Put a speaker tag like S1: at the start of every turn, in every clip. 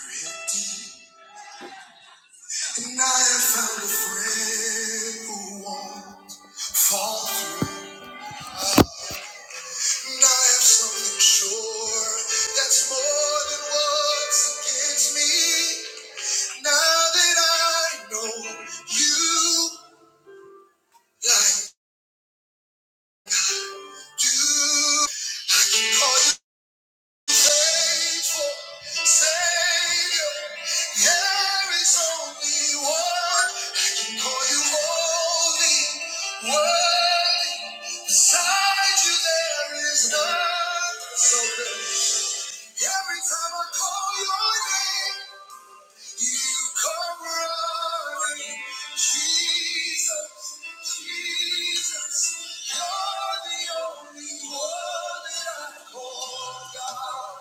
S1: And I have found a friend who won't fall through. And I have something sure that's more than what's against me. Now that I know you like do. call Faithful Savior, there is only one I can call you holy, worthy. Beside you, there is none so good. Every time I call your name, you come running. Jesus, Jesus, you're the only one that I call God.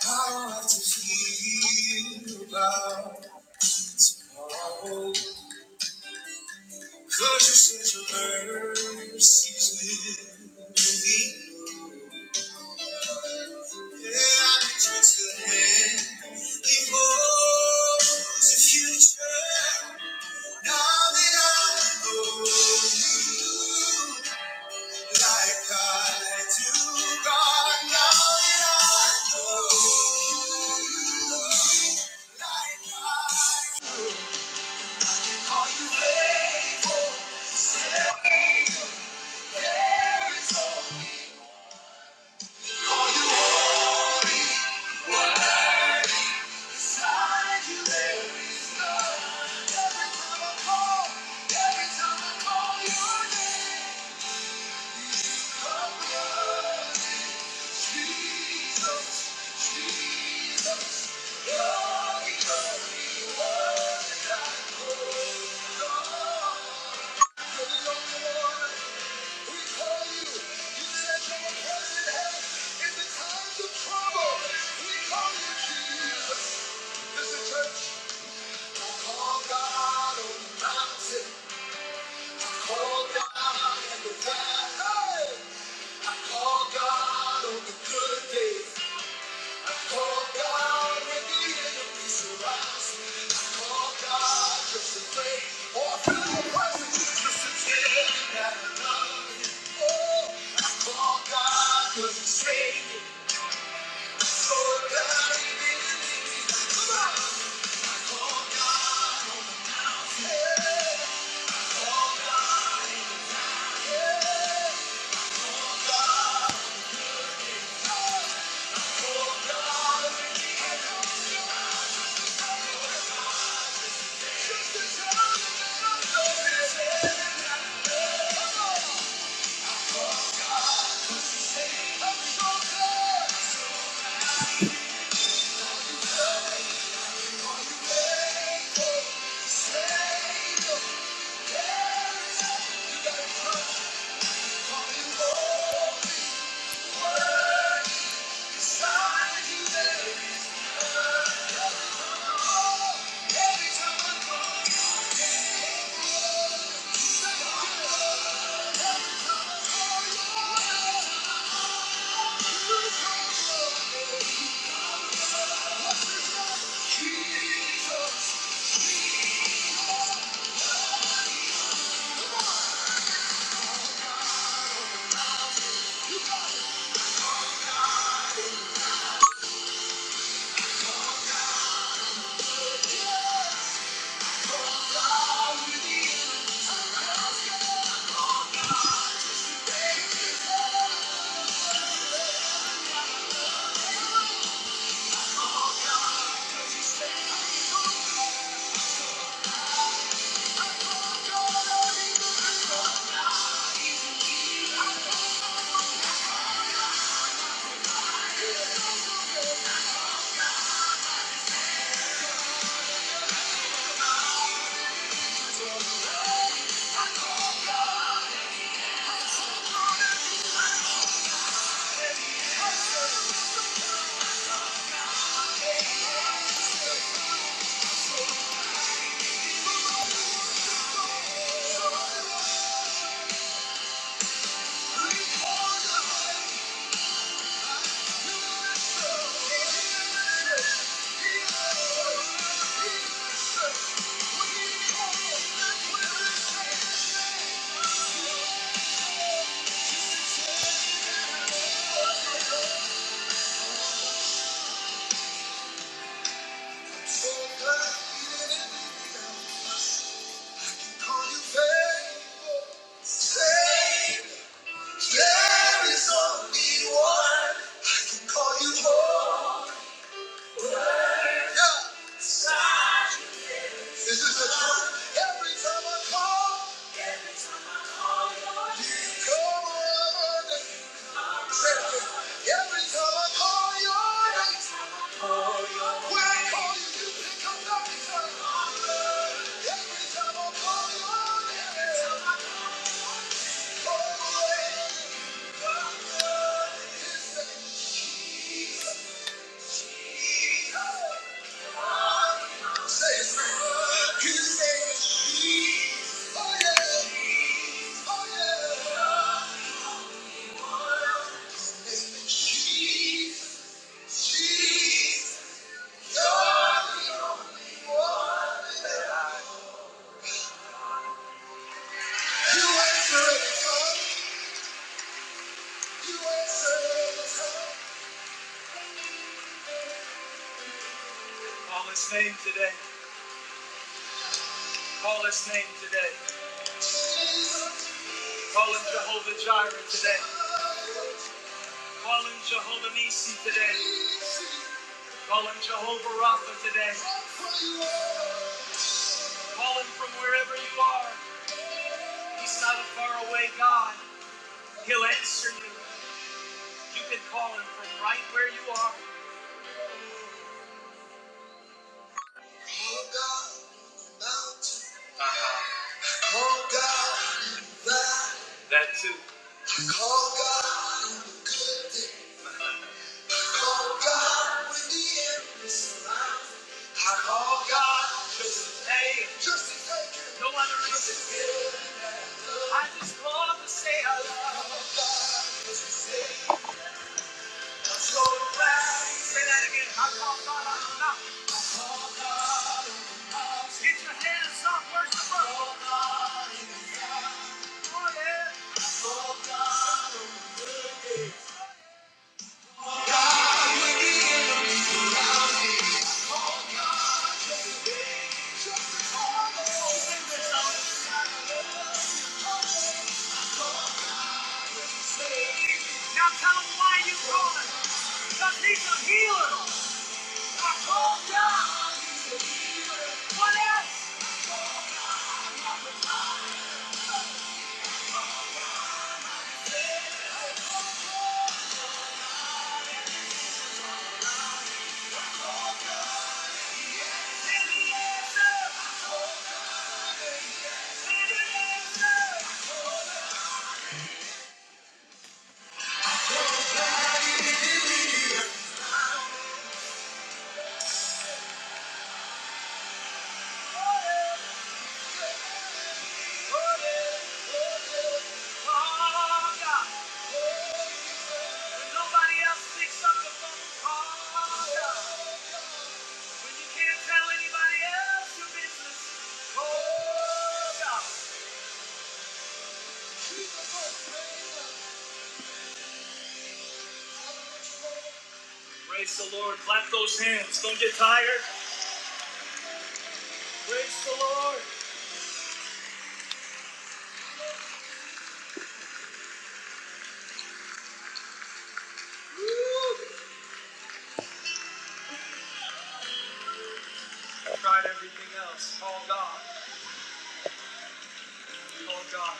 S1: How to feel about all. Cause you said your mercies will be. Yeah, I can twist your hand. He holds the future. Now that I know you. Like unto God, now that I know you, like I call you faithful, there is no call you holy. Beside you there is none. Every time I call, every time I call your name, you come running. Call God and the wild. Hey! I call God on the good days. Thank you. Call his name today. Call his name today. Call him Jehovah Jireh today. Call him Jehovah Nisi today. Call him Jehovah Rapha today. Call him from wherever you are. He's not a faraway God. He'll answer you. You can call him from right where you are. Uh-huh. That too. hey, no other reason. I just love to say I love. you. yeah. Now tell him why you calling. Because he's a healer. What else? Can he answer? Can he answer? Oh, God. When nobody else picks up the phone, call God. When you can't tell anybody else your business, call God. Praise the Lord. Clap those hands. Don't get tired. Praise the Lord. Tried everything else. Call God. Call God.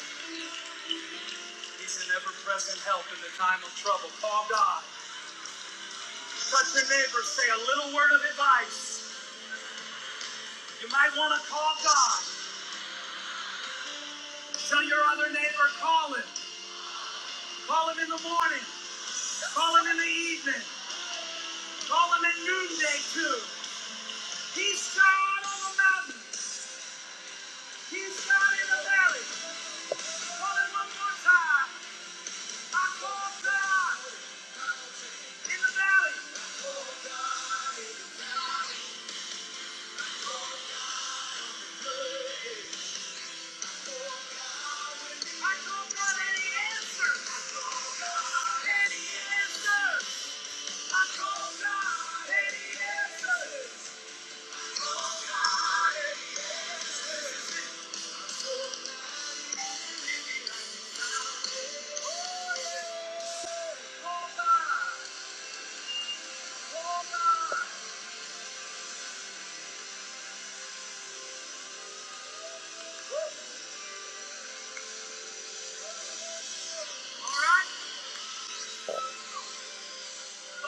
S1: He's an ever-present help in the time of trouble. Call God. Touch your neighbor. Say a little word of advice. You might want to call God. Tell your other neighbor, call him. Call him in the morning. Call him in the evening. Call him at noonday too. He's God on the mountain. He's God in the valley. Call him one more time. I call God in the valley. A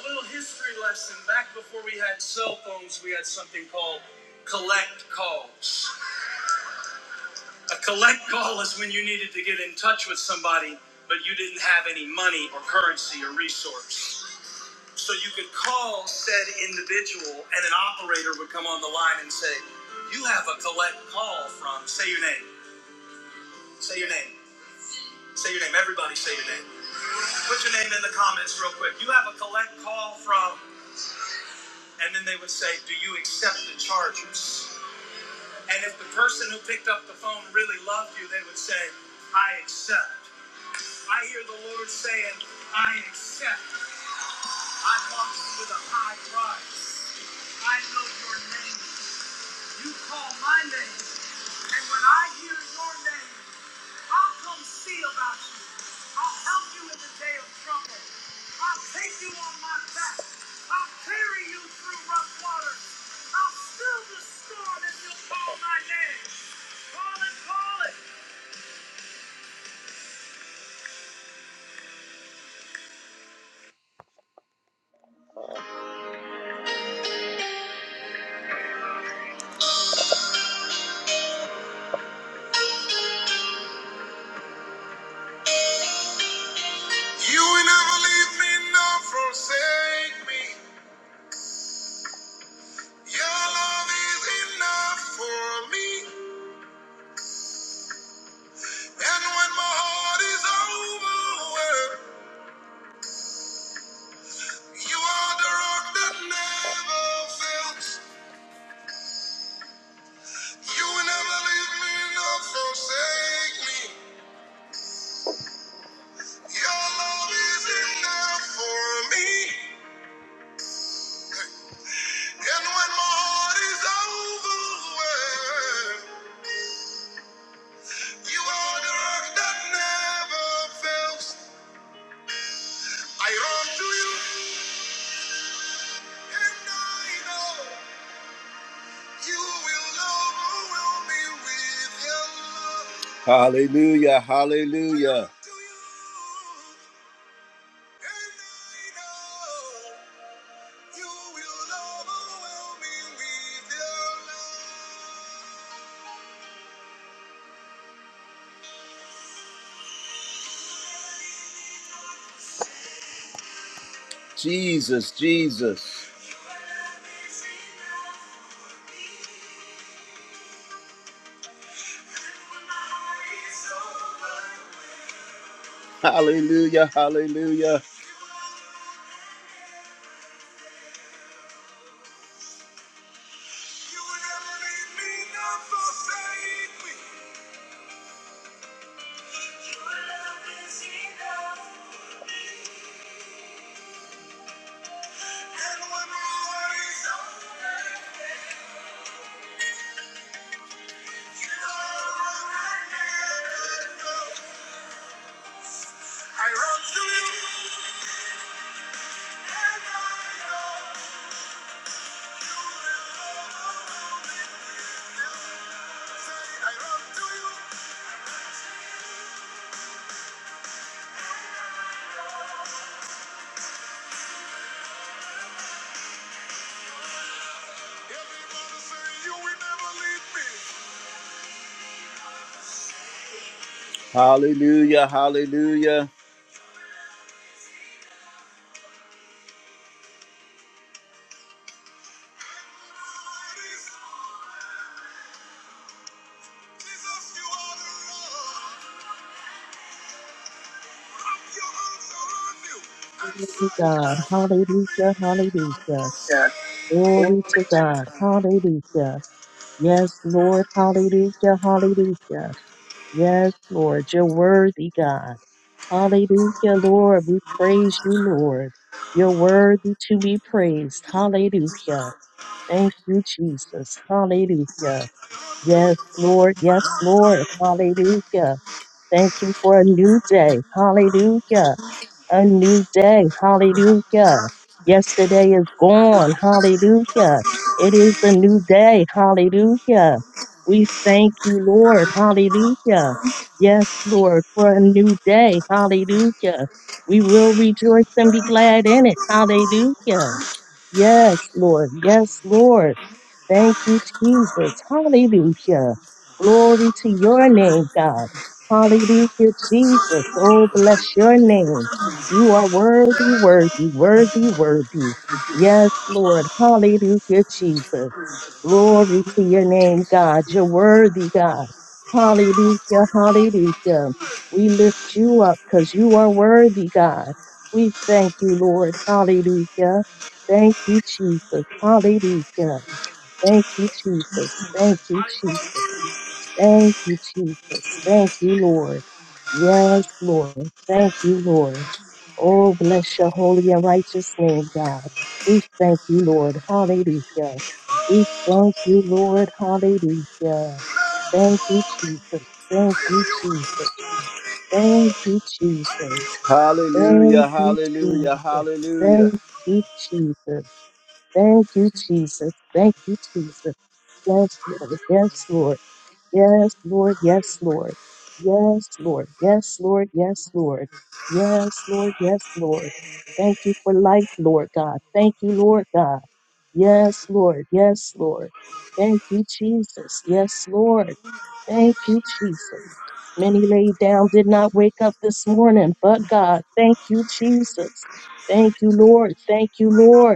S1: little history lesson. Back before we had cell phones, we had something called collect calls. A collect call is when you needed to get in touch with somebody, but you didn't have any money or currency or resource. So you could call said individual, and an operator would come on the line and say, "You have a collect call from. Say your name. Say your name. Say your name. Everybody, say your name. Put your name in the comments real quick. You have a collect call from." And then they would say, "Do you accept the charges?" And if the person who picked up the phone really loved you, they would say, "I accept." I hear the Lord saying, "I accept." I mark you with a high price. I know your name. You call my name. And when I hear your name, I'll come see about you. I'll help you in the day of trouble. I'll take you on my back. I'll carry you through rough water. I'll still the storm if you call my name. Call it, call it. And when my heart is overwhelmed. Hallelujah, hallelujah. Jesus, Jesus. Hallelujah, hallelujah. Hallelujah, hallelujah.
S2: Glory to God. Hallelujah. Hallelujah.
S1: Yes.
S2: Glory to God. Hallelujah. Yes, Lord. Hallelujah. Hallelujah. Yes, Lord. You're worthy, God. Hallelujah, Lord. We praise you, Lord. You're worthy to be praised. Hallelujah. Thank you, Jesus. Hallelujah. Yes, Lord. Yes, Lord. Hallelujah. Thank you for a new day. Hallelujah a new day. Hallelujah. Yesterday is gone. Hallelujah. It is a new day. Hallelujah. We thank you, Lord. Hallelujah. Yes, Lord, for a new day. Hallelujah. We will rejoice and be glad in it. Hallelujah. Yes, Lord. Yes, Lord. Thank you, Jesus. Hallelujah. Glory to your name, God. Hallelujah, Jesus. Oh, bless your name. You are worthy, worthy, worthy, worthy. Yes, Lord. Hallelujah, Jesus. Glory to your name, God. You're worthy, God. Hallelujah, hallelujah. We lift you up because you are worthy, God. We thank you, Lord. Hallelujah. Thank you, Jesus. Hallelujah. Thank you, Jesus. Thank you, Jesus. Thank you, Jesus. Thank you, Lord. Yes, Lord. Thank you, Lord. Oh, bless your holy and righteous name, God. We thank you, Lord. Hallelujah. We thank you, Lord. Hallelujah. Thank you, Jesus. Thank you, Jesus. Thank you, Jesus.
S1: Hallelujah,
S2: Thank you,
S1: hallelujah,
S2: Jesus.
S1: hallelujah.
S2: Thank you, Jesus. Thank you, Jesus. Thank you, Jesus. Yes, Lord. Yes, Lord. Yes, Lord. Yes, Lord. Yes, Lord. Yes, Lord. Yes, Lord. Yes, Lord. Yes, Lord. Thank you for life, Lord God. Thank you, Lord God. Yes, Lord. Yes, Lord. Thank you, Jesus. Yes, Lord. Thank you, Jesus. Many lay down, did not wake up this morning, but God. Thank you, Jesus. Thank you, Lord. Thank you, Lord.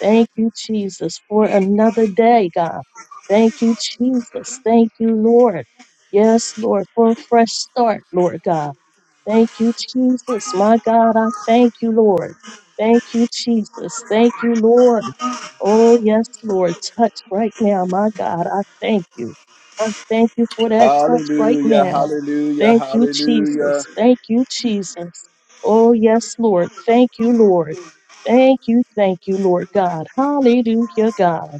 S2: Thank you, Jesus, for another day, God. Thank you, Jesus. Thank you, Lord. Yes, Lord, for a fresh start, Lord God. Thank you, Jesus. My God, I thank you, Lord. Thank you, Jesus. Thank you, Lord. Oh, yes, Lord. Touch right now. My God, I thank you. I thank you for that touch right
S1: Hallelujah,
S2: now.
S1: hallelujah,
S2: Thank you,
S1: hallelujah.
S2: Jesus. Thank you, Jesus. Oh, yes, Lord. Thank you, Lord. Thank you, thank you, Lord God. Hallelujah, God.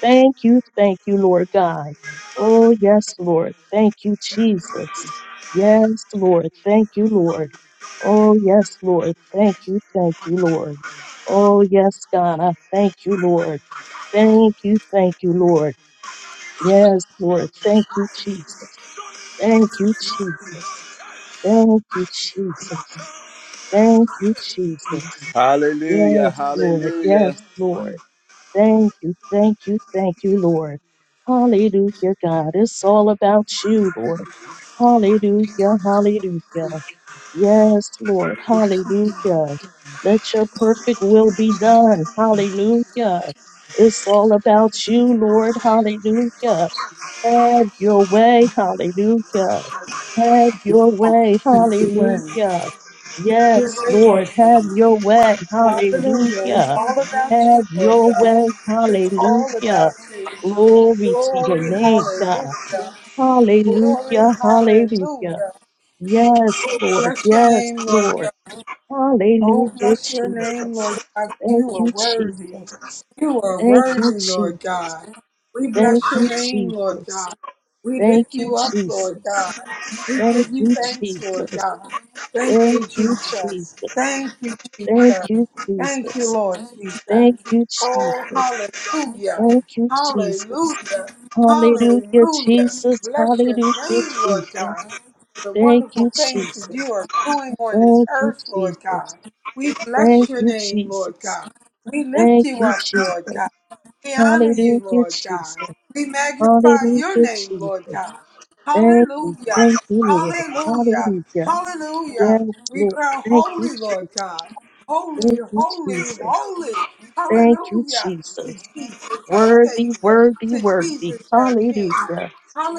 S2: Thank you, thank you, Lord God. Oh, yes, Lord. Thank you, Jesus. Yes, Lord. Thank you, Lord. Oh, yes, Lord. Thank you, thank you, Lord. Oh, yes, God. I thank you, Lord. Thank you, thank you, Lord. Yes, Lord. Thank you, Jesus. Thank you, Jesus. Thank you, Jesus. Thank you, Jesus.
S1: Hallelujah,
S2: Yes, Lord.
S1: hallelujah.
S2: Yes, Lord. Thank you, thank you, thank you, Lord. Hallelujah, God. It's all about you, Lord. Hallelujah, hallelujah. Yes, Lord, hallelujah. Let your perfect will be done. Hallelujah. It's all about you, Lord. Hallelujah. Have your way. Hallelujah. Have your way.
S3: Your way,
S2: Hallelujah.
S3: Your
S2: Yes,
S3: way,
S2: Lord.
S3: Lord
S2: Have
S3: God.
S2: your way.
S3: Hallelujah. It's
S2: Hallelujah.
S3: all about you,
S2: Have
S3: Lord
S2: your
S3: God.
S2: way.
S3: It's all
S2: Hallelujah.
S3: about you.
S2: Glory to your
S3: Glory,
S2: name, God.
S3: hallelujah. Glory,
S2: Hallelujah. Hallelujah.
S3: hallelujah.
S2: Yes,
S3: Oh,
S2: Lord.
S3: bless your
S2: Yes,
S3: name, Lord
S2: Lord.
S3: Oh,
S2: Hallelujah,
S3: bless your name, Lord
S2: Jesus.
S3: God.
S2: Thank
S3: You are
S2: you,
S3: worthy.
S2: Jesus.
S3: You are
S2: Thank you,
S3: worthy, Lord
S2: Jesus.
S3: God. We
S2: Thank
S3: bless your
S2: you,
S3: name, Lord
S2: Jesus.
S3: God. We
S2: Thank
S3: lift
S2: you,
S3: you up, Lord
S2: Jesus.
S3: God. We
S2: Thank
S3: give you
S2: you,
S3: thanks, Lord
S2: Jesus.
S3: God. Thank you,
S2: Thank you,
S3: Jesus.
S2: Jesus.
S3: Thank you,
S2: Thank
S3: Jesus.
S2: you,
S3: Thank you,
S2: Jesus.
S3: Lord
S2: Thank
S3: Jesus.
S2: you,
S3: Oh,
S2: Jesus.
S3: hallelujah.
S2: Thank you, Jesus.
S3: Hallelujah.
S2: Hallelujah,
S3: Hallelujah.
S2: Jesus.
S3: Bless your
S2: Hallelujah,
S3: name, Lord
S2: Jesus.
S3: God. For the
S2: Thank
S3: wonderful
S2: you,
S3: things that you
S2: Jesus.
S3: are doing on this
S2: Thank you,
S3: earth, Lord God.
S2: Jesus.
S3: We bless
S2: Thank
S3: your
S2: you,
S3: name, Lord
S2: Jesus.
S3: God. We lift
S2: Thank
S3: you
S2: you,
S3: up, Lord
S2: Jesus.
S3: God. We honor you,
S2: Hallelujah,
S3: Lord God.
S2: Jesus.
S3: We magnify your
S2: Hallelujah,
S3: name, Lord
S2: Jesus.
S3: God.
S2: Thank you.
S3: Hallelujah.
S2: Thank you, Lord.
S3: Hallelujah.
S2: Hallelujah.
S3: Hallelujah.
S2: Yes,
S3: We
S2: Lord.
S3: crown
S2: Thank you,
S3: holy, Lord
S2: Jesus.
S3: God. Holy,
S2: Thank you,
S3: holy,
S2: Jesus.
S3: holy.
S2: Thank you,
S3: Hallelujah. To
S2: Jesus.
S3: Jesus, our
S2: Worthy,
S3: Savior.
S2: worthy,
S3: To
S2: worthy.
S3: Jesus, our King.
S2: Hallelujah.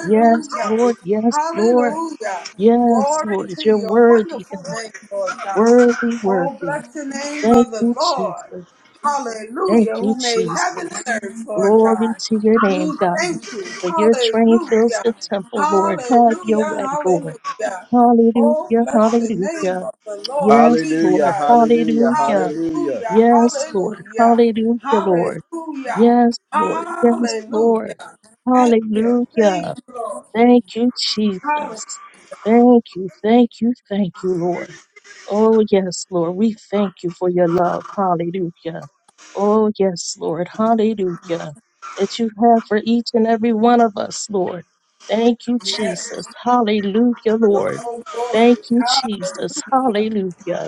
S2: Yes, Lord. Yes, Lord.
S3: Hallelujah.
S2: Yes,
S3: Glory
S2: Lord,
S3: to
S2: you're
S3: your
S2: worthy,
S3: wonderful
S2: God.
S3: name, Lord God.
S2: Worthy,
S3: Oh,
S2: worthy.
S3: bless the name
S2: Thank
S3: of the
S2: you,
S3: Lord.
S2: Jesus. Thank
S3: Hallelujah,
S2: you,
S3: who made heaven
S2: Jesus.
S3: and earth, Lord
S2: Glory
S3: God.
S2: to your name,
S3: We
S2: God.
S3: thank you.
S2: For your train fills the
S3: Hallelujah.
S2: temple, Lord. Have your
S3: Hallelujah.
S2: way, Lord.
S3: Hallelujah. Oh,
S2: Hallelujah,
S3: bless the name
S2: hallelujah.
S3: of the Lord
S2: Yes,
S3: Jesus.
S1: Hallelujah,
S2: Lord.
S1: hallelujah,
S2: Hallelujah.
S1: hallelujah.
S3: Hallelujah.
S2: Yes, Lord.
S3: Hallelujah.
S2: Hallelujah, Lord.
S3: Hallelujah.
S2: Yes, Lord. Yes,
S3: Hallelujah.
S2: Lord.
S3: Thank you. Thank
S2: Hallelujah.
S3: you, Lord.
S2: Thank you,
S3: Hallelujah.
S2: Jesus. Thank you, thank you, thank you, Lord. Oh, yes, Lord. We thank you for your love. Hallelujah. Oh, yes, Lord. Hallelujah. That you have for each and every one of us, Lord. Thank you,
S3: Yes.
S2: Jesus. Hallelujah, Lord.
S3: Oh, glory.
S2: Thank you, Jesus. Hallelujah.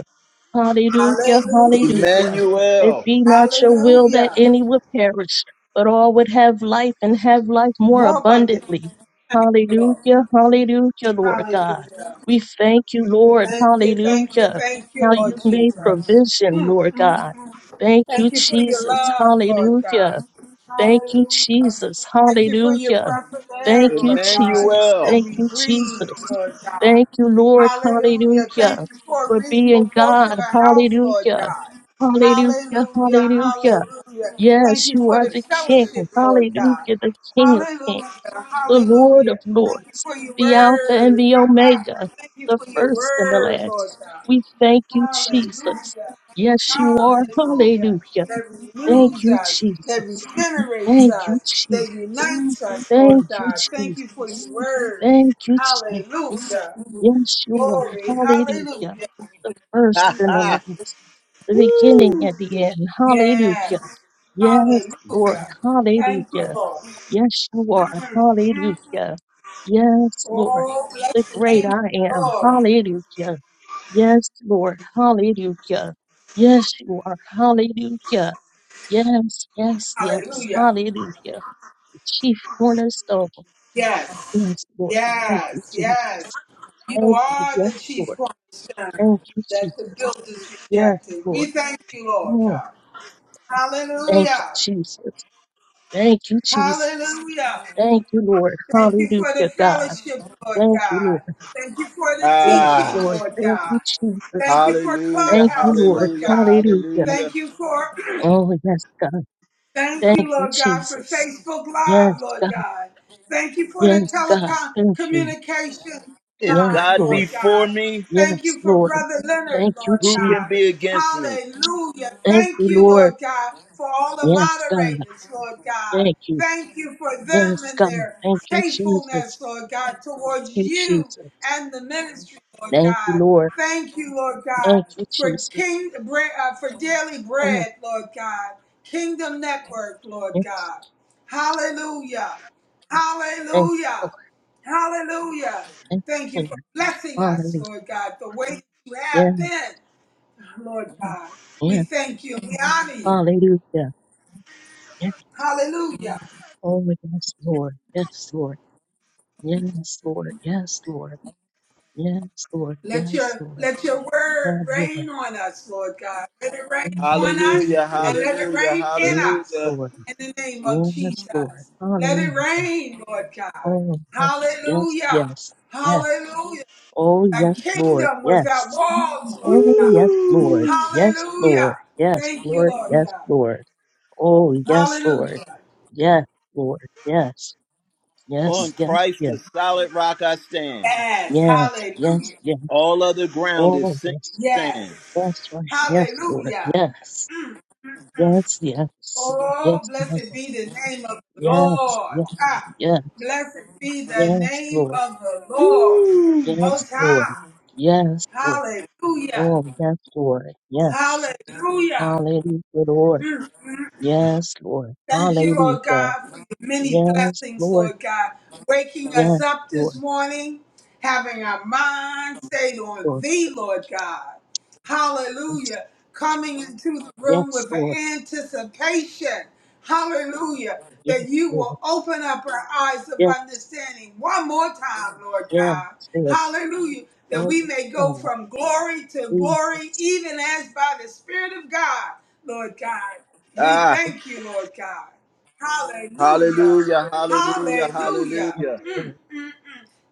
S2: Hallelujah,
S3: Hallelujah.
S2: hallelujah. It
S1: Emmanuel,
S2: be not your will that
S3: Hallelujah.
S2: any would perish, but all would have life and have life more
S3: More abundant.
S2: abundantly. Hallelujah, hallelujah, Lord God.
S3: Hallelujah.
S2: We thank you, Lord,
S3: Thank you, thank you,
S2: hallelujah,
S3: thank
S2: how
S3: you,
S2: you
S3: Lord
S2: made
S3: Jesus.
S2: provision,
S3: Mm, mm,
S2: Lord
S3: mm.
S2: God. Thank you,
S3: Thank you for your
S2: Jesus,
S3: love, Lord
S2: hallelujah.
S3: God.
S2: Thank you,
S3: Hallelujah.
S2: Jesus.
S3: Thank you for your
S2: Hallelujah.
S3: breath of air,
S2: Thank you,
S3: Lord God,
S2: Jesus.
S1: Emmanuel.
S3: that
S2: Thank
S3: we
S2: you,
S3: breathe,
S2: Jesus.
S3: Lord God.
S2: Thank you, Lord.
S3: Hallelujah.
S2: Hallelujah.
S3: Thank you for a
S2: For
S3: reasonable
S2: being
S3: portion
S2: God.
S3: of health, Lord
S2: Hallelujah.
S3: God.
S2: Hallelujah.
S3: Hallelujah.
S2: Hallelujah.
S3: Hallelujah. Thank
S2: Yes,
S3: you
S2: you
S3: for
S2: are
S3: the
S2: the King.
S3: fellowship, Lord
S2: Hallelujah.
S3: God.
S2: The King of
S3: Hallelujah.
S2: Kings, the Lord
S3: Hallelujah.
S2: of
S3: Thank you
S2: Lords,
S3: for your
S2: the Alpha and
S3: word.
S2: the Omega,
S3: Thank you
S2: the
S3: for your
S2: first and the
S3: word, Lord
S2: last.
S3: God.
S2: We thank you, Jesus.
S3: Hallelujah.
S2: Yes, you are.
S3: Hallelujah.
S2: Hallelujah.
S3: That
S2: Thank
S3: renews
S2: you,
S3: us, that
S2: Jesus.
S3: regenerates
S2: Thank you,
S3: us, that
S2: Jesus.
S3: unites us,
S2: Thank
S3: Lord
S2: you,
S3: God. Thank you for
S2: Jesus.
S3: your word.
S2: Thank you, Jesus.
S3: Hallelujah.
S2: Yes, you are.
S3: Glory.
S2: Hallelujah.
S3: Hallelujah.
S2: The first
S1: Ha
S2: and the
S1: ha.
S2: last, the beginning and the end.
S3: Yes.
S2: Hallelujah. Yes, Lord.
S3: Hallelujah. Thank you,
S2: Hallelujah.
S3: Lord.
S2: Yes, you are.
S3: Mm, mm.
S2: Hallelujah. Yes, Lord.
S3: Oh, bless
S2: The
S3: the
S2: great
S3: name of
S2: I
S3: the
S2: am.
S3: Lord.
S2: Hallelujah. Yes, Lord. Hallelujah. Yes, you are. Hallelujah. Yes, yes, yes.
S3: Hallelujah.
S2: Hallelujah chief cornerstone.
S3: Yes.
S2: Yes, Lord. Thank you,
S3: Yes. Yes.
S2: Jesus.
S3: You
S2: Thank you.
S3: are the
S2: Yes,
S3: chief
S2: Lord.
S3: point
S2: Thank you,
S3: that the
S2: Jesus.
S3: builders
S2: Yes,
S3: rejected. We
S2: Lord.
S3: thank you, Lord
S2: Oh,
S3: God.
S2: thank you,
S3: Hallelujah.
S2: Jesus. Thank you, Jesus.
S3: Hallelujah.
S2: Thank you, Lord.
S3: Thank you for
S2: Hallelujah,
S3: the
S2: God.
S3: fellowship, Lord
S2: Thank you,
S3: God.
S2: Lord.
S3: Thank you for the
S2: Yes,
S3: teaching,
S1: Ah,
S2: Lord.
S3: Lord
S2: Thank
S3: God.
S2: you, Jesus.
S3: Thank you for
S1: hallelujah,
S2: Thank you,
S3: Clubhouse,
S2: Lord.
S3: Lord
S1: hallelujah,
S3: God.
S2: Hallelujah.
S1: hallelujah.
S3: Thank you for
S2: Oh, yes, God.
S3: Thank
S2: Thank
S3: you,
S2: you,
S3: Lord God, for
S2: Jesus.
S3: Facebook
S2: Yes,
S3: Live, Lord
S2: God.
S3: God. Thank you for the
S2: Yes, God.
S3: telecom
S2: Thank you.
S3: communication
S1: If
S2: Yes,
S3: line,
S1: God
S3: Lord
S2: Lord.
S1: be for
S3: God.
S1: me,
S3: Thank
S2: Yes,
S3: you for
S2: Lord.
S3: Brother Leonard,
S2: Thank you,
S3: Lord
S1: Who
S2: Jesus.
S1: can
S3: God.
S1: be against me?
S3: Hallelujah.
S2: Thank
S3: Thank
S2: you,
S3: you,
S2: Lord.
S3: Lord God, for all the
S2: Yes, God.
S3: moderators, Lord God.
S2: Thank you.
S3: Thank you for them
S2: Yes,
S3: and
S2: God.
S3: their
S2: Thank you, Jesus. Thank
S3: faithfulness, Lord God, towards
S2: you,
S3: you
S2: Jesus.
S3: and the ministry, Lord
S2: Thank you,
S3: God.
S2: Lord.
S3: Thank you, Lord God,
S2: Thank you,
S3: for
S2: Jesus.
S3: King Bre- uh, for daily
S2: Oh,
S3: bread, Lord God. Kingdom Network, Lord
S2: yes.
S3: God. Hallelujah.
S2: Thank you,
S3: Hallelujah.
S2: Lord.
S3: Hallelujah.
S2: Thank
S3: Thank you
S2: you,
S3: for blessing
S2: Lord.
S3: us,
S2: Hallelujah.
S3: Lord God, the way that you
S2: Yeah,
S3: have been, Lord God.
S2: yeah.
S3: We thank you and we honor you.
S2: Hallelujah. Yeah.
S3: Hallelujah.
S2: Oh, yes, Lord. Yes, Lord. Yes, Lord. Yes, Lord. Yes, Lord.
S3: Let
S2: Yes,
S3: your
S2: Lord.
S3: let your
S2: Have
S3: word
S2: your way.
S3: rain on us, Lord God. Let it rain
S2: Oh,
S3: on us
S2: yes,
S1: Hallelujah,
S2: Lord.
S3: and let it
S1: hallelujah,
S3: rain in
S2: Yes,
S3: us
S1: hallelujah.
S2: Lord.
S3: in the name of
S2: Yes, Lord.
S3: Jesus. Let it
S2: Hallelujah.
S3: rain, Lord God.
S2: Oh, yes,
S3: Hallelujah.
S2: yes, yes.
S3: Hallelujah.
S2: Oh,
S3: a
S2: yes, Lord.
S3: kingdom without
S2: Yes.
S3: walls, Lord
S2: Oh,
S3: God.
S2: yes, Lord.
S1: Woo!
S2: Yes, Lord.
S3: Hallelujah.
S2: Yes,
S3: Thank you,
S2: Lord.
S3: Lord
S2: Yes,
S3: God.
S2: Lord. Oh, yes, Lord.
S3: Hallelujah.
S2: Yes, Lord. Yes.
S1: On
S2: Yes, yes,
S1: Christ,
S2: yes.
S1: the solid rock I stand.
S3: Yes.
S2: Yes, yes,
S3: Hallelujah.
S2: yes.
S1: All other ground is
S2: Oh,
S1: sinking
S2: yes.
S1: sand.
S3: Yes.
S2: That's right. Yes, Lord.
S3: Hallelujah.
S2: Yes.
S3: Mm. mm, mm.
S2: Yes, yes.
S3: Oh,
S2: Yes, Lord.
S3: blessed be the name of the
S2: Yes,
S3: Lord.
S2: yes,
S3: Ah,
S2: yes.
S3: blessed be the
S2: Yes,
S3: name
S2: Lord.
S3: of the Lord.
S2: Yes,
S3: Most
S2: Lord.
S3: high.
S2: Yes, Lord.
S3: Hallelujah.
S2: Oh, yes, Lord. Yes.
S3: Hallelujah.
S2: Hallelujah, Lord.
S3: Mm, mm.
S2: Yes, Lord.
S3: Thank you, Lord
S2: Hallelujah.
S3: God, for your many
S2: Yes,
S3: blessings,
S2: Lord.
S3: Lord God. Waking us
S2: Yes,
S3: up this
S2: Lord.
S3: morning, having our mind stayed on
S2: Lord.
S3: Thee, Lord God.
S2: Yes,
S3: Hallelujah. Coming into the room
S2: yes,
S3: with
S2: Lord.
S3: an anticipation, hallelujah,
S2: Yes,
S3: that you
S2: Lord.
S3: will open up our eyes of
S2: Yes,
S3: understanding one more time, Lord
S2: yes,
S3: God.
S2: Lord.
S3: Hallelujah. That
S2: Oh,
S3: we may go
S2: God.
S3: from glory to glory,
S2: Jesus.
S3: even as by the Spirit of God, Lord God. We
S1: Ah,
S3: thank you, Lord God. Hallelujah.
S1: hallelujah, hallelujah,
S3: Hallelujah.
S2: Yes,
S1: hallelujah.
S3: Mm,
S2: Lord.
S3: mm,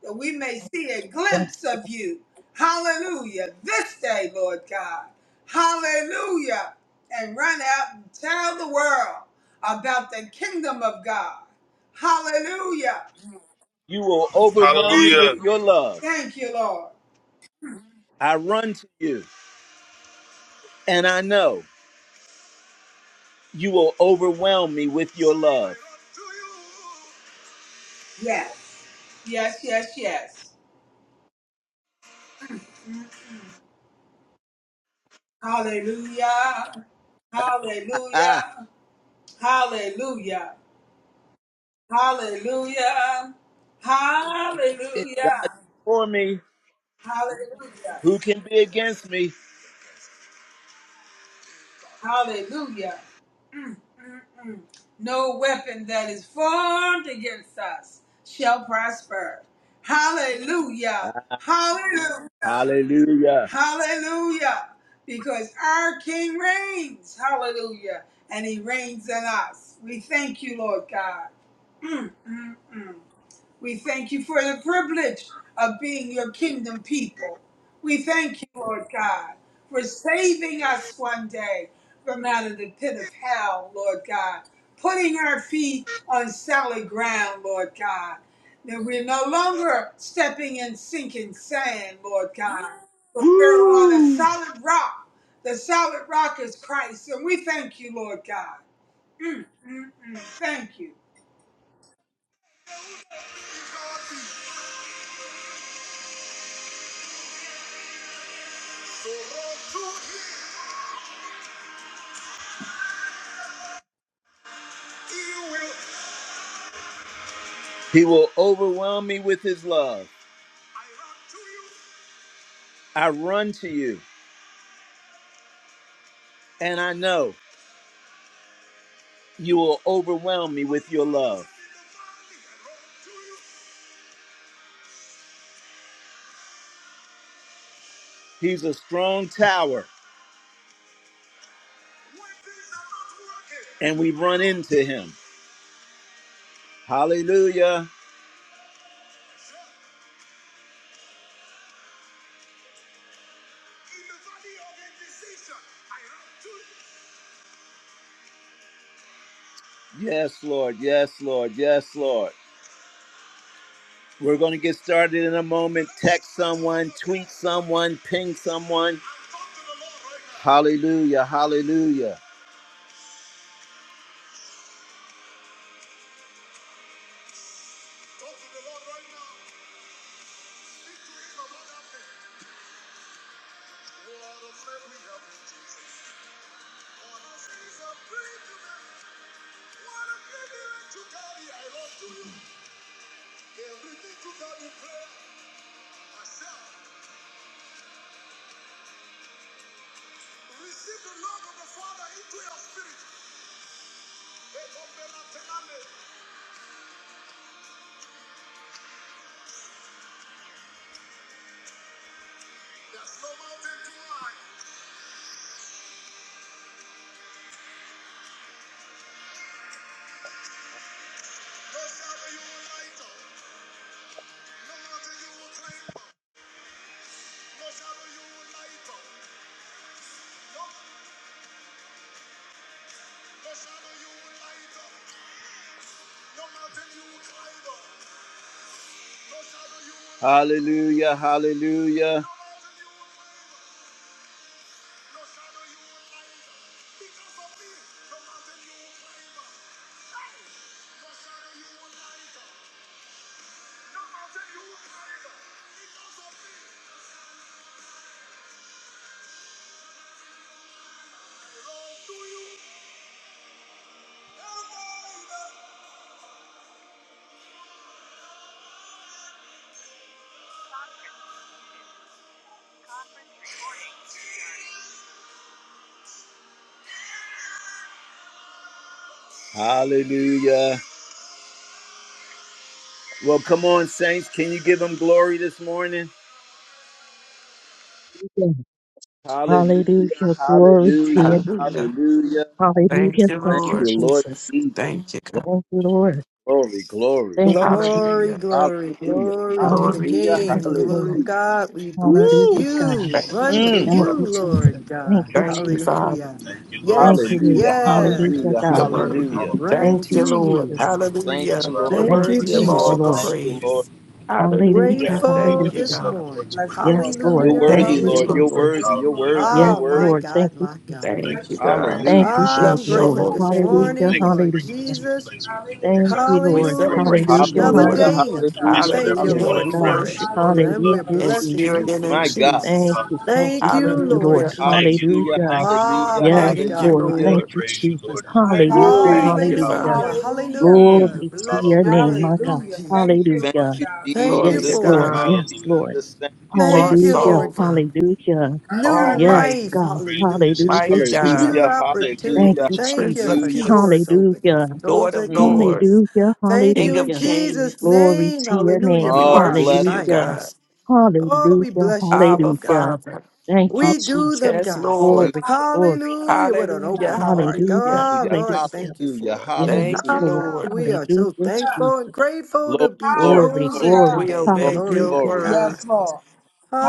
S3: That we may see a
S2: Yes,
S3: glimpse of you. Hallelujah. This day, Lord God. Hallelujah. And run out and tell the world about the kingdom of God. Hallelujah.
S1: You will overwhelm me
S3: Thank
S4: Hallelujah.
S1: with
S3: you.
S1: your love.
S3: Thank you, Lord.
S1: I run to you, and I know you will overwhelm me with your love.
S3: Yes. Yes, yes, yes. Mm, mm. Hallelujah.
S1: Ah,
S3: Hallelujah. Hallelujah. Hallelujah.
S1: if God be
S3: Hallelujah.
S1: for me,
S3: Hallelujah.
S1: who can be against me?
S3: Hallelujah. Mm, mm, mm. No weapon that is formed against us shall prosper. Hallelujah. Hallelujah.
S1: Hallelujah.
S3: Hallelujah. Because our King reigns. Hallelujah. And he reigns in us. We thank you, Lord God. Mm, mm, mm. We thank you for the privilege of being your kingdom people. We thank you, Lord God, for saving us one day from out of the pit of hell, Lord God, putting our feet on solid ground, Lord God. That we're no longer stepping in sinking sand, Lord God, but we're on a solid rock. The solid rock is Christ, and we thank you, Lord God. Mm, mm, mm. Thank you.
S1: He will overwhelm me with his love. I run to you, and I know you will overwhelm me with your love. He's a strong tower, and we run into him. Hallelujah. Yes, Lord. Yes, Lord. Yes, Lord. We're going to get started in a moment. Text someone, tweet someone, ping someone. Hallelujah. Hallelujah. Hallelujah. Hallelujah. Hallelujah. Well, come on, Saints. Can you give him glory this morning?
S2: Lord.
S1: Hallelujah,
S2: Hallelujah. Glory to
S1: hallelujah,
S2: you.
S5: Hallelujah.
S1: hallelujah.
S5: Thank
S2: Hallelujah.
S5: you,
S2: Thank
S1: Thank
S2: you,
S5: Lord.
S1: you, Lord
S2: Jesus.
S1: Jesus.
S5: Thank you, God.
S2: Thank you, Lord.
S1: Glory, glory.
S2: Thank you, Jesus.
S6: Glory,
S5: Hallelujah.
S6: glory,
S1: Hallelujah,
S6: glory to
S2: Hallelujah.
S6: the
S5: Glory to your
S1: hallelujah,
S2: Thank
S6: King.
S2: you,
S5: name.
S2: Lord.
S6: Glory,
S1: hallelujah.
S6: God, we bless
S1: Woo!
S2: Hallelujah, God.
S6: you.
S5: Thank
S6: Run
S5: you,
S6: to
S2: Thank
S5: Lord.
S6: you,
S2: you, Jesus.
S6: Lord God.
S2: Thank you,
S5: Thank you,
S2: Jesus.
S5: Father.
S6: Hallelujah.
S2: Thank
S6: Yes,
S2: you, Lord.
S1: Hallelujah,
S2: Hallelujah,
S1: hallelujah,
S6: yes.
S5: You're
S2: God.
S5: worthy.
S6: I
S1: hallelujah.
S6: run
S2: Thank
S5: Thank
S2: you,
S5: you,
S6: to
S5: Lord.
S6: you.
S2: Jesus.
S1: Thank
S5: Hallelujah.
S1: you,
S5: You're
S1: Lord.
S6: Thank
S2: Thank
S6: you,
S1: Thank
S2: you,
S5: worthy
S1: you,
S5: of
S2: thank
S5: all
S2: you,
S1: Lord.
S5: the
S2: Lord.
S1: Thank
S6: Jesus.
S1: you, Lord.
S5: praise.
S2: Hallelujah,
S5: Hallelujah.
S6: Grateful
S5: Thank you,
S2: hallelujah.
S6: this
S5: God.
S6: morning.
S3: Bless you,
S2: Yes,
S3: Lord God.
S1: You're
S2: Lord.
S6: Hallelujah,
S2: Thank
S1: worthy,
S5: Thank
S2: you,
S5: you,
S1: Lord. You're
S6: hallelujah.
S5: Lord.
S3: Bless
S2: Jesus.
S1: worthy.
S3: you,
S1: You're
S3: Lord
S1: worthy.
S3: God.
S1: You're
S2: Yes,
S6: Oh, my
S2: Lord.
S1: worthy.
S2: Thank
S6: God,
S2: you,
S6: my God.
S2: Jesus.
S5: Thank
S3: Bless
S5: you,
S3: you, Lord
S5: God.
S2: Thank
S3: God.
S1: Hallelujah.
S2: you,
S6: Ah,
S2: thank
S6: I'm
S5: Bless
S2: you,
S5: your
S2: Lord.
S6: grateful
S5: holy
S6: this
S3: Hallelujah.
S5: name.
S2: Hallelujah,
S6: morning, Lord
S2: hallelujah.
S6: Jesus.
S2: Thank
S3: Hallelujah.
S2: you,
S5: We
S2: Lord.
S5: celebrate
S6: Hallelujah.
S5: you,
S2: Hallelujah,
S6: Another
S3: Bless
S5: Lord.
S1: Hallelujah.
S3: you,
S6: day.
S3: Lord
S2: hallelujah.
S1: Hallelujah.
S3: God.
S6: Thank you,
S2: Yes,
S1: Hallelujah.
S5: Hallelujah.
S6: Lord,
S5: We
S2: God.
S6: for it.
S5: worship you
S3: Hallelujah.
S6: And we're
S2: Hallelujah,
S5: in
S6: blessing you
S5: spirit
S2: Jesus.
S5: and in
S1: My
S6: for it, God.
S1: God.
S2: Thank
S5: truth.
S2: you, thank you,
S6: Thank you,
S2: thank
S3: Hallelujah.
S2: you,
S6: Lord
S2: Lord.
S5: Hallelujah.
S6: Jesus.
S1: Hallelujah,
S2: Hallelujah.
S6: Ah,
S1: hallelujah,
S3: Hallelujah.
S6: my
S2: Yes,
S5: Thank you,
S6: God,
S2: Lord.
S6: my
S1: hallelujah.
S5: Lord.
S2: Thank you, Jesus.
S3: My God
S2: Hallelujah,
S6: God.
S5: Thank you,
S3: reigns.
S1: Woo!
S2: hallelujah.
S6: Hallelujah.
S5: Father.
S3: Hallelujah.
S1: Mm.
S6: Hallelujah.
S2: Glory to
S6: Bless
S2: your
S6: your
S2: name,
S6: name,
S2: my God.
S6: Lord
S3: Hallelujah. Thank
S6: Jesus.
S3: you,
S1: Thank
S3: Lord
S2: Hallelujah.
S1: you,
S3: God.
S6: Thank you
S5: Glory to
S1: Jesus.
S2: Yes,
S1: Thank
S6: for it,
S2: Lord.
S1: you,
S5: God.
S6: Jesus.
S2: Yes, Lord.
S1: Jesus. Thank you,
S5: You
S6: Thank you,
S1: Jesus.
S2: Hallelujah.
S6: Lord
S5: sovereign,
S2: Hallelujah.
S3: Our
S6: New
S3: God
S2: Yes,
S3: reigns.
S5: almighty,
S6: life,
S2: God.
S6: hallelujah.
S2: Hallelujah,
S5: mighty God,
S6: New
S2: Jesus.
S1: Hallelujah,
S2: Thank
S1: hallelujah,
S6: opportunity.
S2: you,
S6: Thank
S5: Prince
S6: you
S5: of
S2: Jesus.
S6: for
S1: hallelujah.
S6: doors
S5: Peace,
S6: opening,
S2: Hallelujah.
S6: for those
S5: Lord of
S6: that
S1: Mm.
S5: Lords,
S6: close.
S2: Hallelujah.
S6: Thank
S5: King
S6: you in
S5: of
S2: Hallelujah.
S6: Jesus'
S5: Kings.
S2: Glory
S6: name,
S2: to your
S6: hallelujah,
S2: name.
S5: We
S6: for
S1: Oh,
S6: our
S5: worship
S1: bless the
S5: you,
S2: Hallelujah.
S5: God.
S6: assignments. Oh, we
S2: Hallelujah.
S6: bless you for
S5: Abba,
S6: them, God.
S2: Hallelujah.
S5: Father.
S2: Thank you,
S1: one.
S6: We do
S2: Jesus.
S6: them,
S5: Yes,
S6: God.
S5: Lord.
S2: Glory, glory.
S6: Hallelujah, with an
S5: Hallelujah,
S6: open heart.
S2: Hallelujah.
S5: hallelujah.
S6: God,
S1: Hallelujah,
S6: Lord,
S2: Hallelujah.
S6: thank you
S1: hallelujah,
S6: for it.
S2: Yes,
S5: Thank you,
S1: hallelujah.
S2: Lord.
S6: Ah,
S5: Lord.
S6: we are so
S2: Hallelujah,
S3: Hallelujah.
S6: thankful and
S2: Jesus.
S6: grateful to
S1: Glory,
S6: be
S1: glory,
S2: Glory,
S1: glory, glory,
S6: chosen
S3: Hallelujah.
S2: glory.
S5: We
S6: today.
S1: glory,
S5: obey
S6: Glory
S5: your
S6: to
S2: Hallelujah,
S1: glory.
S6: God.
S5: word.
S3: Yes,
S2: Jesus.
S3: Lord.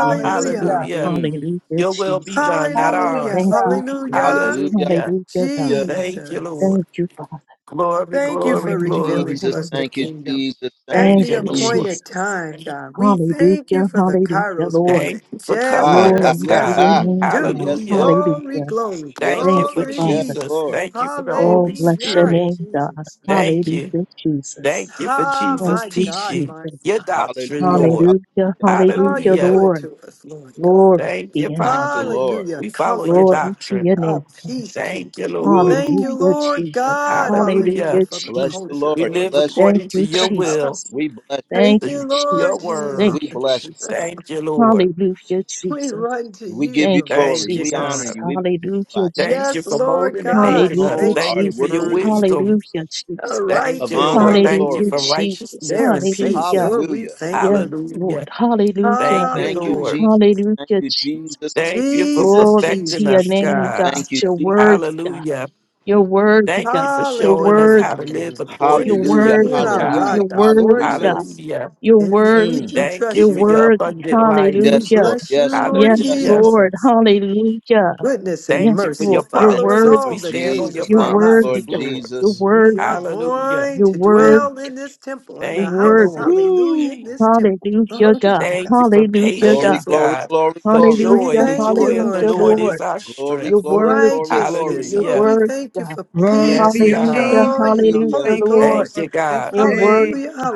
S2: Yes, Lord.
S5: Hallelujah.
S1: Mm.
S2: Hallelujah,
S5: Your will be
S2: Jesus.
S5: done, not
S6: Hallelujah.
S3: Hallelujah.
S2: Thank
S5: ours.
S2: you, Jesus.
S6: Hallelujah.
S1: Hallelujah,
S5: Hallelujah.
S2: Hallelujah, God.
S1: hallelujah.
S5: Thank you,
S6: Jesus.
S5: Lord.
S2: Thank you, Father.
S5: Glory,
S6: Thank you
S5: glory,
S6: for
S2: Hallelujah,
S6: revealing
S5: glory.
S6: to
S1: Jesus,
S6: us the
S1: thank you,
S2: hallelujah.
S6: kingdom.
S1: Jesus. Thank
S6: At
S1: you,
S5: Thank
S2: Thank
S6: the
S5: you,
S2: you,
S1: Jesus.
S5: Lord.
S6: appointed
S2: Jesus.
S6: time, God, we thank you
S2: Hallelujah,
S6: for the
S2: hallelujah,
S6: Kairos
S2: Lord.
S5: Thank
S6: moment.
S5: you for
S6: Yes,
S1: Ha,
S5: covering
S6: yes,
S1: ha,
S5: us,
S2: Glory to
S1: ha,
S6: yes,
S5: God.
S2: your
S1: ha.
S6: we
S2: name,
S6: do.
S2: God.
S1: Yes,
S5: Hallelujah.
S1: Lord.
S6: Glory,
S2: Hallelujah.
S6: glory,
S5: Thank
S1: Yes,
S5: you
S2: Thank
S5: for
S2: you,
S1: Lord. Yes,
S2: Father.
S6: glory.
S5: Jesus.
S1: Lord.
S5: Thank you for the
S2: Oh,
S5: Holy
S2: bless your
S6: Hallelujah,
S5: Spirit.
S2: name, God.
S6: Jesus.
S5: Thank
S1: Mm.
S5: you.
S2: Hallelujah, Jesus.
S5: Thank you for
S6: Ah,
S2: Thank
S5: Jesus
S6: my
S2: you,
S6: God,
S5: teaching
S6: my
S2: Jesus.
S5: your
S6: God.
S5: doctrine,
S1: Hallelujah.
S5: Lord.
S2: Hallelujah,
S1: Hallelujah.
S6: Oh, you're
S2: hallelujah,
S1: Hallelujah.
S5: Hallelujah.
S6: good
S2: Lord.
S6: to us, Lord God.
S2: Glory
S5: Thank
S2: to
S5: you,
S2: your
S1: Thank
S2: name,
S1: you,
S5: Father.
S2: God.
S1: Lord.
S6: Hallelujah.
S5: We follow your
S6: Comforter,
S2: Glory to
S5: doctrine.
S2: your
S6: a
S2: name, God.
S5: Thank
S6: peacekeeper.
S5: you, Lord.
S6: Thank you,
S1: Woo!
S2: Hallelujah,
S6: Lord
S2: Jesus.
S6: God. Hallelujah
S2: Hallelujah,
S5: Hallelujah.
S6: for the
S1: Bless
S2: Jesus.
S1: you,
S6: culture,
S5: We
S1: Lord.
S6: Lord
S5: live
S1: Bless you.
S2: Thank
S6: Jesus.
S5: according to
S2: you,
S5: your will,
S2: Jesus.
S1: We bless you.
S2: Thank
S6: Thank
S2: you,
S6: you,
S5: to your
S6: Lord
S2: Jesus.
S6: Jesus.
S2: Thank
S5: word.
S1: We
S2: you,
S1: bless
S2: Jesus.
S5: Thank you, Lord.
S2: Hallelujah,
S6: We
S2: Jesus.
S6: run to
S1: you. We
S6: you,
S1: give you
S2: Thank
S6: Lord
S2: you,
S6: God.
S5: Thank
S1: glory.
S5: you,
S1: We honor
S2: Jesus.
S5: God.
S1: you. We
S2: Hallelujah,
S1: magnify
S5: Thank you
S6: Yes,
S5: for
S2: Jesus.
S6: Lord
S5: molding and
S1: you. You
S6: God.
S5: making us.
S2: Hallelujah,
S1: alone are
S5: Thank
S6: Safety
S5: you
S6: is
S5: for
S6: in
S5: your
S2: Jesus.
S6: you,
S1: worthy
S6: Lord.
S5: wisdom.
S2: Hallelujah,
S6: The
S2: Jesus.
S5: Thank
S1: of
S5: you,
S6: righteous,
S1: honor
S5: Lord.
S1: and
S5: Thank you
S1: glory.
S2: Hallelujah,
S5: for
S6: hallelujah.
S2: Jesus.
S6: They
S5: righteousness
S6: are
S5: and
S6: safe.
S2: Hallelujah.
S5: peace.
S6: Lord. we
S1: Hallelujah.
S6: thank
S2: Yeah,
S6: you.
S2: Lord.
S5: Hallelujah.
S2: Hallelujah.
S5: Thank you,
S1: Thank you,
S5: Lord.
S6: Hallelujah.
S1: Jesus.
S2: Hallelujah,
S1: Thank you, Jesus.
S2: Jesus.
S1: Thank
S5: Thank
S1: you.
S5: you for
S6: Jesus,
S2: Glory to
S5: perfecting
S2: your
S6: Jesus,
S5: us,
S6: Jesus.
S2: name,
S5: God.
S2: God.
S1: Thank you,
S2: You're
S1: Jesus.
S2: worthy, God.
S5: Hallelujah.
S2: You're worthy,
S5: Thank
S2: God.
S5: you for
S2: You're
S5: showing us
S6: Hallelujah.
S2: worthy.
S5: how to live
S6: Hallelujah.
S2: You're
S6: Thank
S5: according
S6: you
S5: to
S6: for
S5: your
S1: Hallelujah.
S6: being
S2: worthy,
S5: will,
S6: our
S2: God.
S5: God.
S1: Hallelujah.
S6: rock,
S2: You're
S6: our
S2: worthy, God.
S1: Hallelujah.
S6: fortress.
S5: Hallelujah.
S2: You're
S6: In you we
S2: worthy.
S1: Mm.
S6: do
S5: Thank you
S6: trust
S2: You're
S5: for
S6: you, God.
S5: your
S2: worthy.
S5: abundant
S6: And
S5: life.
S6: we
S1: Yes,
S2: Hallelujah.
S1: Lord.
S6: bless you,
S1: Yes, Lord.
S6: Lord
S2: Yes,
S1: Yes,
S5: Hallelujah.
S1: Lord.
S2: Lord.
S6: Jesus.
S2: Hallelujah.
S6: Goodness and
S2: Yes,
S5: Thank you for
S6: mercy
S5: your
S2: Lord. You're
S1: Thank
S6: follow us
S1: you,
S5: promises. We
S6: all
S2: worthy.
S1: Lord
S6: the
S5: stand on
S6: days
S5: your
S1: Jesus.
S6: of
S2: You're
S6: our
S1: Thank you,
S6: life.
S2: worthy.
S5: promises,
S1: Lord
S2: God.
S5: Lord.
S2: You're
S1: Jesus.
S6: And we are
S2: worthy.
S5: Hallelujah.
S6: going
S2: You're
S6: to
S1: Mm.
S2: worthy.
S6: dwell in this temple, in
S2: You're
S6: the
S5: Thank you,
S6: house,
S2: worthy.
S5: Lord.
S6: hallelujah, in
S1: Woo!
S6: this temple.
S2: Hallelujah,
S6: Glory to
S2: God.
S5: Thank you for
S6: God.
S2: Hallelujah,
S6: Thank you,
S1: Glory,
S2: God.
S5: patience,
S6: Lord.
S1: glory,
S5: God,
S1: glory,
S5: for
S1: glory.
S6: We
S5: joy.
S2: Hallelujah.
S5: The
S6: thank you,
S5: joy of the
S6: Lord
S2: Hallelujah,
S5: Lord
S6: God.
S5: is
S2: Lord.
S5: our
S1: Glory,
S2: You're
S5: strength.
S1: glory,
S2: worthy.
S1: glory,
S2: God.
S6: righteousness.
S1: glory.
S2: You're
S6: Oh,
S5: Hallelujah.
S6: we
S2: worthy,
S6: thank you
S2: God.
S6: for
S7: Glory to
S6: peace
S5: Yes,
S6: and
S7: your
S5: God.
S2: Hallelujah.
S7: name. Father.
S6: joy in the
S1: Hallelujah.
S2: Hallelujah,
S6: Holy
S7: Thank you, Lord,
S2: Lord.
S5: Thank
S6: Ghost.
S7: for
S5: you,
S7: this
S5: God.
S2: You're
S7: day.
S2: worthy,
S6: Hallelujah,
S2: God.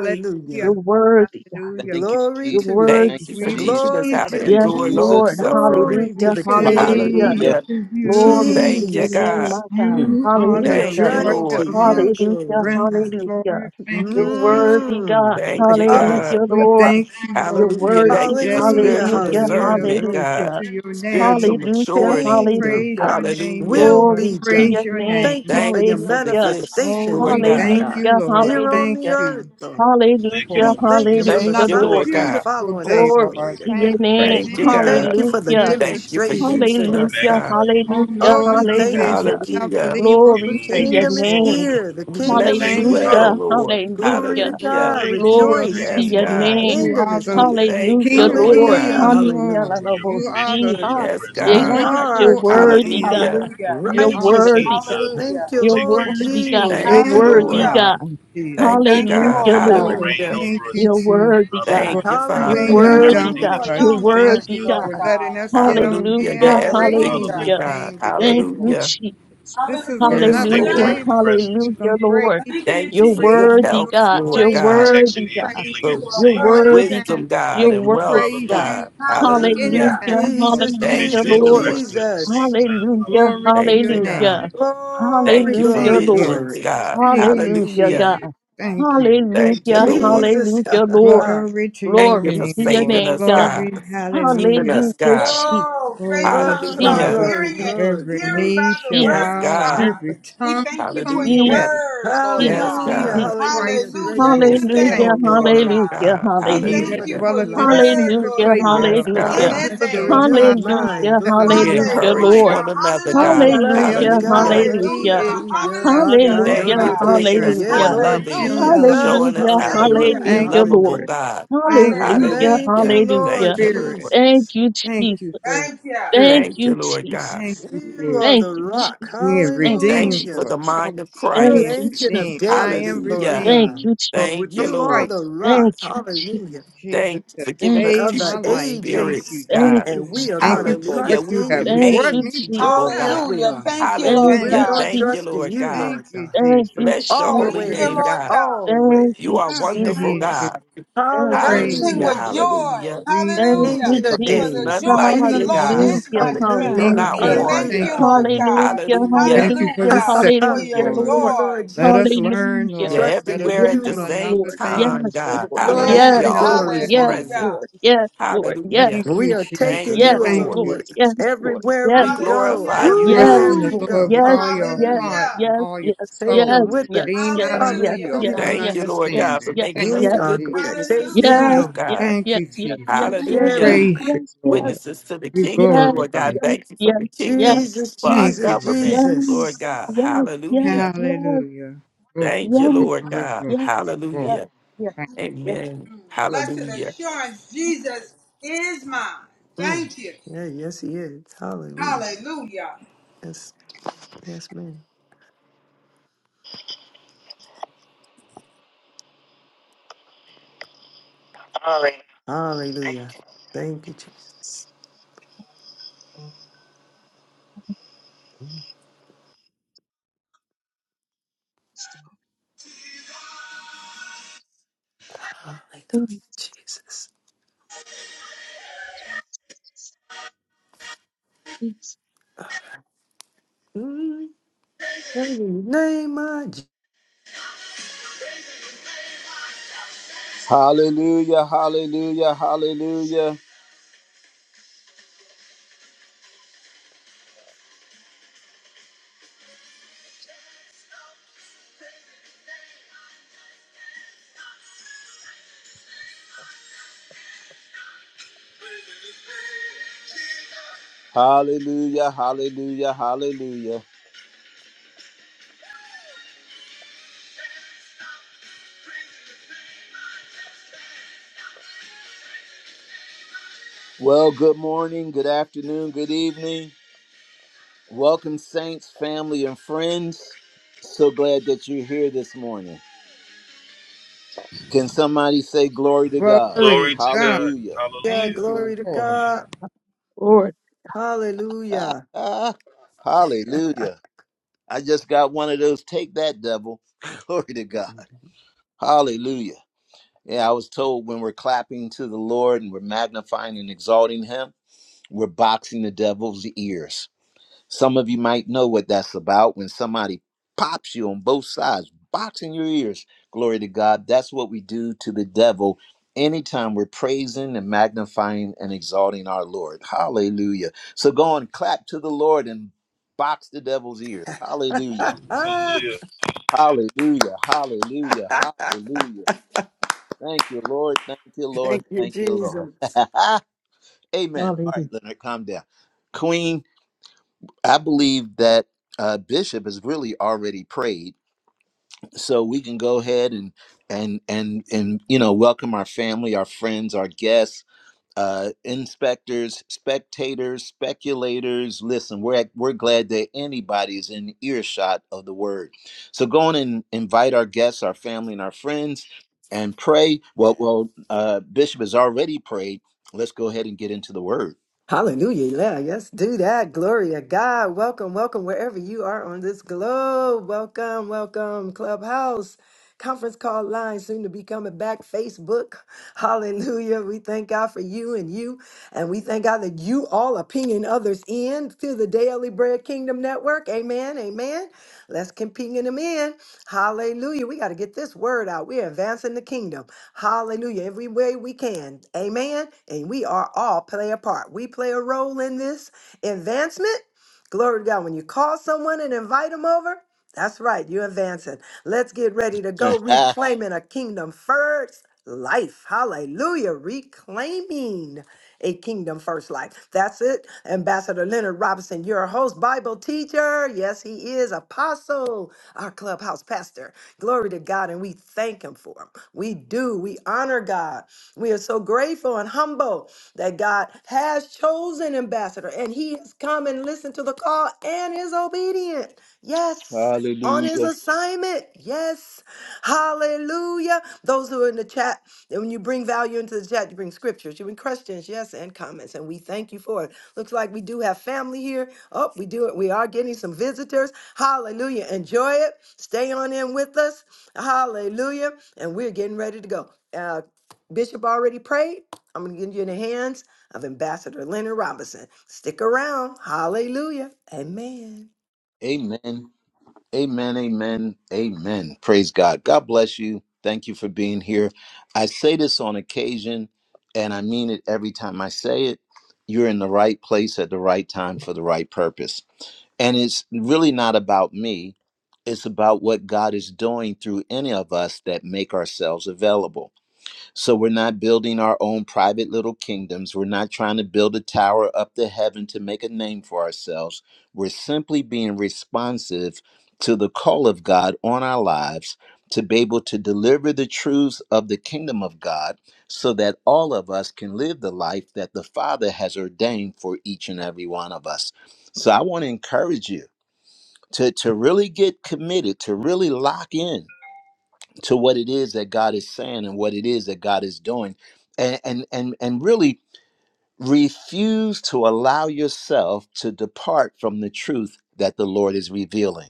S2: You're worthy, God.
S7: Hallelujah.
S1: Thank you,
S6: Glory
S2: You're
S1: Jesus.
S6: to you.
S1: Thank
S5: Thank
S2: worthy,
S5: you
S1: you,
S5: for
S7: We
S2: God.
S5: teaching
S1: Jesus.
S5: us
S7: praise
S6: Glory
S5: how
S1: Thank
S6: to
S5: to
S7: you,
S6: the
S1: you,
S2: Yes,
S6: King.
S7: Lord.
S5: endure
S1: Jesus.
S5: long
S2: Lord.
S5: suffering.
S6: Glory
S7: We
S6: to
S2: Hallelujah.
S6: the King.
S2: Hallelujah.
S7: say to
S1: Hallelujah.
S5: Hallelujah.
S2: Glory
S7: you,
S2: to
S5: Thank you,
S2: your name,
S5: God.
S2: my
S6: Jesus.
S2: God.
S1: Mm.
S7: you are
S6: We
S7: the
S6: are
S5: Thank
S2: Hallelujah.
S5: you,
S7: joy
S6: running to
S5: Lord.
S7: of our
S6: you, glory
S2: Hallelujah.
S6: to
S7: strength,
S6: God.
S2: Hallelujah.
S7: Lord. Thank you,
S2: You're
S7: Jesus.
S2: worthy, God.
S6: Mm, my
S5: Thank you,
S6: goodness.
S5: God.
S2: Hallelujah,
S7: We
S2: Lord.
S7: thank you,
S2: You're
S7: Lord, for
S5: Hallelujah.
S7: this
S2: worthy.
S5: Thank you for
S7: day.
S6: Hallelujah,
S5: spiritual
S2: Hallelujah.
S7: Hallelujah.
S5: discernment,
S6: hallelujah.
S7: Glory
S5: God,
S2: Hallelujah.
S7: to your
S5: spiritual
S7: name.
S2: Hallelujah.
S5: maturity.
S6: Kingdom
S7: Praise
S2: Hallelujah.
S6: come
S7: your name,
S5: Hallelujah.
S6: will
S7: Lord.
S2: Glory
S6: be
S2: to
S6: done.
S2: your
S7: Praise your
S2: name.
S7: name.
S6: Thank you for
S5: Thank
S6: your
S5: you for the
S2: Hallelujah.
S5: gifts,
S7: Oh,
S6: manifestations,
S5: Lord
S7: we
S6: Lord
S5: God.
S7: thank
S6: God,
S7: you,
S2: Hallelujah.
S7: Lord.
S6: here
S2: Hallelujah.
S6: on
S7: Thank
S6: the earth,
S7: you.
S6: Lord.
S2: Hallelujah.
S7: for
S6: We thank you for the
S5: Thank
S2: Hallelujah,
S7: another
S5: you,
S2: Lord.
S5: Lord
S6: signs that's
S5: God.
S7: beautiful
S6: following
S7: day,
S6: us,
S2: Glory
S6: glory
S7: Lord.
S2: to
S6: to
S2: your
S7: Thank
S6: God.
S7: you,
S2: name.
S5: Thank you,
S6: We
S7: Jesus.
S6: thank
S5: God.
S6: you for the
S2: Hallelujah.
S7: Jesus,
S5: Thank you for
S7: Jesus.
S6: demonstrations,
S5: using
S6: Lord
S5: us,
S6: God.
S2: Hallelujah.
S5: God.
S7: Oh,
S2: Hallelujah.
S6: Oh, we
S7: Lord, you
S6: thank you
S7: said
S2: Hallelujah.
S6: for
S7: you'll never
S6: kingdom.
S5: Hallelujah.
S7: leave or
S2: Glory to
S7: forsake
S2: your
S6: Kingdom
S7: us,
S6: is
S7: Lord.
S2: name.
S6: here. The
S5: We
S7: We
S6: kingdom
S5: bless
S6: is
S5: you
S7: thank you,
S6: here.
S5: well,
S2: Hallelujah.
S5: Lord.
S6: Glory
S2: Hallelujah.
S6: to
S7: Lord.
S5: Hallelujah.
S6: God.
S7: Glory to your
S2: Glory to
S6: Rejoice.
S5: Yes,
S2: your
S7: name.
S5: God.
S2: name.
S7: You
S6: Kingdom
S7: are
S6: is
S7: the
S6: here.
S5: Thank you,
S2: Hallelujah,
S7: King of
S5: Lord
S2: Lord.
S5: God.
S6: Hallelujah.
S7: Kings, Lord.
S6: Hallelujah.
S7: You are
S2: Hallelujah.
S7: the
S2: huh?
S5: Yes,
S2: Yeah,
S6: You
S5: God.
S2: God,
S6: are
S2: you're
S6: our
S7: wonderful I
S6: king.
S2: worthy, God.
S5: Hallelujah.
S7: am.
S3: Hallelujah.
S2: You're
S7: You are the
S2: worthy,
S6: righteousness.
S2: God.
S6: Thank
S3: Hallelujah.
S6: you,
S2: You're
S6: Lord
S2: worthy, God.
S7: wonderful
S2: You're
S5: Thank
S6: Jesus.
S5: you,
S7: Lamb of
S2: worthy,
S5: Lord.
S7: God,
S3: Hallelujah.
S2: God.
S5: Thank you,
S3: Thank you,
S5: God.
S2: Hallelujah,
S3: Lord
S2: Lord.
S3: God.
S7: Oh,
S5: Hallelujah.
S7: thank you,
S2: You're
S7: Jesus,
S2: worthy, God.
S7: for
S5: Thank you,
S2: You're
S7: everything
S5: Father.
S6: Hallelujah,
S7: you've done
S2: worthy,
S3: You
S2: God.
S6: hallelujah.
S7: for us.
S2: You're
S7: We
S3: alone are
S7: thank
S3: worthy,
S2: worthy,
S7: you
S2: God.
S3: Lord
S7: for letting
S3: God.
S7: us get on
S5: Hallelujah.
S7: here
S5: You're
S2: Hallelujah,
S7: and
S5: everything
S7: praise
S5: to me,
S7: your
S3: Hallelujah.
S2: hallelujah.
S5: God.
S7: name today,
S2: Thank you,
S7: Lord.
S5: Hallelujah.
S2: Jesus.
S7: This is
S5: Yes,
S7: another
S2: Hallelujah,
S5: Lord.
S7: day,
S3: Hallelujah.
S7: Lord. We can
S2: hallelujah,
S7: praise
S2: Lord.
S7: you.
S3: Thank
S7: We
S3: you,
S5: Thank you
S2: You're
S5: for
S3: Jesus.
S7: praise
S5: good
S7: you during
S2: worthy,
S5: health,
S2: God. You're
S5: Lord God,
S7: nighttime.
S2: worthy,
S7: We
S2: God.
S7: praise you
S5: for
S7: in
S3: You are
S2: You're
S7: the morning
S3: worthy.
S2: worthy, God.
S5: wisdom,
S7: time.
S5: God,
S2: You're
S7: We
S5: and
S7: can
S2: worthy,
S5: wealth,
S7: praise
S2: God.
S7: you
S5: God.
S3: Hallelujah.
S5: Hallelujah.
S2: Hallelujah,
S7: anytime, Lord.
S6: Jesus,
S7: Thank
S5: Thank
S2: hallelujah,
S5: you,
S7: you,
S6: Jesus,
S2: Lord.
S5: Lord.
S7: Jesus.
S6: Jesus.
S2: Hallelujah,
S7: Glory to
S5: Thank
S7: your
S5: you,
S7: name.
S2: hallelujah.
S5: God. Thank
S6: Glory,
S5: you for
S2: Hallelujah,
S6: glory,
S7: Thank you.
S2: Lord.
S5: visions,
S6: glory.
S5: God.
S7: Thank you,
S2: Hallelujah,
S5: Hallelujah.
S2: God.
S7: Jesus. Thank you.
S5: Thank you,
S2: Hallelujah,
S5: Lord.
S6: Jesus.
S2: hallelujah, Lord.
S7: Glory to your
S5: Thank you
S2: Glory
S5: for
S7: name,
S2: to your
S7: Lord.
S5: saving
S2: name,
S5: us,
S2: God.
S5: God.
S7: Glory,
S5: Keeping us,
S2: Hallelujah,
S7: hallelujah.
S5: God.
S2: Jesus.
S3: Oh, faith
S7: Oh,
S3: comes
S6: glory, glory,
S2: Jesus,
S3: by
S5: Hallelujah.
S7: Father,
S6: glory,
S3: hearing
S2: Jesus,
S3: and
S7: every
S3: hearing
S6: glory.
S7: knee
S3: by the
S7: shall
S5: Yes,
S3: word of
S7: bow and
S5: God.
S3: God.
S7: every
S2: Jesus,
S3: We
S7: tongue
S3: thank you for your
S5: Hallelujah.
S2: Jesus,
S7: confess
S3: word, Lord
S7: that
S5: Yes,
S2: Jesus,
S3: God.
S6: Hallelujah,
S5: God.
S7: Jesus
S2: Jesus.
S6: hallelujah.
S7: Christ is
S3: Hallelujah
S6: Grateful.
S5: We
S3: in
S7: Lord.
S5: stand
S3: advance,
S2: Hallelujah,
S7: Thank
S5: on your
S7: you,
S3: Lord
S7: Lord.
S5: word,
S3: God.
S2: hallelujah,
S5: God.
S3: We
S6: Thank
S7: He
S6: you
S3: thank
S6: for
S2: hallelujah.
S7: that
S3: you
S6: the
S5: Hallelujah.
S3: for
S6: new
S7: dwelleth
S3: your
S7: in the
S6: life.
S3: word,
S7: secret
S3: Lord
S2: Hallelujah,
S7: place
S6: Glory to
S7: of
S3: God,
S7: the
S5: Yes,
S6: God.
S7: Most
S2: hallelujah.
S3: in
S6: Thank
S5: God.
S6: you
S7: High
S6: for the
S7: shall
S3: advance,
S7: abide
S3: Lord
S6: renewed
S7: under the
S3: God.
S6: mind.
S2: Hallelujah,
S7: shadow
S6: Glory
S7: of
S6: to
S5: We
S7: the
S6: God.
S2: hallelujah,
S5: encourage
S2: Lord.
S7: Almighty.
S5: one
S3: Hallelujah,
S5: another,
S7: I
S6: We
S7: will
S3: hallelujah,
S5: God.
S7: say
S6: bless
S3: Lord.
S7: of
S6: you,
S7: the
S2: Hallelujah,
S6: God.
S5: Hallelujah.
S7: Lord,
S6: Bless
S7: He
S6: you,
S2: hallelujah.
S7: is
S3: Hallelujah,
S7: my
S6: Jesus.
S3: hallelujah,
S7: refuge
S3: Lord
S7: and
S6: Bakando
S5: Thank
S2: Hallelujah,
S5: you
S7: my
S6: no
S5: for
S3: God.
S5: making
S6: kese.
S5: us
S7: strength,
S6: Yeah,
S5: more
S2: hallelujah.
S7: and
S6: Lord
S5: loving,
S7: Him will
S3: Hallelujah.
S7: I
S6: Jesus.
S5: showing
S7: trust.
S2: Hallelujah,
S5: us how to
S3: Thank
S5: look,
S3: you.
S5: be
S6: Hallelujah.
S7: Thank
S2: hallelujah,
S7: you, Lord.
S5: lovable,
S2: Lord.
S6: Hallelujah.
S5: God.
S7: Thank you, Lord,
S3: Hallelujah.
S2: Hallelujah,
S6: Thank
S7: for
S6: you,
S5: Hallelujah.
S7: your
S2: hallelujah.
S5: Thank
S6: Lord
S5: you,
S7: spirit.
S5: Lord.
S2: Thank
S6: Jesus.
S2: you,
S7: Thank you for
S2: Jesus.
S7: your
S3: Thank you.
S2: Thank
S7: spirit.
S5: Thank you,
S2: you,
S5: Lord God.
S7: Thank
S2: Jesus.
S6: You
S7: you
S6: are
S2: Thank
S6: the
S2: you,
S6: rock.
S7: for
S2: Jesus.
S7: being
S2: Thank you,
S5: Thank
S7: redeemed,
S5: you for
S6: Hallelujah.
S7: for
S5: the
S2: Jesus.
S7: help
S5: mind of
S2: Thank
S6: You're
S7: being
S2: you,
S5: Christ.
S6: ancient of
S2: Jesus.
S7: redeemed. I am
S6: days, Lord
S5: Hallelujah.
S2: Thank
S6: God.
S7: redeemed,
S2: you,
S7: but with
S5: Thank you,
S7: the
S2: Jesus.
S6: You are
S7: price.
S5: Lord.
S6: the rock.
S2: Thank you, Jesus.
S6: Hallelujah.
S7: Jesus
S5: Thank you
S7: has
S5: for giving us
S7: saved
S6: Of
S7: my
S6: the
S5: teachable
S7: life. Thank
S6: ages.
S7: you,
S5: spirits,
S2: Thank
S5: God.
S7: Jesus.
S2: you,
S6: And we are
S2: Jesus.
S7: Thank
S6: going to
S7: you for
S5: Hallelujah.
S7: what
S6: trust
S5: We
S7: you
S6: in
S7: have
S6: you.
S2: Thank
S7: brought
S2: you,
S5: remain
S7: me from.
S5: teachable,
S6: Oh,
S2: Jesus.
S6: yes,
S5: God.
S6: we
S3: Hallelujah.
S6: are.
S7: Hallelujah.
S3: Thank you,
S2: Thank
S3: Lord
S7: Thank
S6: We're
S2: you,
S5: Hallelujah.
S7: you.
S6: going
S3: God.
S6: to
S5: Thank
S2: Jesus.
S5: you,
S6: trust in
S5: Lord
S6: you,
S5: God.
S7: Thank
S6: Lord
S7: you,
S6: God.
S2: Thank
S7: Jesus.
S2: you,
S5: Bless your
S3: Thank
S5: holy
S7: Glory
S2: Jesus.
S7: to
S3: you,
S5: name,
S7: God.
S6: Always,
S3: Lord
S5: God.
S3: God.
S2: Thank
S5: You
S2: you,
S5: are
S6: always.
S2: Jesus.
S3: Mm,
S2: Thank you,
S5: wonderful,
S7: Praise
S3: mm, mm.
S7: you.
S2: Jesus.
S5: God.
S2: Thank you,
S7: Praise
S3: Bursting
S6: Hallelujah.
S5: Hallelujah.
S7: you.
S3: with joy.
S5: Hallelujah.
S7: We
S3: Hallelujah.
S6: Ancient
S7: glorify
S6: of
S2: Jesus.
S3: For
S5: There's
S3: the
S6: days.
S5: none
S3: joy of
S5: like
S2: Thank
S3: the
S5: you,
S3: Lord
S7: you.
S2: you,
S5: God.
S7: You are
S2: Jesus.
S6: Jesus.
S3: is
S2: Hallelujah.
S3: my
S7: the
S3: strength.
S5: You're
S7: King
S6: Hallelujah.
S7: of
S5: not
S2: Hallelujah.
S3: We
S7: Kings.
S5: one.
S3: thank
S7: Thank
S3: you,
S7: you,
S6: Hallelujah.
S3: Lord
S7: Lord.
S3: God.
S2: Hallelujah.
S5: Hallelujah.
S7: Thank you for
S2: Hallelujah.
S7: this
S3: Hallelujah. For
S7: session,
S3: your
S2: Hallelujah,
S6: Thank
S7: Lord.
S2: Lord.
S6: you, Lord
S3: joy.
S7: Let us
S6: Jesus.
S7: learn,
S2: Hallelujah.
S5: You're
S7: Lord.
S6: Trusting
S7: Let us
S5: everywhere
S6: in
S5: at the
S6: you,
S7: learn
S6: Lord.
S5: same
S7: another thing
S5: time,
S7: that
S5: God.
S7: you want us to
S5: Hallelujah.
S6: Glory,
S3: Yes.
S7: know
S6: glory,
S5: Always
S7: today.
S6: glory.
S5: present.
S3: Hallelujah.
S5: Hallelujah.
S7: Thank
S6: We
S7: you,
S6: are taking
S5: Thank
S7: Jesus.
S5: you,
S6: you
S7: Thank
S5: Lord.
S6: along
S7: you.
S6: with us everywhere
S5: We
S6: we go,
S5: glorify
S3: Hallelujah.
S5: you,
S7: Trust
S6: everywhere
S5: God.
S7: in the
S6: we go.
S7: Lord with all your
S6: Hallelujah.
S7: heart
S3: Hallelujah.
S7: and all your
S6: Take
S7: soul,
S6: them
S7: and
S6: with
S7: lean
S6: us.
S7: not unto
S3: Hallelujah.
S7: your
S6: Hallelujah.
S7: own
S5: Thank you, Lord God, for
S7: understanding.
S5: making
S7: Thank
S5: us
S6: We
S7: you,
S6: are
S5: good
S6: going
S7: Jesus.
S6: to
S5: witnesses
S6: take
S5: to
S6: you,
S5: you,
S3: Hallelujah.
S6: Lord,
S5: God.
S7: Thank you, Jesus.
S5: Hallelujah.
S7: Praise
S6: everywhere.
S7: you, Lord.
S5: Witnesses to the
S7: We
S5: kingdom, Lord
S7: glorify
S5: God.
S7: you.
S5: Thank you for the kingdom,
S6: Jesus,
S5: for our
S7: Thank
S6: Jesus,
S7: you,
S5: government,
S7: Lord.
S5: Lord God.
S6: Jesus.
S5: Hallelujah.
S7: Hallelujah. Glory,
S5: Thank you, Lord
S7: glory,
S5: God.
S7: glory, glory.
S5: Hallelujah.
S7: Thank-
S5: Amen.
S3: Blessed
S5: Hallelujah.
S3: assurance, Jesus is mine.
S6: Mm.
S3: Thank you.
S6: Yeah, yes, he is. Hallelujah.
S3: Hallelujah.
S6: Yes, yes, ma'am.
S5: All right.
S6: Hallelujah. Thank you, Jesus. Mm. Hallelujah, Jesus. Mm. Praise the Name of Je-
S1: Hallelujah. Hallelujah. Hallelujah. Hallelujah. Hallelujah. Hallelujah. Hallelujah. Well, good morning, good afternoon, good evening. Welcome, saints, family, and friends. So glad that you're here this morning. Can somebody say glory to
S7: you.
S1: God?
S7: Glory to God.
S1: Hallelujah.
S6: Yeah,
S7: Thank you,
S6: glory to
S7: Lord.
S6: God.
S1: Ah,
S6: Hallelujah.
S1: ah, Hallelujah. I just got one of those. Take that, devil. Glory to God. Hallelujah. Yeah, I was told when we're clapping to the Lord and we're magnifying and exalting Him, we're boxing the devil's ears. Some of you might know what that's about when somebody pops you on both sides, boxing your ears. Glory to God. That's what we do to the devil anytime we're praising and magnifying and exalting our Lord. Hallelujah. So go and clap to the Lord and box the devil's ears. Hallelujah. Hallelujah. Hallelujah. Hallelujah. Thank you, Lord. Thank you, Lord.
S6: Thank you,
S1: Thank you, Lord.
S6: Jesus.
S1: Amen. All right,
S2: Hallelujah.
S1: Leonard, calm down. Queen I believe that uh, Bishop has really already prayed, so we can go ahead and and and and you know welcome our family, our friends, our guests, uh, inspectors, spectators, speculators. Listen, we're we're glad that anybody's in earshot of the word. So go on and invite our guests, our family, and our friends, and pray. Well, well, uh, Bishop has already prayed. Let's go ahead and get into the word.
S6: Hallelujah. Yeah, Yes, do that. Glory to God. Welcome, welcome, wherever you are on this globe. Welcome, welcome, Clubhouse. Conference call line soon to be coming back. Facebook. Hallelujah. We thank God for you and you. And we thank God that you all are pinging others in to the Daily Bread Kingdom Network. Amen. Amen. Let's keep pinging them in. Hallelujah. We got to get this word out. We're advancing the kingdom. Hallelujah. Every way we can. Amen. And we are all play a part. We play a role in this advancement. Glory to God. When you call someone and invite them over, that's right. You're advancing. Let's get ready to go reclaiming a kingdom first life. Hallelujah. Reclaiming a kingdom first life. That's it. Ambassador Leonard Robinson, your host, Bible teacher. Yes, he is apostle, our clubhouse pastor. Glory to God. And we thank him for him. We do. We honor God. We are so grateful and humble that God has chosen ambassador and he has come and listened to the call and is obedient. Yes. On his
S1: Hallelujah.
S6: assignment. Yes. Hallelujah. Those who are in the chat, and when you bring value into the chat, you bring scriptures, you bring questions, yes, and comments. And we thank you for it. Looks like we do have family here. Oh, we do it. We are getting some visitors. Hallelujah. Enjoy it. Stay on in with us. Hallelujah. And we're getting ready to go. Uh, Bishop already prayed. I'm going to get you in the hands of Ambassador Leonard Robinson. Stick around. Hallelujah. Amen.
S1: Amen. Amen, amen, amen. Praise God. God bless you. Thank you for being here. I say this on occasion, and I mean it every time I say it. You're in the right place at the right time for the right purpose. And it's really not about me, it's about what God is doing through any of us that make ourselves available. So we're not building our own private little kingdoms. We're not trying to build a tower up to heaven to make a name for ourselves. We're simply being responsive to the call of God on our lives to be able to deliver the truths of the kingdom of God so that all of us can live the life that the Father has ordained for each and every one of us. So I want to encourage you to, to really get committed, to really lock in to what it is that God is saying and what it is that God is doing and and and, and really refuse to allow yourself to depart from the truth that the Lord is revealing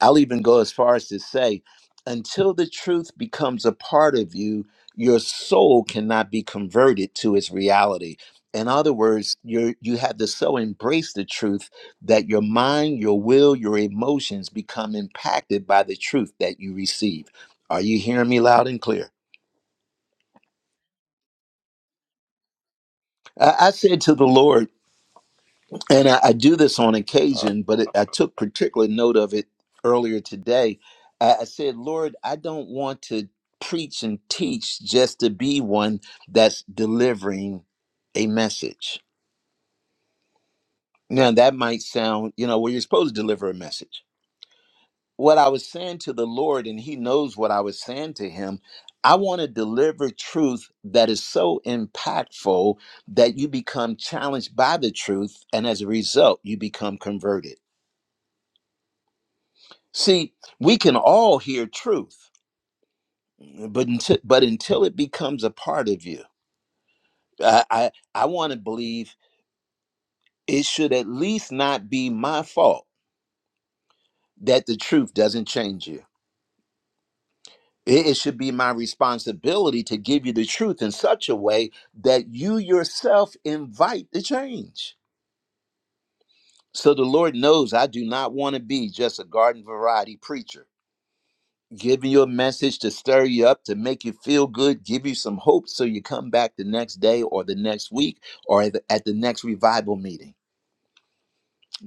S1: I'll even go as far as to say, until the truth becomes a part of you, your soul cannot be converted to its reality. In other words, you you have to so embrace the truth that your mind, your will, your emotions become impacted by the truth that you receive. Are you hearing me loud and clear? I, I said to the Lord, and I, I do this on occasion, but it, I took particular note of it earlier today. I, I said, Lord, I don't want to preach and teach just to be one that's delivering a message. Now, that might sound, you know, well, you're supposed to deliver a message. What I was saying to the Lord, and He knows what I was saying to Him, I want to deliver truth that is so impactful that you become challenged by the truth, and as a result, you become converted. See, we can all hear truth, but until, but until it becomes a part of you, I I, I want to believe it should at least not be my fault that the truth doesn't change you. It, it should be my responsibility to give you the truth in such a way that you yourself invite the change. So the Lord knows I do not want to be just a garden variety preacher giving you a message to stir you up, to make you feel good, give you some hope so you come back the next day or the next week or at the, at the next revival meeting.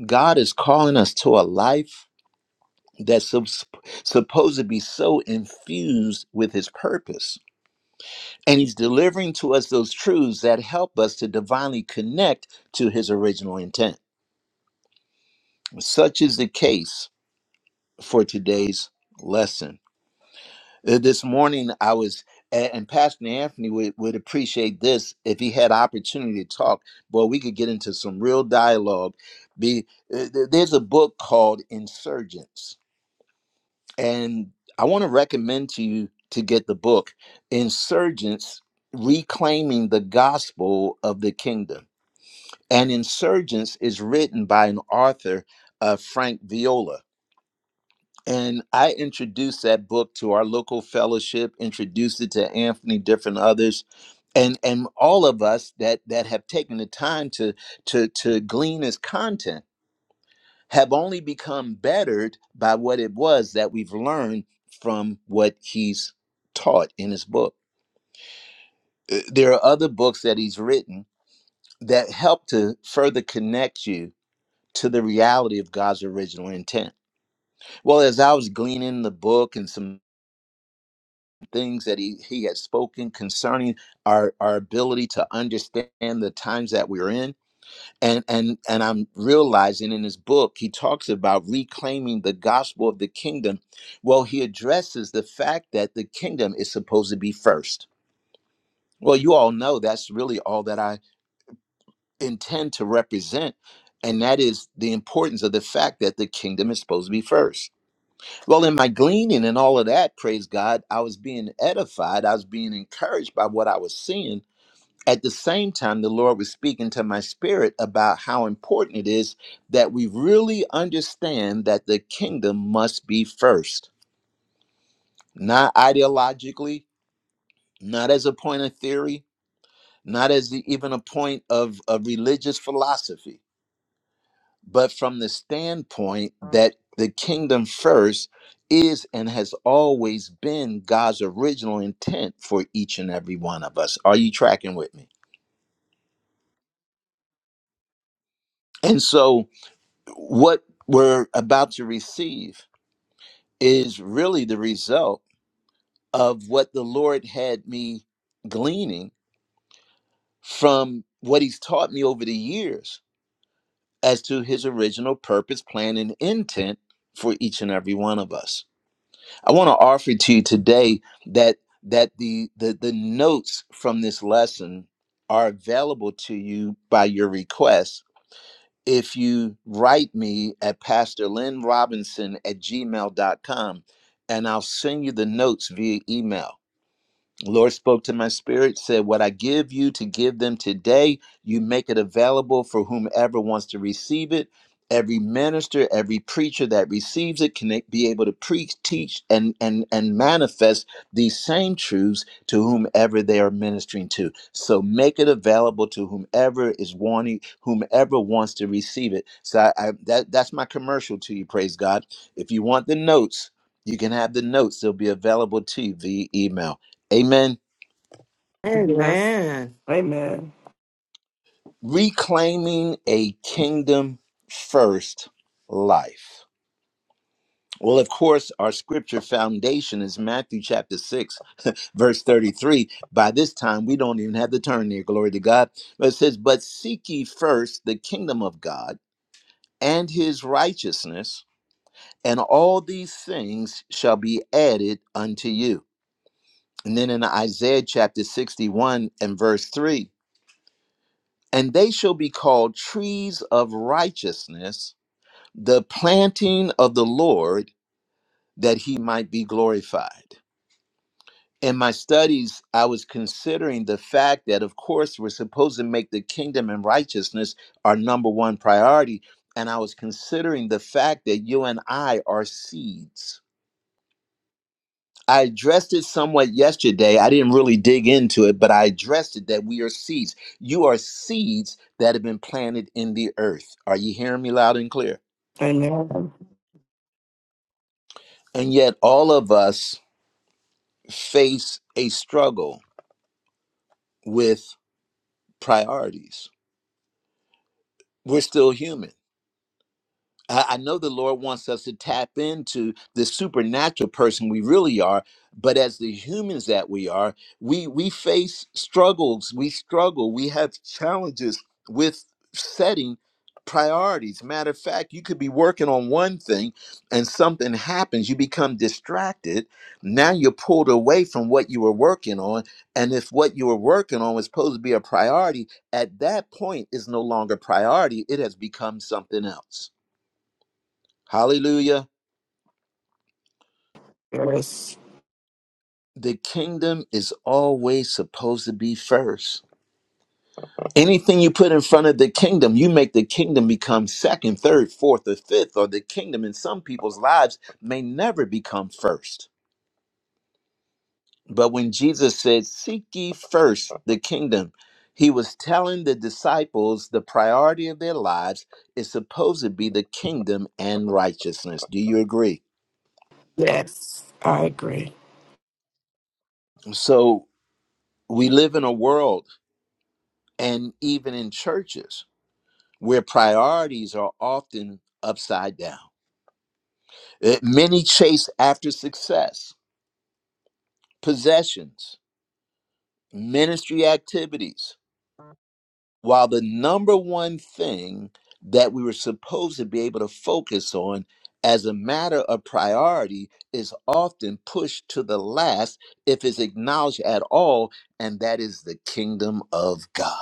S1: God is calling us to a life that's sup- supposed to be so infused with his purpose. And he's delivering to us those truths that help us to divinely connect to his original intent. Such is the case for today's lesson. Uh, This morning I was, a- and Pastor Anthony would, would appreciate this if he had opportunity to talk. Boy, we could get into some real dialogue. Be uh, th- there's a book called Insurgents, and I want to recommend to you to get the book Insurgents: Reclaiming the Gospel of the Kingdom. And Insurgents is written by an author, uh, Frank Viola and I introduced that book to our local fellowship, introduced it to Anthony, different others, and and all of us that that have taken the time to to to glean his content have only become bettered by what it was that we've learned from what he's taught in his book. Uh, There are other books that he's written that help to further connect you to the reality of God's original intent. Well, as I was gleaning the book and some things that he, he had spoken concerning our, our ability to understand the times that we're in. And, and and I'm realizing in his book he talks about reclaiming the gospel of the kingdom. Well, he addresses the fact that the kingdom is supposed to be first. Well, you all know that's really all that I intend to represent, and that is the importance of the fact that the kingdom is supposed to be first well, in my gleaning and all of that, praise God, I was being edified. I was being encouraged by what I was seeing. At the same time, the Lord was speaking to my spirit about how important it is that we really understand that the kingdom must be first, not ideologically, not as a point of theory, not as the, even a point of, of religious philosophy but from the standpoint that the kingdom first is and has always been God's original intent for each and every one of us. Are you tracking with me? And so, what we're about to receive is really the result of what the Lord had me gleaning from what He's taught me over the years as to His original purpose, plan, and intent for each and every one of us. I want to offer to you today that that the, the the notes from this lesson are available to you by your request. If you write me at Pastor Lynn Robinson at gmail dot com, and I'll send you the notes via email. Lord spoke to my spirit, said, What I give you to give them today, you make it available for whomever wants to receive it. Every minister, every preacher that receives it can be able to preach, teach, and, and, and manifest these same truths to whomever they are ministering to. So make it available to whomever is wanting, whomever wants to receive it. So I, I, that, that's my commercial to you, praise God. If you want the notes, you can have the notes. They'll be available to you via email. Amen.
S5: Yes.
S6: Amen.
S5: Amen.
S1: Reclaiming a kingdom first life. Well, of course, our scripture foundation is Matthew chapter 6, verse 33. By this time, we don't even have the turn there. Glory to God. But it says, But seek ye first the kingdom of God and his righteousness, and all these things shall be added unto you. And then in Isaiah chapter 61 and verse 3, And they shall be called trees of righteousness the planting of the Lord that he might be glorified. In my studies, I was considering the fact that, of course, we're supposed to make the kingdom and righteousness our number one priority. And I was considering the fact that you and I are seeds. I addressed it somewhat yesterday. I didn't really dig into it, but I addressed it that we are seeds. You are seeds that have been planted in the earth. Are you hearing me loud and clear?
S5: Amen.
S1: And yet, all of us face a struggle with priorities. We're still human. I I know the Lord wants us to tap into the supernatural person we really are, but as the humans that we are, we we face struggles, we struggle, we have challenges with setting priorities. Matter of fact, you could be working on one thing and something happens, you become distracted. Now you're pulled away from what you were working on, and if what you were working on was supposed to be a priority, at that point is no longer priority, it has become something else. Hallelujah.
S5: Yes.
S1: The kingdom is always supposed to be first. Anything you put in front of the kingdom, you make the kingdom become second, third, fourth, or fifth, or the kingdom in some people's lives may never become first. But when Jesus said, Seek ye first the kingdom, he was telling the disciples the priority of their lives is supposed to be the kingdom and righteousness. Do you agree?
S5: Yes. I agree.
S1: So we live in a world and even in churches where priorities are often upside down. Uh, Many chase after success, possessions, ministry activities, while the number one thing that we were supposed to be able to focus on as a matter of priority is often pushed to the last if it's acknowledged at all, and that is the kingdom of God.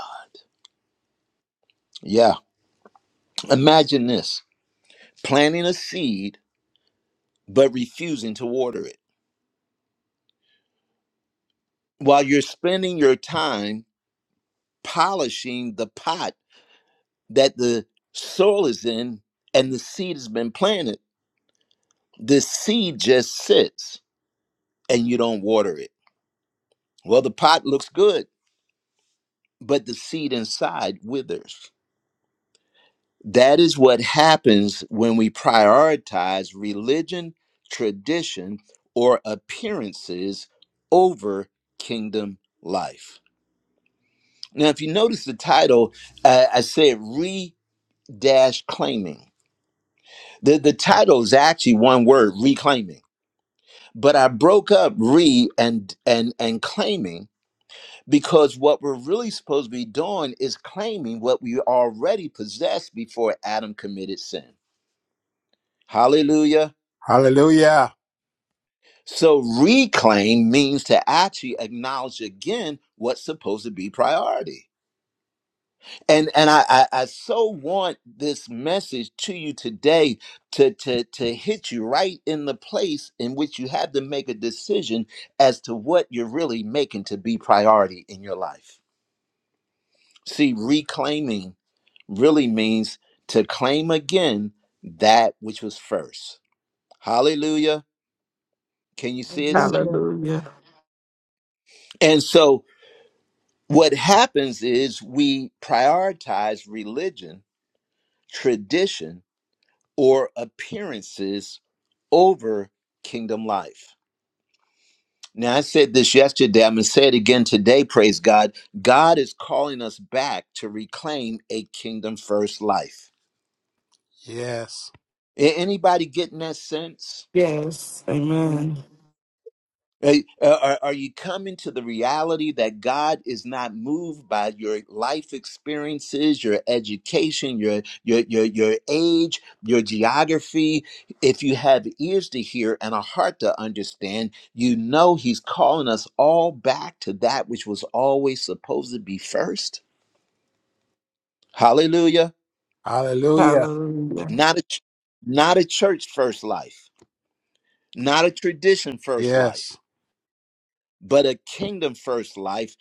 S1: Yeah, imagine this planting a seed but refusing to water it while you're spending your time polishing the pot that the soil is in and the seed has been planted, the seed just sits and you don't water it. Well, the pot looks good, but the seed inside withers. That is what happens when we prioritize religion, tradition, or appearances over kingdom life. Now, if you notice the title, uh, I said re dash claiming The the title is actually one word, reclaiming. But I broke up re and and and claiming because what we're really supposed to be doing is claiming what we already possessed before Adam committed sin. Hallelujah.
S8: Hallelujah.
S1: So reclaim means to actually acknowledge again what's supposed to be priority. and and I, I I so want this message to you today to to to hit you right in the place in which you have to make a decision as to what you're really making to be priority in your life. See, reclaiming really means to claim again that which was first. Hallelujah! Can you see it? saints?
S2: Hallelujah.
S5: Hallelujah.
S1: And so what happens is we prioritize religion, tradition, or appearances over kingdom life. Now, I said this yesterday. I'm going to say it again today. Praise God. God is calling us back to reclaim a kingdom first life.
S8: Yes.
S1: A- Anybody getting that sense?
S5: Yes. Amen.
S1: Hey, uh, are, are you coming to the reality that God is not moved by your life experiences, your education, your your your your age, your geography? If you have ears to hear and a heart to understand, you know He's calling us all back to that which was always supposed to be first. Hallelujah!
S8: Hallelujah.
S5: Hallelujah.
S1: Not a ch- not a church first life, not a tradition first life.
S8: Yes.
S1: but a kingdom first life.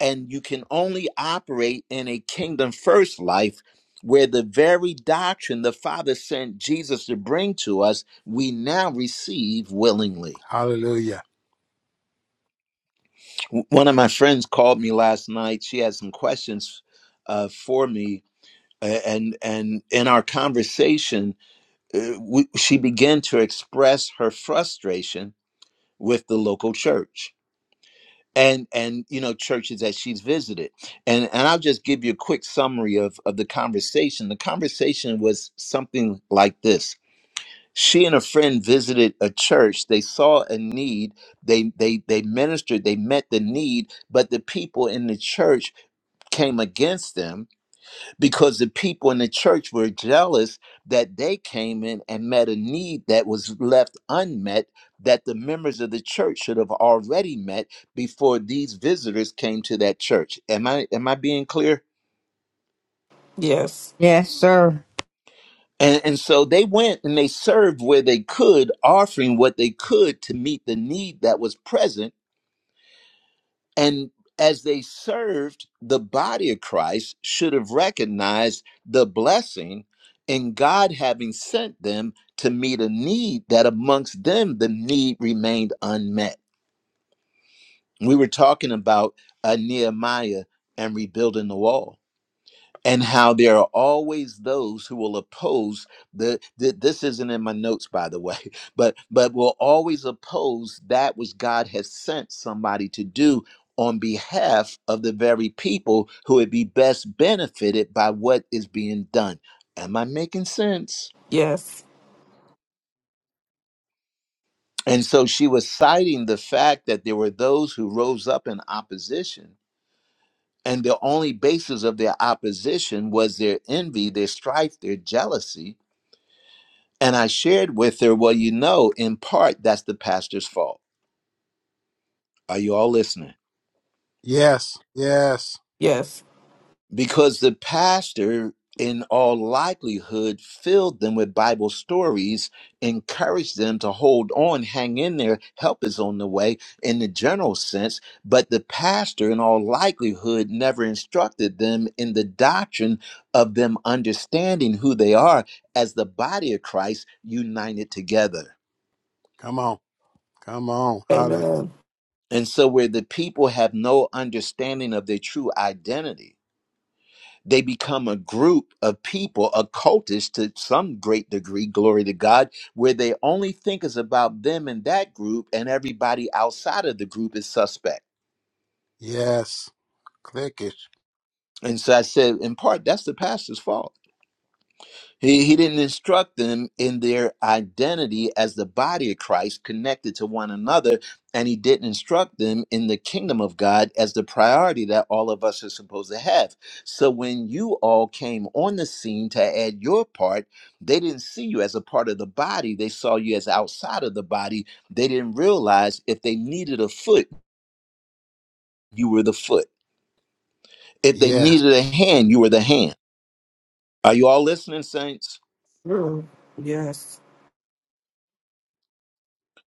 S1: And you can only operate in a kingdom first life where the very doctrine the Father sent Jesus to bring to us, we now receive willingly.
S8: Hallelujah.
S1: W- One of my friends called me last night. She had some questions uh, for me. a- And and in our conversation, uh, we, she began to express her frustration with the local church and and you know churches that she's visited and and i'll just give you a quick summary of of the conversation the conversation was something like this she and a friend visited a church they saw a need they they they ministered they met the need but the people in the church came against them because the people in the church were jealous that they came in and met a need that was left unmet that the members of the church should have already met before these visitors came to that church am i am i being clear
S5: Yes.
S7: Yes, sir.
S1: and, and so they went and they served where they could offering what they could to meet the need that was present And as they served, the body of Christ should have recognized the blessing in God having sent them to meet a need that amongst them the need remained unmet. We were talking about uh, Nehemiah and rebuilding the wall and how there are always those who will oppose the, th- this isn't in my notes by the way but but will always oppose that which god has sent somebody to do on behalf of the very people who would be best benefited by what is being done am i making sense
S5: Yes.
S1: and so she was citing the fact that there were those who rose up in opposition and the only basis of their opposition was their envy their strife their jealousy And I shared with her, well, you know, in part, that's the pastor's fault. Are you all listening?
S8: Yes. Yes.
S5: Yes.
S1: Because the pastor, in all likelihood, filled them with Bible stories, encouraged them to hold on, hang in there, help is on the way in the general sense. But the pastor, in all likelihood, never instructed them in the doctrine of them understanding who they are as the body of Christ united together.
S8: Come on. Come on. Hallelujah.
S5: Amen.
S1: And so, where the people have no understanding of their true identity, they become a group of people, a cultist to some great degree, glory to God, where they only think is about them and that group, and everybody outside of the group is suspect.
S8: Yes. Click it.
S1: And so I said, in part, that's the pastor's fault He, he didn't instruct them in their identity as the body of Christ connected to one another, and he didn't instruct them in the kingdom of God as the priority that all of us are supposed to have. So when you all came on the scene to add your part, they didn't see you as a part of the body, they saw you as outside of the body. They didn't realize if they needed a foot, you were the foot. If they
S8: Yes.
S1: needed a hand, you were the hand. Are you all listening, saints?
S5: True. Yes.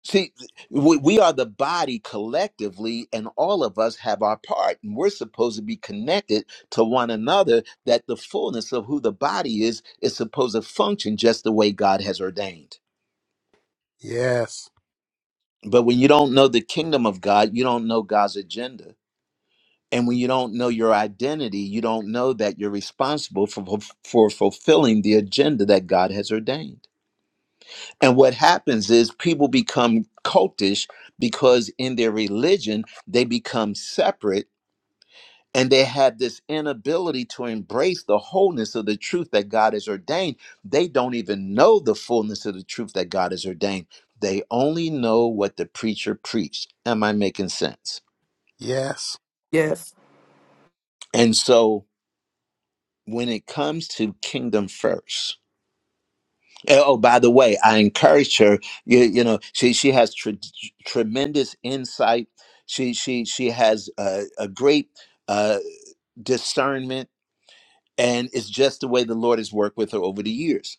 S1: See, we, we are the body collectively, and all of us have our part, and we're supposed to be connected to one another. That the fullness of who the body is is supposed to function just the way God has ordained.
S8: Yes.
S1: But when you don't know the kingdom of God, you don't know God's agenda. And when you don't know your identity, you don't know that you're responsible for, for fulfilling the agenda that God has ordained. And what happens is people become cultish because in their religion, they become separate and they have this inability to embrace the wholeness of the truth that God has ordained. They don't even know the fullness of the truth that God has ordained. They only know what the preacher preached. Am I making sense?
S8: Yes.
S5: Yes.
S1: And so when it comes to kingdom first, Uh, Oh, by the way, I encouraged her. You, you know, she she has tr tremendous insight. She she she has uh, a great uh, discernment, and it's just the way the Lord has worked with her over the years.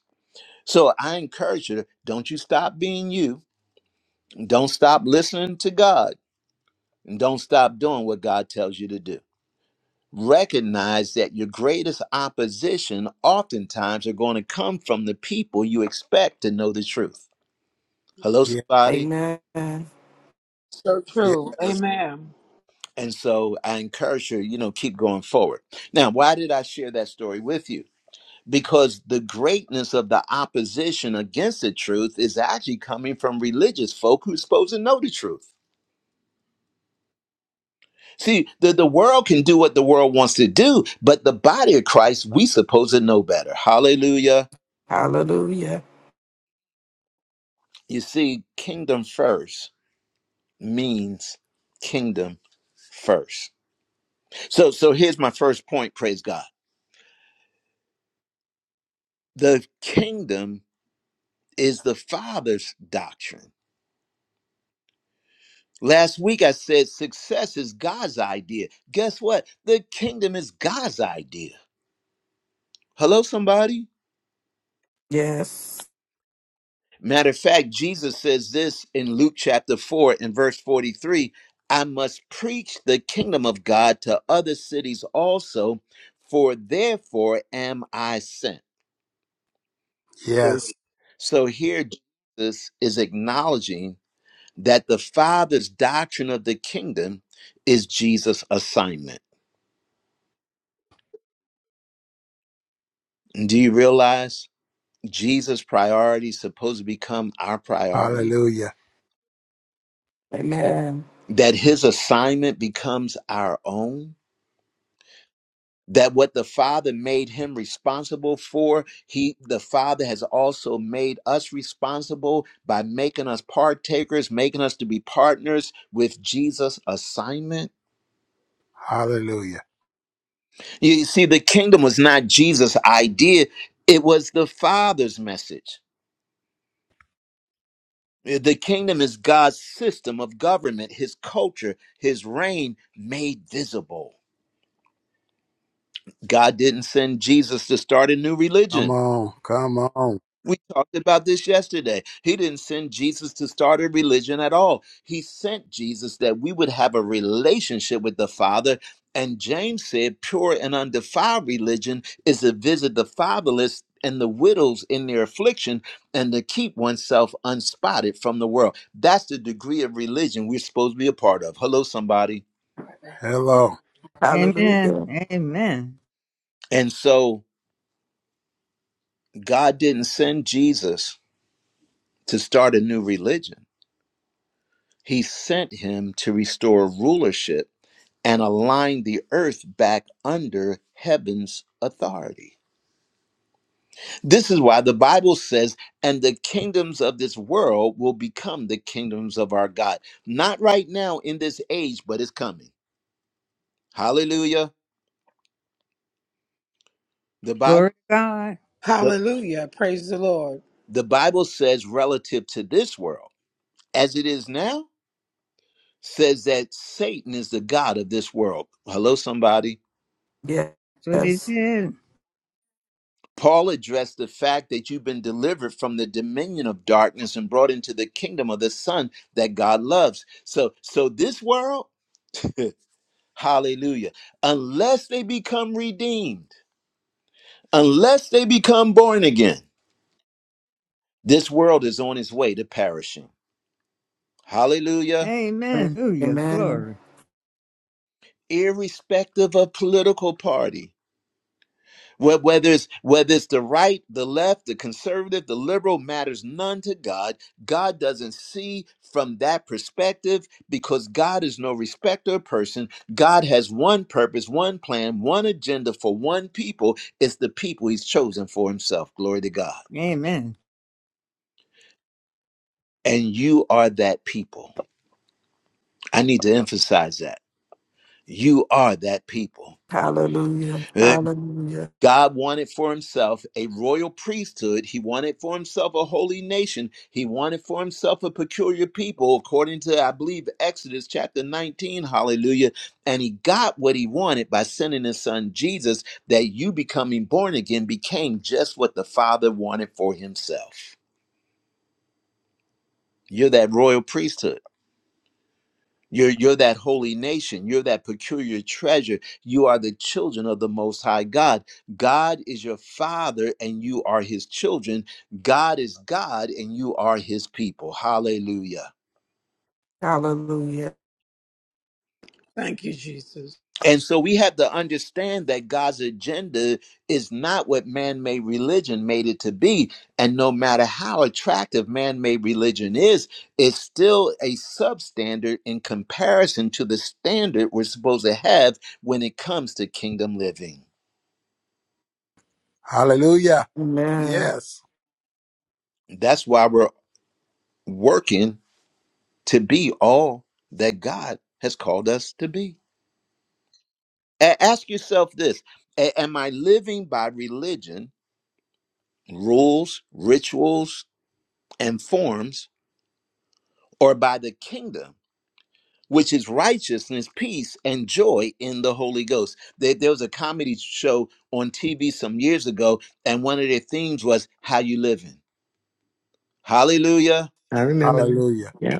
S1: So I encourage her: don't you stop being you. Don't stop listening to God, and don't stop doing what God tells you to do. Recognize that your greatest opposition, oftentimes, are going to come from the people you expect to know the truth. Hello,
S8: Yes.
S1: somebody.
S5: Amen.
S3: So true.
S8: Yes.
S3: Amen.
S1: And so I encourage you, you know, keep going forward. Now, why did I share that story with you? Because the greatness of the opposition against the truth is actually coming from religious folk who's supposed to know the truth. See, the, the world can do what the world wants to do, but the body of Christ, we supposed to know better. Hallelujah.
S5: Hallelujah.
S1: You see, kingdom first means kingdom first. So so here's my first point, praise God. The kingdom is the Father's doctrine Last week I said success is God's idea. Guess what? The kingdom is God's idea. Hello, somebody?
S5: Yes.
S1: Matter of fact, Jesus says this in Luke chapter 4 and verse 43 I must preach the kingdom of God to other cities also, for therefore am I sent. So,
S8: Yes.
S1: so here Jesus is acknowledging that the Father's doctrine of the kingdom is Jesus' assignment. Do you realize? Jesus' priority is supposed to become our priority?
S8: Hallelujah.
S5: Amen.
S1: That his assignment becomes our own? That what the Father made him responsible for, he the Father has also made us responsible by making us partakers, making us to be partners with Jesus' assignment.
S8: Hallelujah.
S1: You see, the kingdom was not Jesus' idea, it was the Father's message. The kingdom is God's system of government, his culture, his reign made visible. God didn't send Jesus to start a new
S8: Come
S1: religion.
S8: on. Come on.
S1: We talked about this yesterday. He didn't send Jesus to start a religion at all. He sent Jesus that we would have a relationship with the Father. And James said, pure and undefiled religion is to visit the fatherless and the widows in their affliction and to keep oneself unspotted from the world. That's the degree of religion we're supposed to be a part of. Hello, somebody.
S8: Hello.
S7: Amen.
S5: Hallelujah.
S7: Amen.
S1: And so God didn't send Jesus to start a new religion, He sent him to restore rulership and align the earth back under heaven's authority. This is why the Bible says, and the kingdoms of this world will become the kingdoms of our God. Not right now in this age, but it's coming. Hallelujah. The Bible,
S7: Glory to God.
S1: the,
S3: Hallelujah. Praise the Lord.
S1: the Bible says, relative to this world, as it is now, says that Satan is the God of this world. Hello, somebody.
S7: That's what he
S5: Yes.
S7: said.
S1: Paul addressed the fact that you've been delivered from the dominion of darkness and brought into the kingdom of the son that God loves. So so this world, hallelujah, unless they become redeemed, unless they become born again, this world is on its way to perishing. Hallelujah.
S7: Amen. Hallelujah.
S5: Amen.
S7: Glory.
S1: Irrespective of political party, Wh- Whether it's whether it's the right, the left, the conservative, the liberal matters none to God. God doesn't see from that perspective because God is no respecter of person. God has one purpose, one plan, one agenda for one people. It's the people He's chosen for Himself. Glory to God.
S7: Amen.
S1: And you are that people. I need to emphasize that. You are that people.
S5: Hallelujah.
S1: Uh,
S5: Hallelujah.
S1: God wanted for himself a royal priesthood. He wanted for himself a holy nation. He wanted for himself a peculiar people, according to, I believe, Exodus chapter 19. Hallelujah. And he got what he wanted by sending his son Jesus, that you becoming born again became just what the Father wanted for himself. You're that royal priesthood. You're, you're that holy nation. You're that peculiar treasure. You are the children of the Most High God. God is your Father, and you are His children. God is God, and you are His people. Hallelujah.
S5: Hallelujah.
S3: Thank you, Jesus.
S1: And so we have to understand that God's agenda is not what man made religion made it to be. And no matter how attractive man made religion is, it's still a substandard in comparison to the standard we're supposed to have when it comes to kingdom living.
S8: Hallelujah.
S5: Amen.
S8: Yes.
S1: That's why we're working to be all that God has called us to be. A- ask yourself this A- Am I living by religion, rules, rituals? and forms, or by the kingdom, which is righteousness, peace, and joy in the Holy Ghost. There, there was a comedy show on TV some years ago, and one of their themes was how you living. Hallelujah,
S6: I remember. them.
S8: Hallelujah.
S6: Yeah.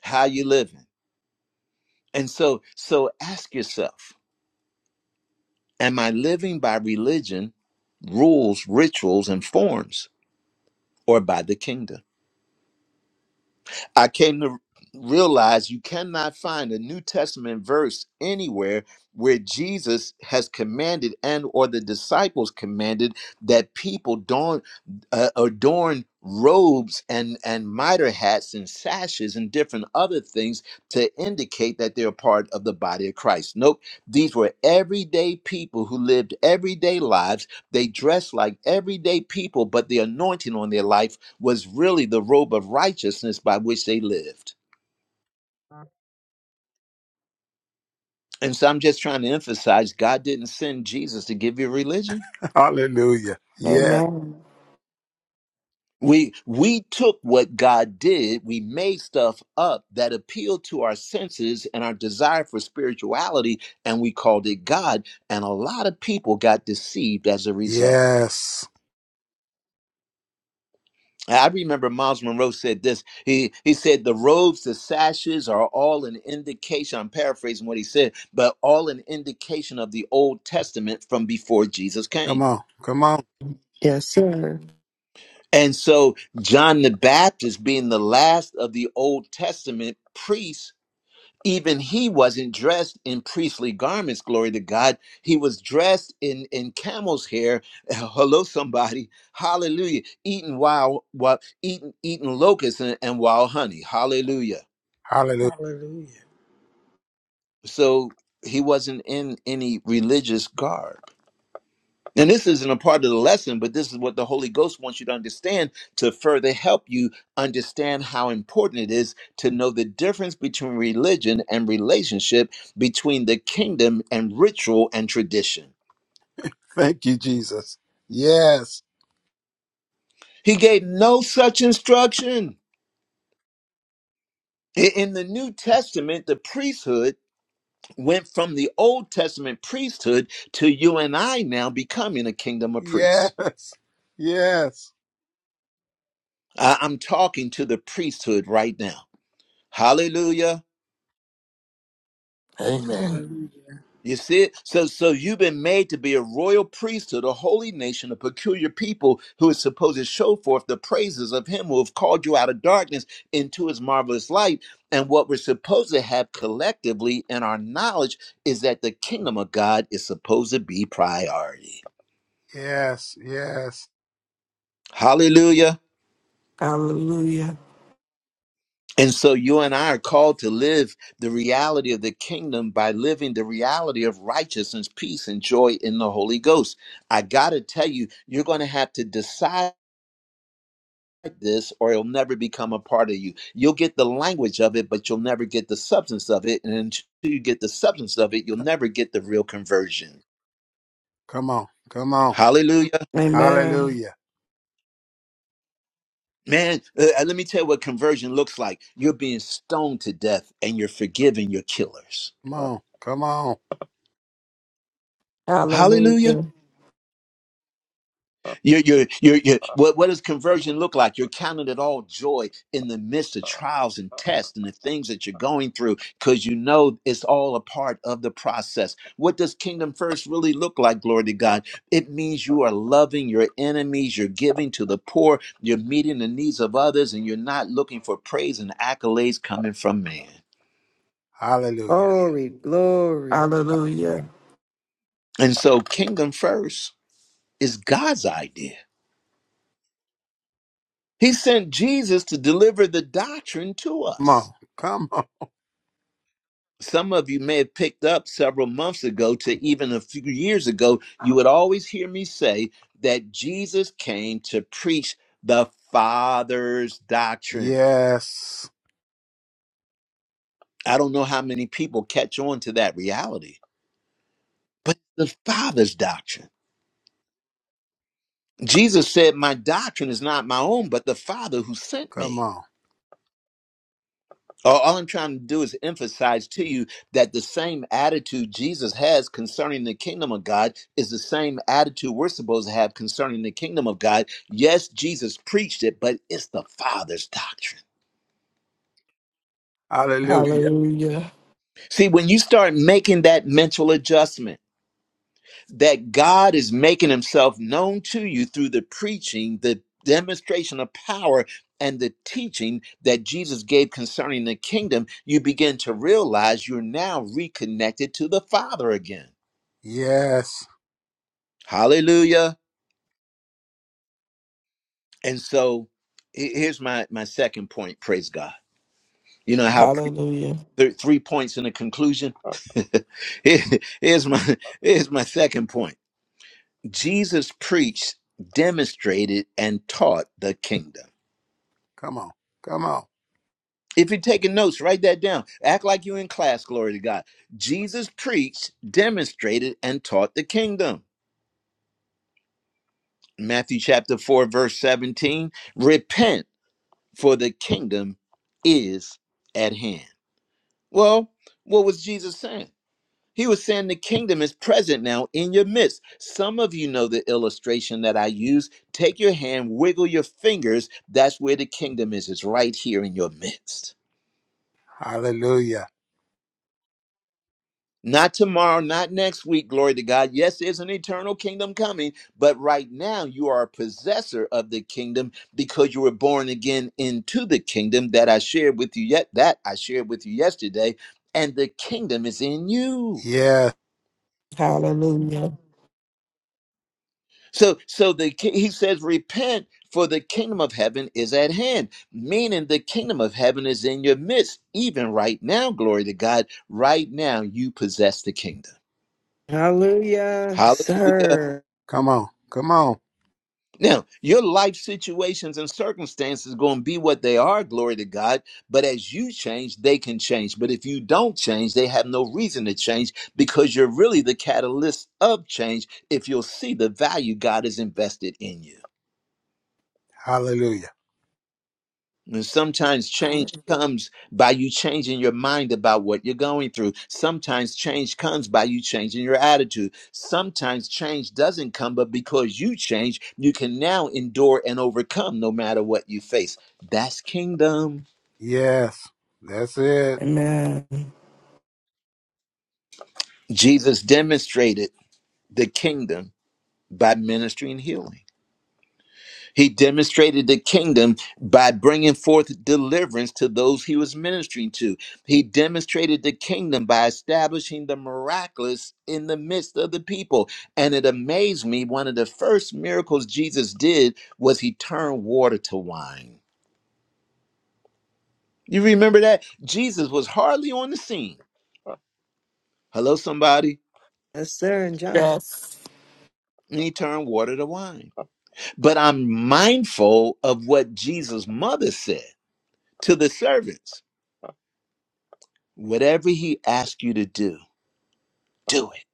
S1: how you living. And so, so ask yourself, am I living by religion, rules, rituals, and forms, or by the kingdom? I came to realize you cannot find a New Testament verse anywhere where Jesus has commanded and or the disciples commanded that people don't uh, adorn robes and and mitre hats and sashes and different other things to indicate that they're part of the body of Christ. Nope, these were everyday people who lived everyday lives. They dressed like everyday people, but the anointing on their life was really the robe of righteousness by which they lived. And so I'm just trying to emphasize God didn't send Jesus to give you religion.
S8: Hallelujah. Yes.
S5: Amen.
S1: We we took what God did, we made stuff up that appealed to our senses and our desire for spirituality, and we called it God. And a lot of people got deceived as a result.
S8: Yes.
S1: I remember Miles Monroe said this. He he said the robes, the sashes are all an indication. I'm paraphrasing what he said, but all an indication of the Old Testament from before Jesus
S8: Come
S1: came.
S8: on. Come on.
S6: Yes, sir.
S1: And so John the Baptist being the last of the Old Testament priests even he wasn't dressed in priestly garments glory to god he was dressed in in camel's hair hello somebody hallelujah eating wild what eating eating locusts and, and wild honey hallelujah
S8: Hallelujah.
S3: Hallelujah.
S1: so he wasn't in any religious garb And this isn't a part of the lesson, but this is what the Holy Ghost wants you to understand to further help you understand how important it is to know the difference between religion and relationship, between the kingdom and ritual and tradition.
S8: Thank you, Jesus. Yes,
S1: He gave no such instruction. I- In the New Testament, the priesthood went from the Old Testament priesthood to you and I now becoming a kingdom of priests.
S8: yes, yes,
S1: I- I'm talking to the priesthood right now. Hallelujah.
S9: Amen.
S1: You see it? So so you've been made to be a royal priesthood, a holy nation, a peculiar people who is supposed to show forth the praises of him who have called you out of darkness into his marvelous light. And what we're supposed to have collectively in our knowledge is that the kingdom of God is supposed to be priority.
S8: yes, yes.
S1: Hallelujah.
S5: Hallelujah.
S1: And so you and I are called to live the reality of the kingdom by living the reality of righteousness, peace, and joy in the Holy Ghost. I got to tell you, you're going to have to decide this or it'll never become a part of you. You'll get the language of it, but you'll never get the substance of it. And until you get the substance of it, you'll never get the real conversion.
S8: Come on, come on.
S1: Hallelujah.
S5: Amen.
S8: Hallelujah.
S1: Man, uh, uh, let me tell you what conversion looks like. You're being stoned to death and you're forgiving your killers.
S8: Come on, come on.
S1: Hallelujah.
S5: Hallelujah.
S1: You're, you're, you're, you're, what, what does conversion look like? You're counting it all joy in the midst of trials and tests and the things that you're going through because you know it's all a part of the process. What does kingdom first really look like, glory to God? It means you are loving your enemies, you're giving to the poor, you're meeting the needs of others, and you're not looking for praise and accolades coming from man.
S8: Hallelujah.
S6: Glory, glory.
S5: Hallelujah.
S1: And so, kingdom first is God's idea. He sent Jesus to deliver the doctrine to
S8: Come
S1: us.
S8: on, come on.
S1: some of you may have picked up several months ago to even a few years ago, you would always hear me say that Jesus came to preach the Father's doctrine.
S8: Yes,
S1: I don't know how many people catch on to that reality, but the Father's doctrine. Jesus said, My doctrine is not my own, but the Father who sent
S8: come
S1: me.
S8: on.
S1: All all I'm trying to do is emphasize to you that the same attitude Jesus has concerning the kingdom of God is the same attitude we're supposed to have concerning the kingdom of God. Yes, Jesus preached it, but it's the Father's doctrine.
S8: Hallelujah.
S5: Hallelujah.
S1: See, when you start making that mental adjustment, that God is making himself known to you through the preaching, the demonstration of power, and the teaching that Jesus gave concerning the kingdom, you begin to realize you're now reconnected to the Father again.
S8: Yes,
S1: Hallelujah. And so he- here's my, my second point praise God. You know how pre-
S5: Hallelujah.
S1: th- three points in the conclusion? Here- here's, my, here's my second point Jesus preached, demonstrated, and taught the kingdom.
S8: come on, come on.
S1: If you're taking notes, write that down. Act like you're in class, glory to God. Jesus preached, demonstrated, and taught the kingdom. Matthew chapter 4, verse 17 Repent, for the kingdom is at hand. Well, what was Jesus saying? He was saying the kingdom is present now in your midst. Some of you know the illustration that I use. Take your hand, wiggle your fingers. That's where the kingdom is. It's right here in your midst.
S8: Hallelujah.
S1: Not tomorrow, not next week, glory to God. Yes, there's an eternal kingdom coming, but right now you are a possessor of the kingdom because you were born again into the kingdom that I shared with you yet that I shared with you yesterday, and the kingdom is in you.
S8: Yes,
S5: Hallelujah.
S1: So so the ki- he says repent for the kingdom of heaven is at hand, meaning the kingdom of heaven is in your midst even right now, glory to God. Right now you possess the kingdom.
S6: Hallelujah. Yes, Sir.
S8: come on, come on.
S1: Now, your life situations and circumstances going to be what they are, glory to God. But as you change, they can change. But if you don't change, they have no reason to change because you're really the catalyst of change if you'll see the value God has invested in you.
S8: Hallelujah.
S1: And sometimes change
S3: Hallelujah.
S1: comes by you changing your mind about what you're going through. Sometimes change comes by you changing your attitude. Sometimes change doesn't come, but because you change, you can now endure and overcome no matter what you face. That's kingdom.
S8: Yes, that's it.
S5: Amen.
S1: Jesus demonstrated the kingdom by ministry and healing. He demonstrated the kingdom by bringing forth deliverance to those he was ministering to. He demonstrated the kingdom by establishing the miraculous in the midst of the people. And it amazed me, one of the first miracles Jesus did was he turned water to wine. You remember that? Jesus was hardly on the scene. Hello, somebody.
S6: Yes, sir. And John.
S5: Yes.
S1: And he turned water to wine. But I'm mindful of what Jesus' mother said to the servants. whatever he asks you to do do it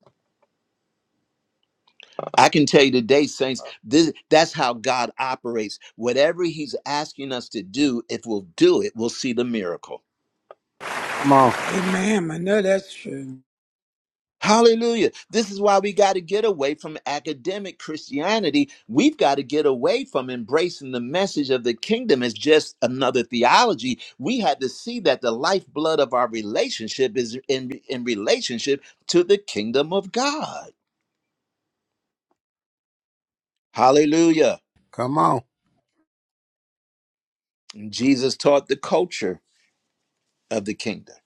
S1: i can tell you today saints this that's how god operates whatever he's asking us to do if we'll do it we'll see the miracle
S8: Come on,
S3: Amen. I know that's true.
S1: hallelujah this is why we got to get away from academic christianity we've got to get away from embracing the message of the kingdom as just another theology we had to see that the lifeblood of our relationship is in in relationship to the kingdom of god hallelujah
S8: come on.
S1: Jesus taught the culture of the kingdom.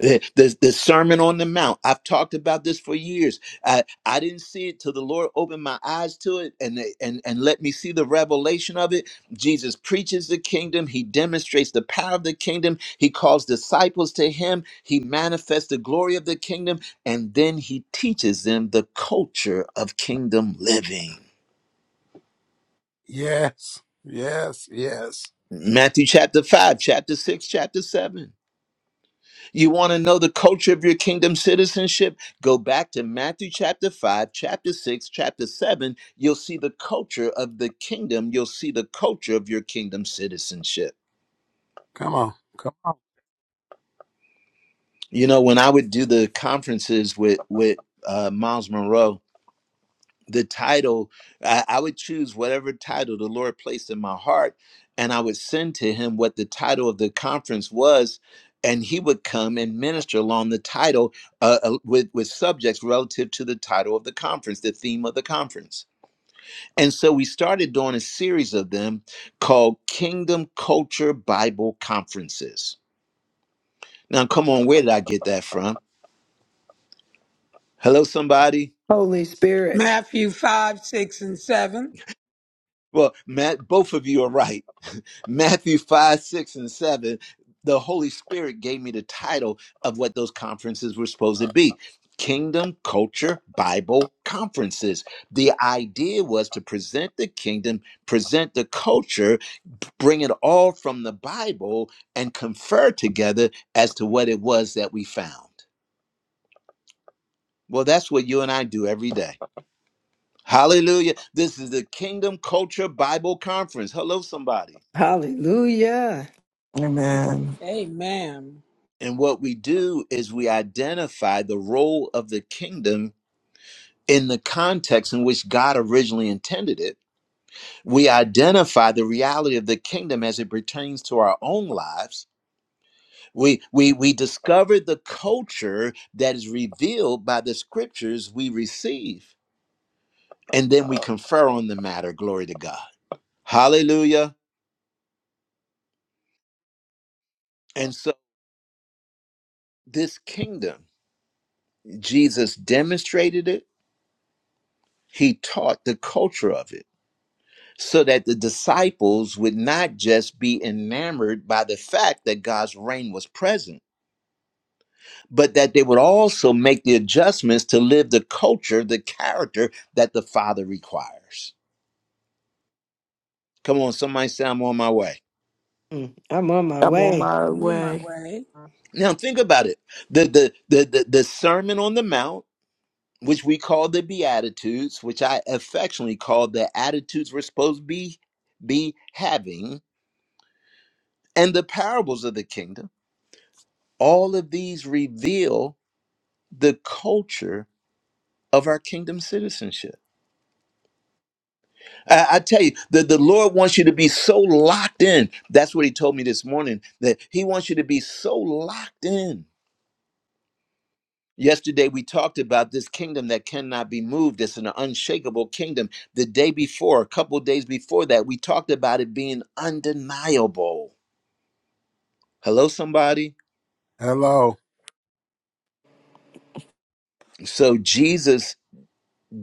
S1: The, the, the Sermon on the Mount. I've talked about this for years. I, I didn't see it till the Lord opened my eyes to it and, and, and let me see the revelation of it. Jesus preaches the kingdom. He demonstrates the power of the kingdom. He calls disciples to him. He manifests the glory of the kingdom. And then he teaches them the culture of kingdom living.
S8: Yes, yes, yes.
S1: Matthew chapter 5, chapter 6, chapter 7. You want to know the culture of your kingdom citizenship? Go back to Matthew chapter 5, chapter 6, chapter 7. You'll see the culture of the kingdom. You'll see the culture of your kingdom citizenship.
S8: Come on, come on.
S1: You know, when I would do the conferences with, with uh, Miles Monroe, the title I, I would choose whatever title the lord placed in my heart and i would send to him what the title of the conference was and he would come and minister along the title uh, uh, with, with subjects relative to the title of the conference the theme of the conference and so we started doing a series of them called kingdom culture bible conferences now come on where did i get that from hello somebody
S6: Holy Spirit.
S3: Matthew 5, 6, and 7.
S1: Well, Matt, both of you are right. Matthew 5, 6, and 7, the Holy Spirit gave me the title of what those conferences were supposed to be Kingdom Culture Bible Conferences. The idea was to present the kingdom, present the culture, bring it all from the Bible, and confer together as to what it was that we found. Well, that's what you and I do every day. Hallelujah. This is the Kingdom Culture Bible Conference. Hello, somebody.
S6: Hallelujah.
S5: Amen.
S3: Hey,
S1: And what we do is we identify the role of the kingdom in the context in which God originally intended it. We identify the reality of the kingdom as it pertains to our own lives. We we we discover the culture that is revealed by the scriptures we receive, and then we confer on the matter. Glory to God. Hallelujah. And so this kingdom, Jesus demonstrated it. He taught the culture of it so that the disciples would not just be enamored by the fact that God's reign was present, but that they would also make the adjustments to live the culture, the character that the Father requires. Come on, somebody say I'm on my way.
S6: Mm, I'm on my
S5: I'm on
S6: way.
S5: my
S3: I'm on my
S5: way.
S3: way.
S1: Now think about it. The the the the, the Sermon on the Mount. Which we call the Beatitudes, which I affectionately call the attitudes we're supposed to be, be having, and the parables of the kingdom. All of these reveal the culture of our kingdom citizenship. I, I tell you, the, the Lord wants you to be so locked in. That's what He told me this morning, that He wants you to be so locked in. Yesterday, we talked about this kingdom that cannot be moved. It's an unshakable kingdom. The day before, a couple of days before that, we talked about it being undeniable. Hello, somebody?
S8: Hello.
S1: So, Jesus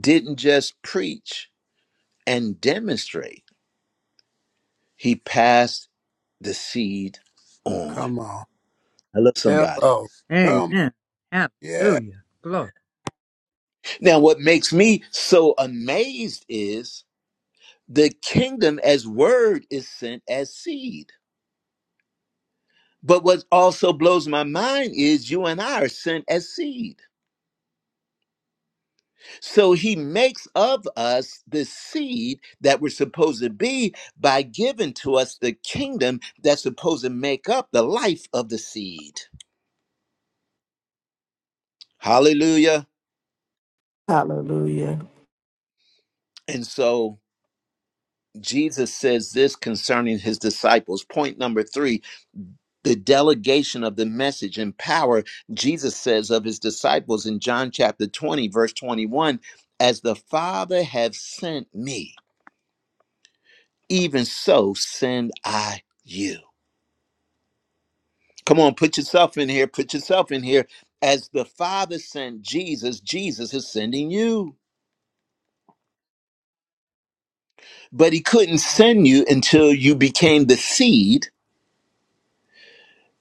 S1: didn't just preach and demonstrate, He passed the seed on.
S8: Come on.
S1: Hello, somebody.
S8: Hello. Come.
S7: Amen.
S8: Yeah.
S7: Hallelujah. Glory.
S1: Now, what makes me so amazed is the kingdom as word is sent as seed. But what also blows my mind is you and I are sent as seed. So he makes of us the seed that we're supposed to be by giving to us the kingdom that's supposed to make up the life of the seed. Hallelujah.
S5: Hallelujah.
S1: And so Jesus says this concerning his disciples. Point number three the delegation of the message and power Jesus says of his disciples in John chapter 20, verse 21 As the Father have sent me, even so send I you. Come on, put yourself in here, put yourself in here. As the Father sent Jesus, Jesus is sending you. But he couldn't send you until you became the seed.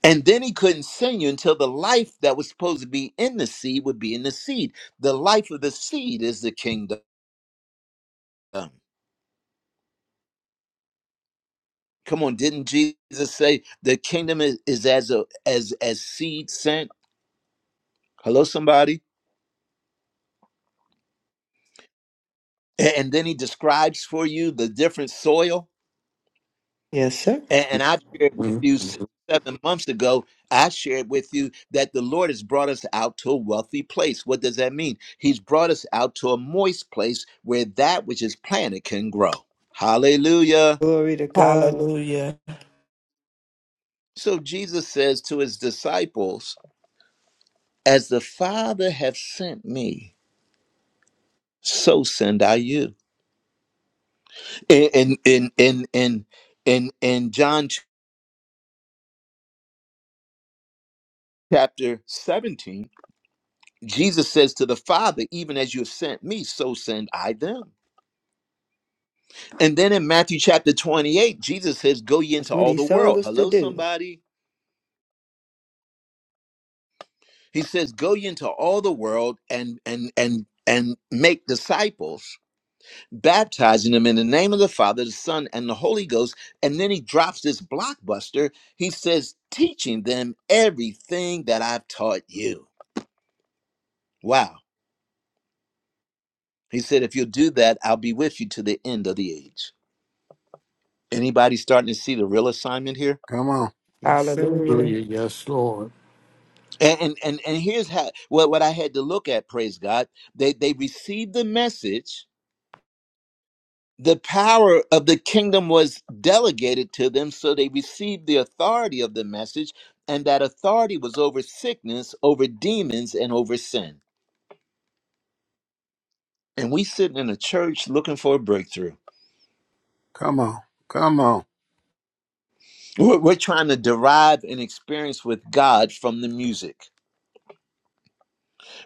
S1: And then he couldn't send you until the life that was supposed to be in the seed would be in the seed. The life of the seed is the kingdom. Um, come on, didn't Jesus say the kingdom is, is as a as as seed sent? Hello, somebody. A- And then he describes for you the different soil.
S6: Yes, sir.
S1: A- And, I shared with you six, seven months ago. I shared with you that the Lord has brought us out to a wealthy place. What does that mean? He's brought us out to a moist place where that which is planted can grow. Hallelujah.
S6: Glory to God.
S5: Hallelujah.
S1: So Jesus says to his disciples, "As the Father have sent me." so send I you. In in in in in in, John chapter 17, Jesus says to the Father, even as you have sent me, so send I them. And then in Matthew chapter 28, Jesus says, Go ye
S6: That's
S1: into
S6: what
S1: all
S6: he
S1: the
S6: told
S1: world.
S6: us to
S1: Hello,
S6: do.
S1: somebody. He says, Go ye into all the world and and and and make disciples baptizing them in the name of the Father, the Son, and the Holy Ghost. And then he drops this blockbuster. He says, teaching them everything that I've taught you. Wow. He said, if you'll do that, I'll be with you to the end of the age. Anybody starting to see the real assignment here?
S8: Come on.
S6: Yes, sir.
S5: Hallelujah.
S9: Hallelujah. Yes, Lord.
S1: And and and, and here's how what, what I had to look at, praise God. They they received the message the power of the kingdom was delegated to them so they received the authority of the message and that authority was over sickness over demons and over sin and we sitting in a church looking for a breakthrough
S8: Come on. Come on.
S1: we're, we're trying to derive an experience with god from the music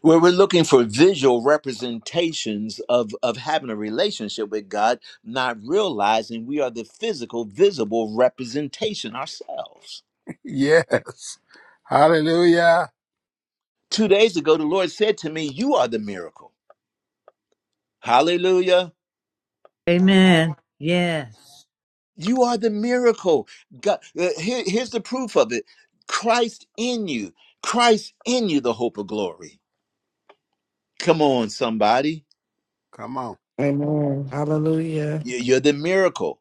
S1: where we're looking for visual representations of, of having a relationship with god not realizing we are the physical visible representation ourselves
S8: Yes. Hallelujah.
S1: Two days ago, the Lord said to me, You are the miracle. Hallelujah.
S7: Amen. Yes.
S1: You are the miracle. God, uh, here- here's the proof of it Christ in you, Christ in you, the hope of glory. Come on, somebody.
S8: Come on.
S5: Amen. Hallelujah.
S1: You- You're the miracle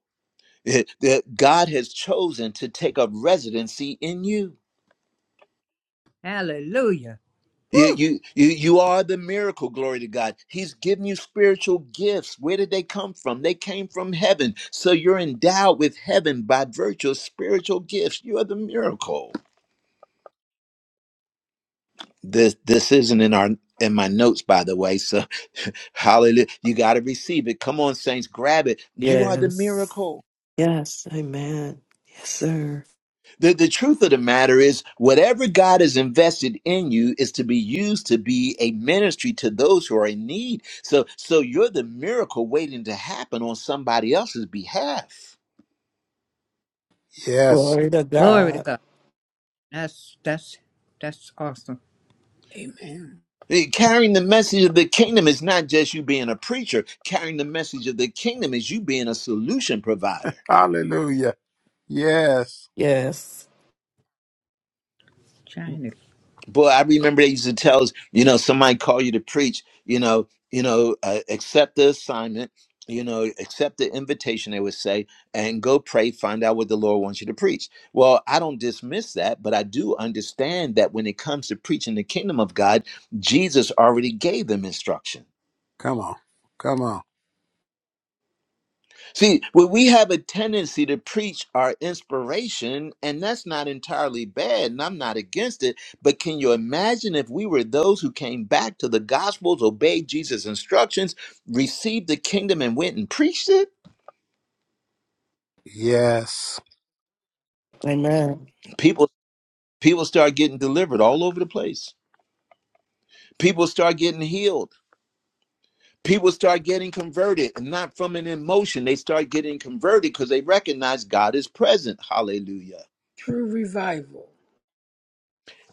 S1: that God has chosen to take up residency in you.
S7: Hallelujah.
S1: You,
S7: Woo.
S1: you you you are the miracle glory to god he's given you spiritual gifts where did they come from they came from heaven so you're endowed with heaven by virtue of spiritual gifts you are the miracle this this isn't in our in my notes by the way so hallelujah you got to receive it come on saints grab it you are the
S5: Yes.
S1: miracle
S6: Yes. Amen. Yes, sir.
S1: The, the truth of the matter is, whatever God has invested in you is to be used to be a ministry to those who are in need. So, so you're the miracle waiting to happen on somebody else's behalf.
S8: Yes.
S5: Glory to
S7: Glory to
S5: God.
S7: God. That's that's that's awesome.
S3: Amen.
S1: Eh, Carrying the message of the kingdom is not just you being a preacher. Carrying the message of the kingdom is you being a solution provider.
S8: Hallelujah. Yes.
S5: Yes.
S7: China.
S1: boy, I remember they used to tell us, you know, somebody call you to preach, you know, you know, uh, accept the assignment, you know, accept the invitation. They would say, and go pray, find out what the Lord wants you to preach. Well, I don't dismiss that, but I do understand that when it comes to preaching the kingdom of God, Jesus already gave them instruction.
S8: Come on. Come on.
S1: See, well, we have a tendency to preach our inspiration, and that's not entirely bad, and I'm not against it. But can you imagine if we were those who came back to the Gospels, obeyed Jesus' instructions, received the kingdom, and went and preached it?
S8: Yes.
S5: Amen.
S1: People, people start getting delivered all over the place. People start getting healed. People start getting converted, and not from an emotion. They start getting converted because they recognize God is present. Hallelujah.
S3: True revival.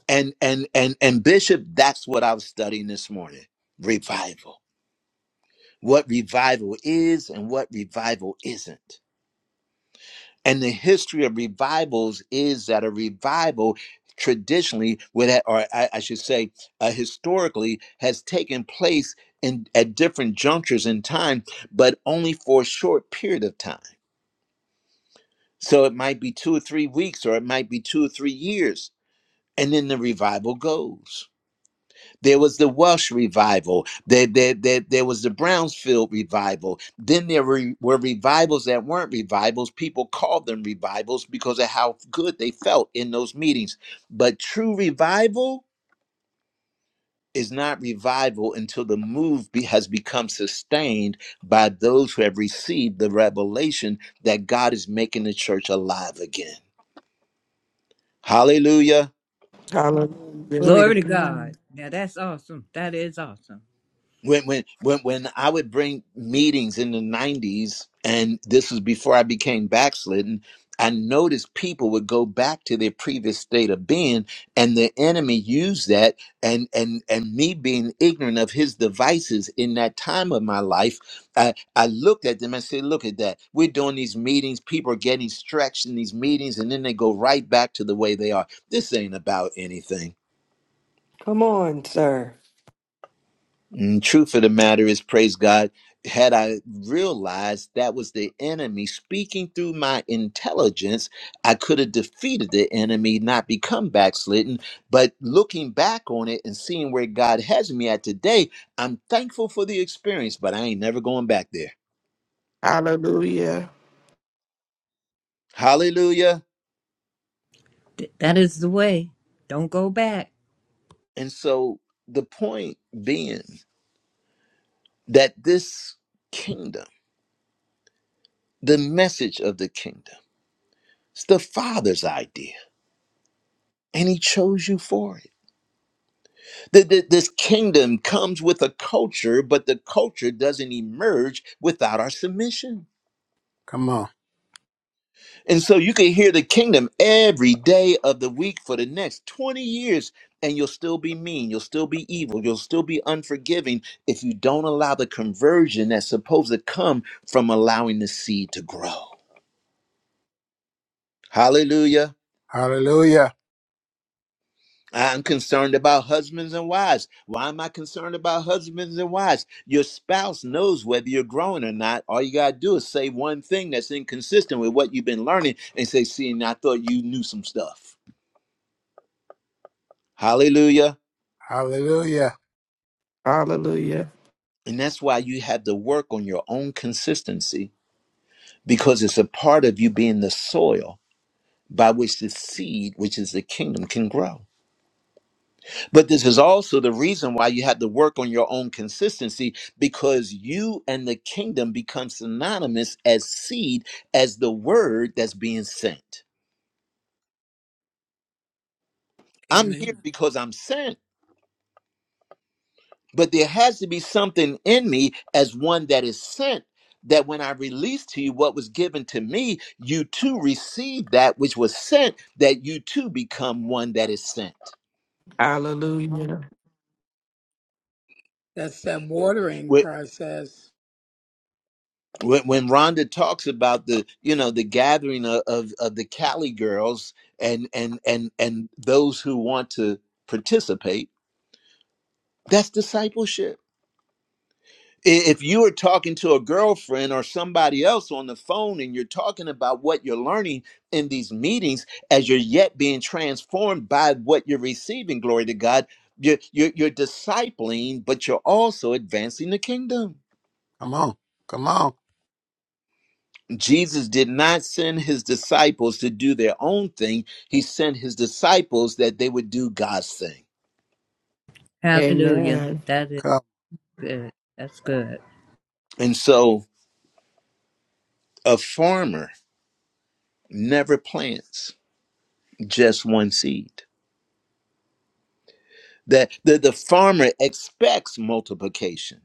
S1: and and and and bishop that's what i was studying this morning revival what revival is and what revival isn't and the history of revivals is that a revival traditionally would ha- or I, I should say uh, historically has taken place in at different junctures in time but only for a short period of time so it might be two or three weeks or it might be two or three years and then the revival goes There was the Welsh revival. There, there, there, there was the Brownsfield revival. Then there were, were revivals that weren't revivals. People called them revivals because of how good they felt in those meetings. But true revival is not revival until the move be, has become sustained by those who have received the revelation that God is making the church alive again. Hallelujah.
S5: Hallelujah.
S6: Glory to
S7: Glory to
S6: God.
S7: God. Now that's awesome. That is awesome.
S1: when when when when I would bring meetings in the '90s, and this was before I became backslidden, I noticed people would go back to their previous state of being, and the enemy used that, and and and me being ignorant of his devices in that time of my life, I I looked at them and said, "Look at that! We're doing these meetings. People are getting stretched in these meetings, and then they go right back to the way they are. This ain't about anything."
S6: Come on, sir.
S1: And truth of the matter is, praise God, had I realized that was the enemy speaking through my intelligence, I could have defeated the enemy, not become backslidden. But looking back on it and seeing where God has me at today, I'm thankful for the experience, but I ain't never going back there.
S5: Hallelujah.
S1: Hallelujah.
S7: Th- that is the way. Don't go back.
S1: And so the point being that this kingdom, the message of the kingdom, it's the Father's idea, and He chose you for it. The- the- This kingdom comes with a culture, but the culture doesn't emerge without our submission.
S8: Come on.
S1: And so you can hear the kingdom every day of the week for the next 20 years, and you'll still be mean, you'll still be evil, you'll still be unforgiving if you don't allow the conversion that's supposed to come from allowing the seed to grow. Hallelujah.
S8: Hallelujah.
S1: I'm concerned about husbands and wives. Why am I concerned about husbands and wives? Your spouse knows whether you're growing or not. All you got to do is say one thing that's inconsistent with what you've been learning and say, See, and I thought you knew some stuff. Hallelujah.
S8: Hallelujah.
S5: Hallelujah.
S1: And that's why you have to work on your own consistency because it's a part of you being the soil by which the seed, which is the kingdom, can grow. But this is also the reason why you have to work on your own consistency because you and the kingdom become synonymous as seed, as the word that's being sent. I'm here
S3: Amen.
S1: because I'm sent, but there has to be something in me as one that is sent. That when I release to you what was given to me, you too receive that which was sent, that you too become one that is sent
S5: Hallelujah.
S3: That's that watering process.
S1: when, when Rhonda talks about the you know the gathering of, of of the Cali girls and and and and those who want to participate, that's discipleship. I- If you are talking to a girlfriend or somebody else on the phone and you're talking about what you're learning in these meetings as you're yet being transformed by what you're receiving, glory to God, you're, you're, you're discipling, but you're also advancing the kingdom.
S8: Come on. Come on.
S1: Jesus did not send his disciples to do their own thing. He sent his disciples that they would do God's thing.
S7: Hallelujah.
S5: Amen.
S7: That is
S8: Come.
S7: good. That's good.
S1: And so a farmer never plants just one seed. That the, the farmer expects multiplication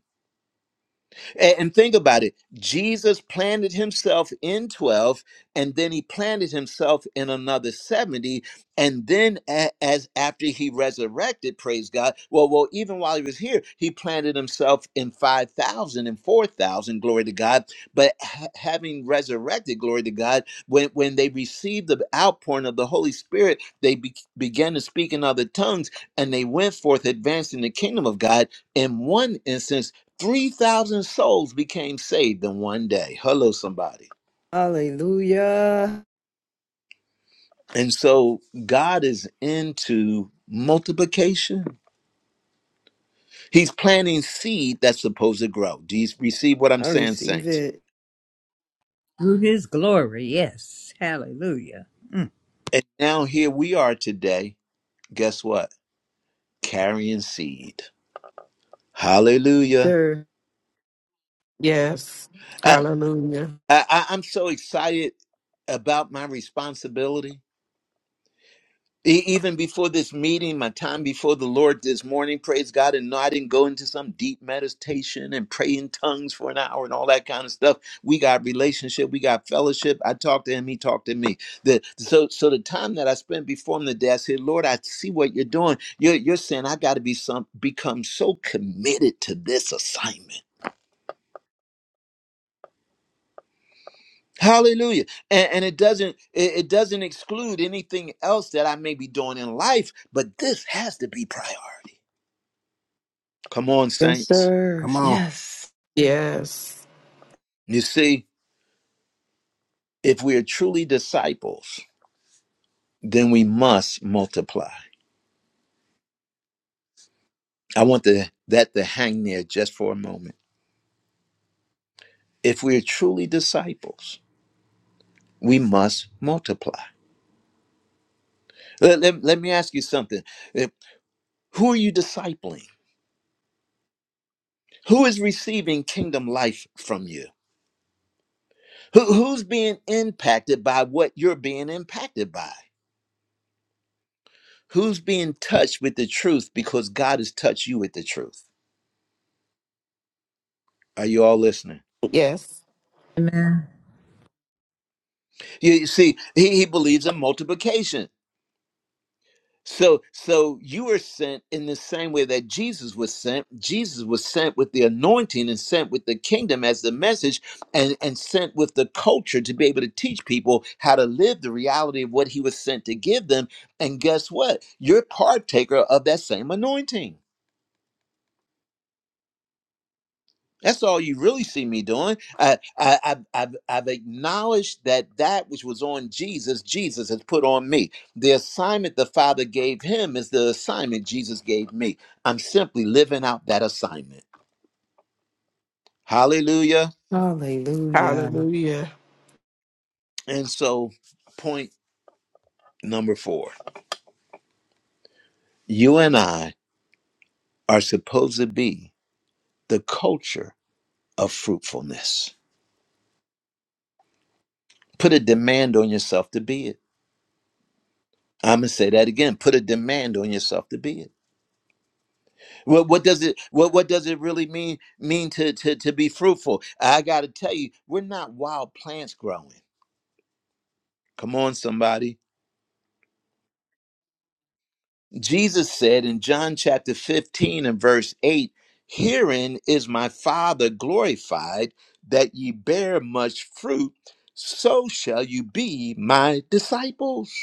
S1: A- And think about it. Jesus planted himself in 12, and then he planted himself in another 70. And then, a- as after he resurrected, praise God, well, well, even while he was here, he planted himself in 5,000 and 4,000. glory to God. But ha- having resurrected, glory to God, when, when they received the outpouring of the Holy Spirit, they be- began to speak in other tongues and they went forth advancing the kingdom of God in one instance 3,000 souls became saved in one day. Hello, somebody.
S6: Hallelujah.
S1: And so God is into multiplication. He's planting seed that's supposed to grow. Do you receive what I'm
S6: I
S1: saying,
S6: receive
S1: saints?
S6: it,
S7: through his glory. Yes. Hallelujah. Mm.
S1: And now here we are today. Guess what? Carrying seed. Hallelujah.
S6: sir.
S5: Yes.
S1: I,
S5: Hallelujah.
S1: I, I- am so excited about my responsibility E- even before this meeting, my time before the Lord this morning, praise God, and no, I didn't go into some deep meditation and pray in tongues for an hour and all that kind of stuff. We got relationship, we got fellowship. I talked to him, he talked to me. The, so, so the time that I spent before him today, I said, Lord, I see what you're doing. You're, you're saying I got to be some become so committed to this assignment. Hallelujah. And, and it doesn't it it doesn't exclude anything else that I may be doing in life, but this has to be priority. Come on,
S6: Yes,
S1: saints.
S6: sir.
S8: Come on.
S6: Yes.
S5: Yes.
S1: You see, if we are truly disciples, then we must multiply. I want the, that to hang there just for a moment. If we are truly disciples, we must multiply. Let, let, let me ask you something. Eh, Who are you discipling? Who is receiving kingdom life from you? Who, who's being impacted by what you're being impacted by? Who's being touched with the truth because God has touched you with the truth? Are you all listening?
S5: Yes.
S7: Amen.
S1: You, you see, he, he believes in multiplication. So, so you were sent in the same way that Jesus was sent. Jesus was sent with the anointing and sent with the kingdom as the message, and and sent with the culture to be able to teach people how to live the reality of what he was sent to give them. And guess what? You're partaker of that same anointing. That's all you really see me doing. I, I, I've, I've, I've acknowledged that that which was on Jesus, Jesus has put on me. The assignment the Father gave him is the assignment Jesus gave me. I'm simply living out that assignment. Hallelujah.
S6: Hallelujah.
S5: Hallelujah.
S1: And so, point number four you and I are supposed to be the culture of fruitfulness. Put a demand on yourself to be it. I'm going to say that again. Put a demand on yourself to be it What what does it what what does it really mean mean to to to be fruitful? I got to tell you, we're not wild plants growing. Come on somebody. Jesus said in John chapter 15 and verse 8, "Herein is my Father glorified that ye bear much fruit, so shall you be my disciples."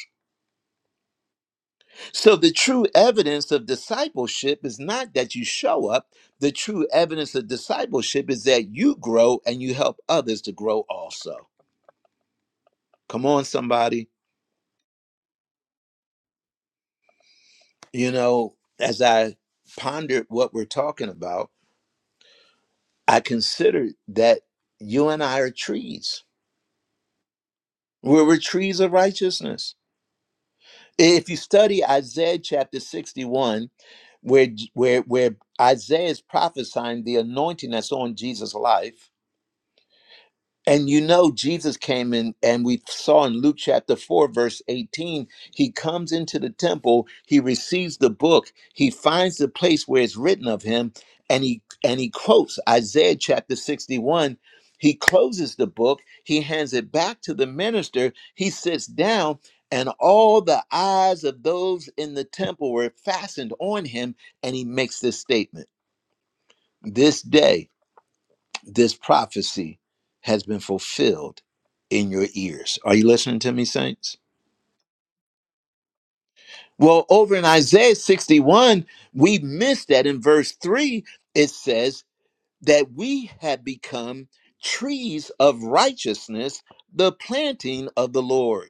S1: So, the true evidence of discipleship is not that you show up. The true evidence of discipleship is that you grow and you help others to grow also. Come on, somebody. You know, as I pondered what we're talking about, I considered that you and I are trees. We're, we're trees of righteousness. If you study Isaiah chapter 61, where, where, where Isaiah is prophesying the anointing that's on Jesus' life, And you know, Jesus came in, and we saw in Luke chapter 4, verse 18, he comes into the temple, he receives the book, he finds the place where it's written of him, and he and he quotes Isaiah chapter 61. He closes the book, he hands it back to the minister, he sits down, and all the eyes of those in the temple were fastened on him, and he makes this statement. This day this prophecy has been fulfilled in your ears. Are you listening to me, saints? Well, over in Isaiah 61, we missed that in verse 3. It says that we have become trees of righteousness, the planting of the Lord.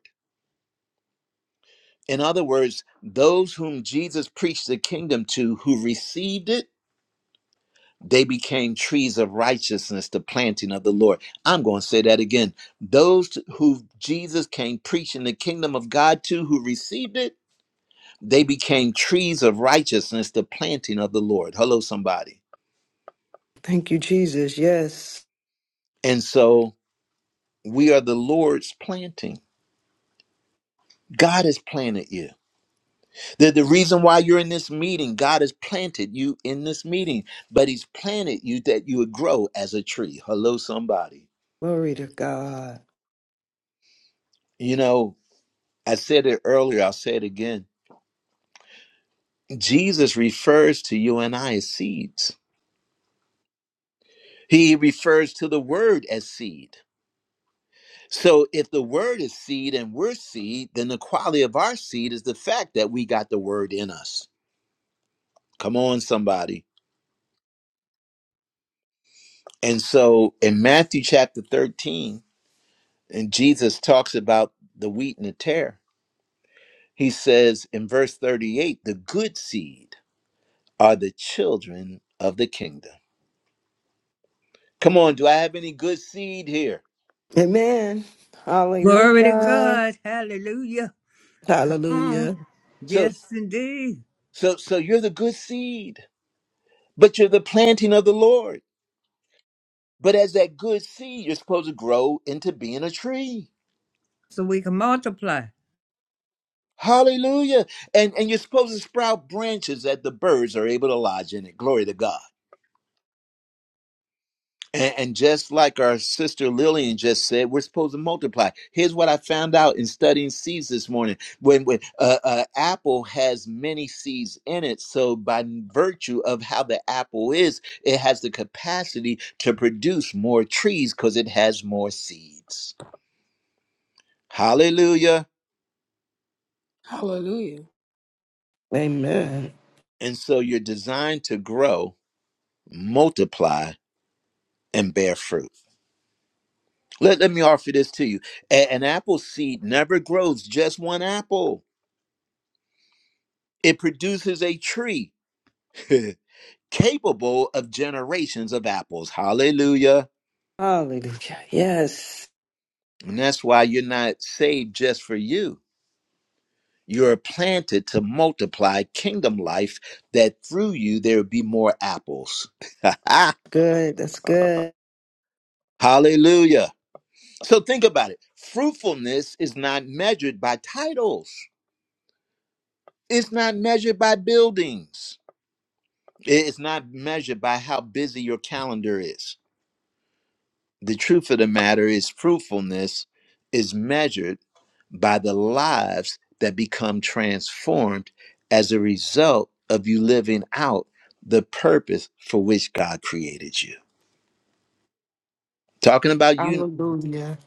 S1: In other words, those whom Jesus preached the kingdom to who received it they became trees of righteousness, the planting of the Lord. I'm going to say that again. Those who Jesus came preaching the kingdom of God to, who received it, they became trees of righteousness, the planting of the Lord. Hello, somebody.
S6: Thank you, Jesus. Yes.
S1: And so we are the Lord's planting. God has planted you. The, the reason why you're in this meeting, God has planted you in this meeting, but He's planted you that you would grow as a tree. Hello, somebody.
S6: Glory to God.
S1: You know, I said it earlier, I'll say it again Jesus refers to you and I as seeds. He refers to the word as seed. So if the word is seed and we're seed, then the quality of our seed is the fact that we got the word in us. Come on, somebody. And so in Matthew chapter 13, and Jesus talks about the wheat and the tare, he says in verse 38, the good seed are the children of the kingdom. Come on, do I have any good seed here?
S6: Amen.
S7: Glory to
S6: Hallelujah.
S7: God. Hallelujah. Come on.
S5: Hallelujah.
S1: So
S7: Yes, indeed.
S1: so so you're the good seed. but you're the planting of the Lord. But as that good seed, you're supposed to grow into being a tree.
S7: So we can multiply.
S1: Hallelujah. And and you're supposed to sprout branches that the birds are able to lodge in it. Glory to God. And, and just like our sister Lillian just said, we're supposed to multiply. Here's what I found out in studying seeds this morning. When, when uh, uh, apple has many seeds in it, so by virtue of how the apple is, it has the capacity to produce more trees because it has more seeds. Hallelujah.
S3: Hallelujah.
S5: Amen.
S1: And so you're designed to grow, multiply, and bear fruit. Let, let me offer this to you. A- an apple seed never grows just one apple, it produces a tree capable of generations of apples. Hallelujah.
S6: Hallelujah. Yes.
S1: And that's why you're not saved just for you. You're planted to multiply kingdom life, that through you there would be more apples.
S6: Good. That's good.
S1: Hallelujah. So think about it. Fruitfulness is not measured by titles. It's not measured by buildings. It's not measured by how busy your calendar is. The truth of the matter is fruitfulness is measured by the lives that become transformed as a result of you living out the purpose for which God created you. Talking about you
S5: Hallelujah.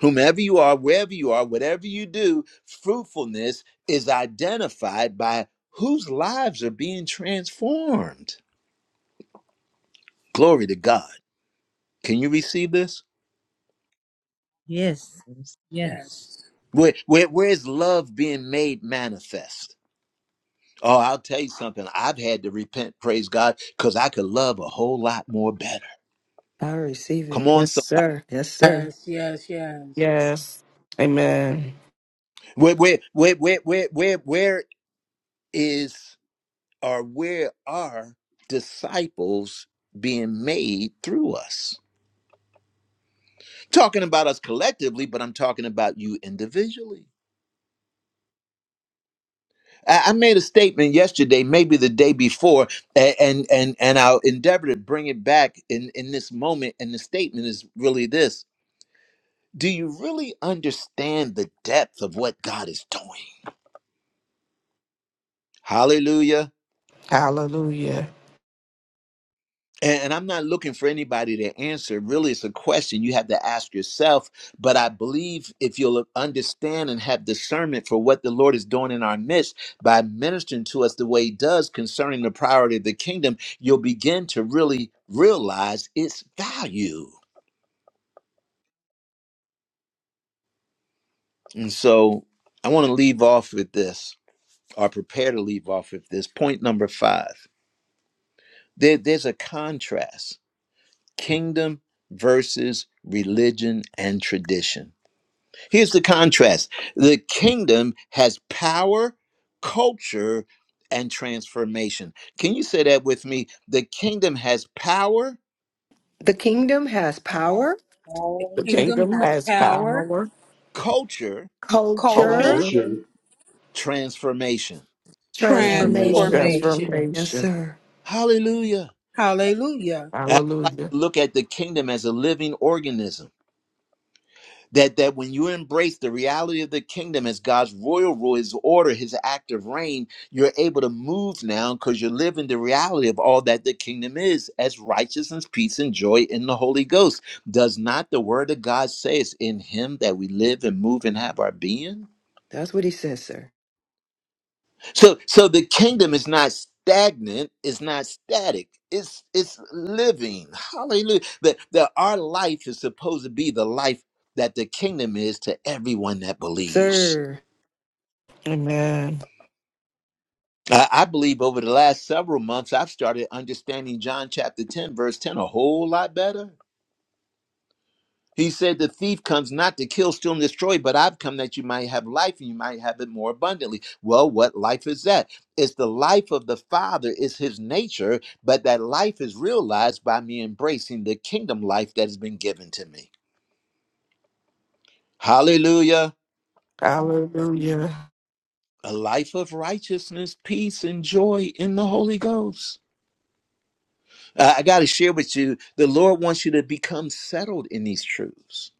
S1: whomever you are, wherever you are, whatever you do, fruitfulness is identified by whose lives are being transformed. Glory to God. Can you receive this?
S7: Yes.
S2: Yes.
S7: Yes.
S3: Yes.
S1: Where, where, where is love being made manifest? Oh, I'll tell you something. I've had to repent, praise God, because I could love a whole lot more better.
S6: I receive
S1: Come
S6: it.
S1: on,
S6: Yes,
S1: somebody.
S6: sir. Yes, sir.
S3: Yes, yes, yes.
S5: Yes. Amen.
S1: Where, where, where, where, where, where, where is or where are disciples being made through us? talking about us collectively, but I'm talking about you individually. I I made a statement yesterday, maybe the day before, a- and and and I'll endeavor to bring it back in in this moment. And the statement is really this: Do you really understand the depth of what God is doing? Hallelujah!
S5: Hallelujah.
S1: And, and I'm not looking for anybody to answer. Really, it's a question you have to ask yourself. But I believe if you'll understand and have discernment for what the Lord is doing in our midst by ministering to us the way He does concerning the priority of the kingdom, you'll begin to really realize its value. And so I want to leave off with this, or prepare to leave off with this. Point number five there, there's a contrast kingdom versus religion and tradition Here's the contrast the kingdom has power, culture, and transformation. Can you say that with me? The kingdom has power,
S6: The kingdom has
S2: Kingdom
S6: power,
S3: The
S2: power,
S5: The
S3: kingdom
S5: kingdom
S3: has
S5: has
S3: power,
S5: power,
S1: culture,
S6: culture,
S3: culture,
S5: culture,
S2: cultural
S4: culture
S1: transformation.
S4: transformation.
S6: transformation.
S3: transformation.
S2: transformation.
S6: Yes,
S5: transformation.
S6: sir.
S1: Hallelujah.
S3: Hallelujah.
S1: I like
S5: Hallelujah.
S1: to look at the kingdom as a living organism that that when you embrace the reality of the kingdom as God's royal rule, His order, His active reign, you're able to move now because you're living the reality of all that the kingdom is as righteousness, peace, and joy in the Holy Ghost. Does not the Word of God say it's in Him that we live and move and have our being?
S6: That's what he says, sir.
S1: So, so the kingdom is not stagnant; it's not static. It's it's living. Hallelujah! That that our life is supposed to be the life that the kingdom is to everyone that believes.
S6: Sir.
S5: Amen.
S1: I I believe over the last several months, I've started understanding John chapter 10, verse 10 a whole lot better. He said, The thief comes not to kill, steal, and destroy, but I've come that you might have life and you might have it more abundantly. Well, what life is that? It's the life of the Father, it's his nature, but that life is realized by me embracing the kingdom life that has been given to me. Hallelujah.
S5: Hallelujah.
S1: A life of righteousness, peace, and joy in the Holy Ghost. Uh, I got to share with you, the Lord wants you to become settled in these truths.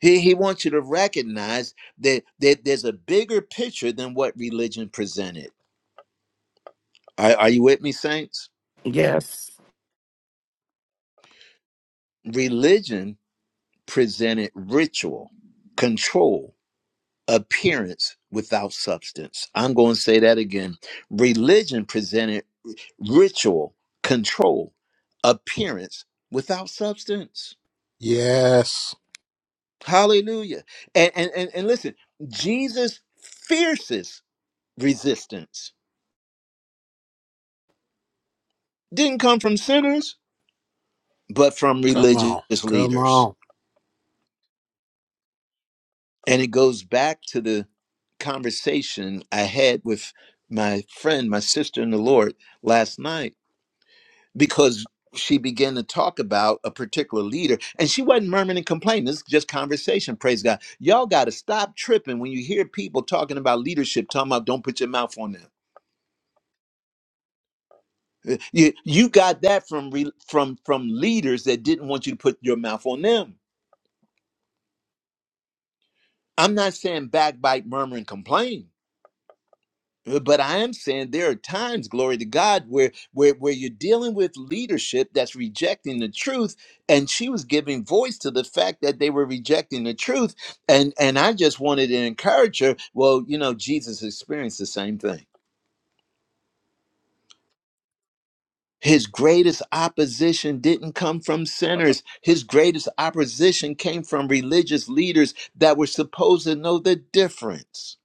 S1: He, he wants you to recognize that, that there's a bigger picture than what religion presented. Are, are you with me, saints?
S5: Yes.
S1: Religion presented ritual, control, appearance without substance. I'm going to say that again. Religion presented ritual, control, appearance without substance.
S8: Yes.
S1: Hallelujah. And, and, and, and listen, Jesus' fiercest resistance didn't come from sinners, but from
S8: Come
S1: religious
S8: on. Come
S1: leaders.
S8: on.
S1: And it goes back to the conversation I had with my friend, my sister in the Lord last night, because she began to talk about a particular leader and she wasn't murmuring and complaining. This is just conversation, praise God. Y'all got to stop tripping when you hear people talking about leadership, talking about don't put your mouth on them. Uh, You, you got that from re, from from leaders that didn't want you to put your mouth on them. I'm not saying backbite, murmur, and complain, uh, but I am saying there are times, glory to God, where where where you're dealing with leadership that's rejecting the truth, and she was giving voice to the fact that they were rejecting the truth, and and I just wanted to encourage her. Well, you know, Jesus experienced the same thing. His greatest opposition didn't come from sinners. His greatest opposition came from religious leaders that were supposed to know the difference.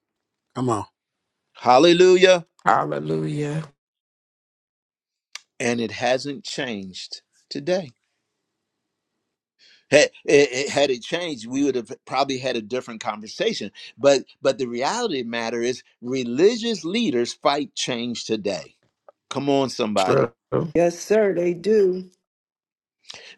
S8: Come on.
S1: Hallelujah.
S5: Hallelujah.
S1: And it hasn't changed today. Had it, it- had it changed, we would have probably had a different conversation. But but the reality of the matter is religious leaders fight change today. Come on, somebody.
S5: True.
S6: Yes, sir. They do.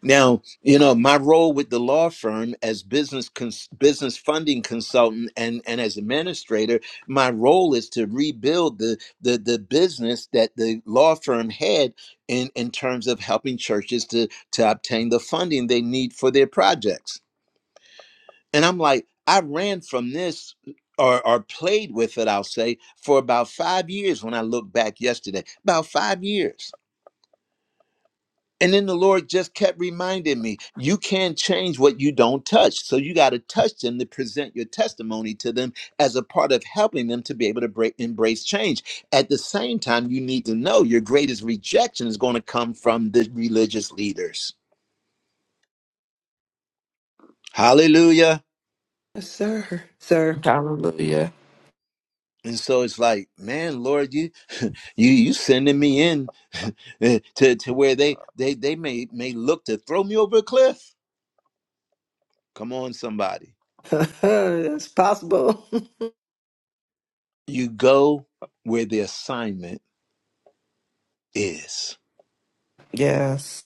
S1: Now, you know, my role with the law firm as business cons- business funding consultant and and as administrator, my role is to rebuild the the the business that the law firm had in in terms of helping churches to to obtain the funding they need for their projects. And I'm like, I ran from this or, or played with it, I'll say, for about five years when I look back yesterday. About five years. And then the Lord just kept reminding me, you can't change what you don't touch. So you got to touch them to present your testimony to them as a part of helping them to be able to break, embrace change. At the same time, you need to know your greatest rejection is going to come from the religious leaders. Hallelujah.
S6: Yes, sir. Sir.
S5: Hallelujah.
S1: And so it's like, man, Lord, you you you sending me in to, to where they they they may may look to throw me over a cliff. Come on, somebody.
S6: That's possible.
S1: You go where the assignment is.
S5: Yes.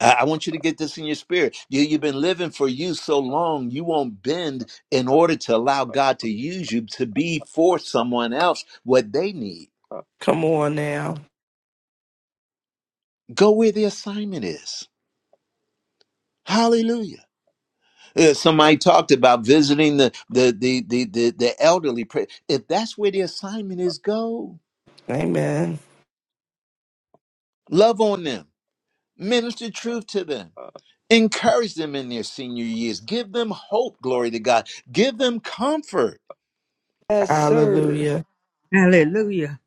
S1: I I want you to get this in your spirit. You, you've been living for you so long, you won't bend in order to allow God to use you to be for someone else what they need.
S5: Come on now.
S1: Go where the assignment is. Hallelujah. Uh, somebody talked about visiting the the the the the, the elderly. If that's where the assignment is, go
S5: Amen.
S1: love on them, minister truth to them, encourage them in their senior years, give them hope. Glory to God. Give them comfort
S6: yes, sir.
S5: Hallelujah.
S7: Hallelujah.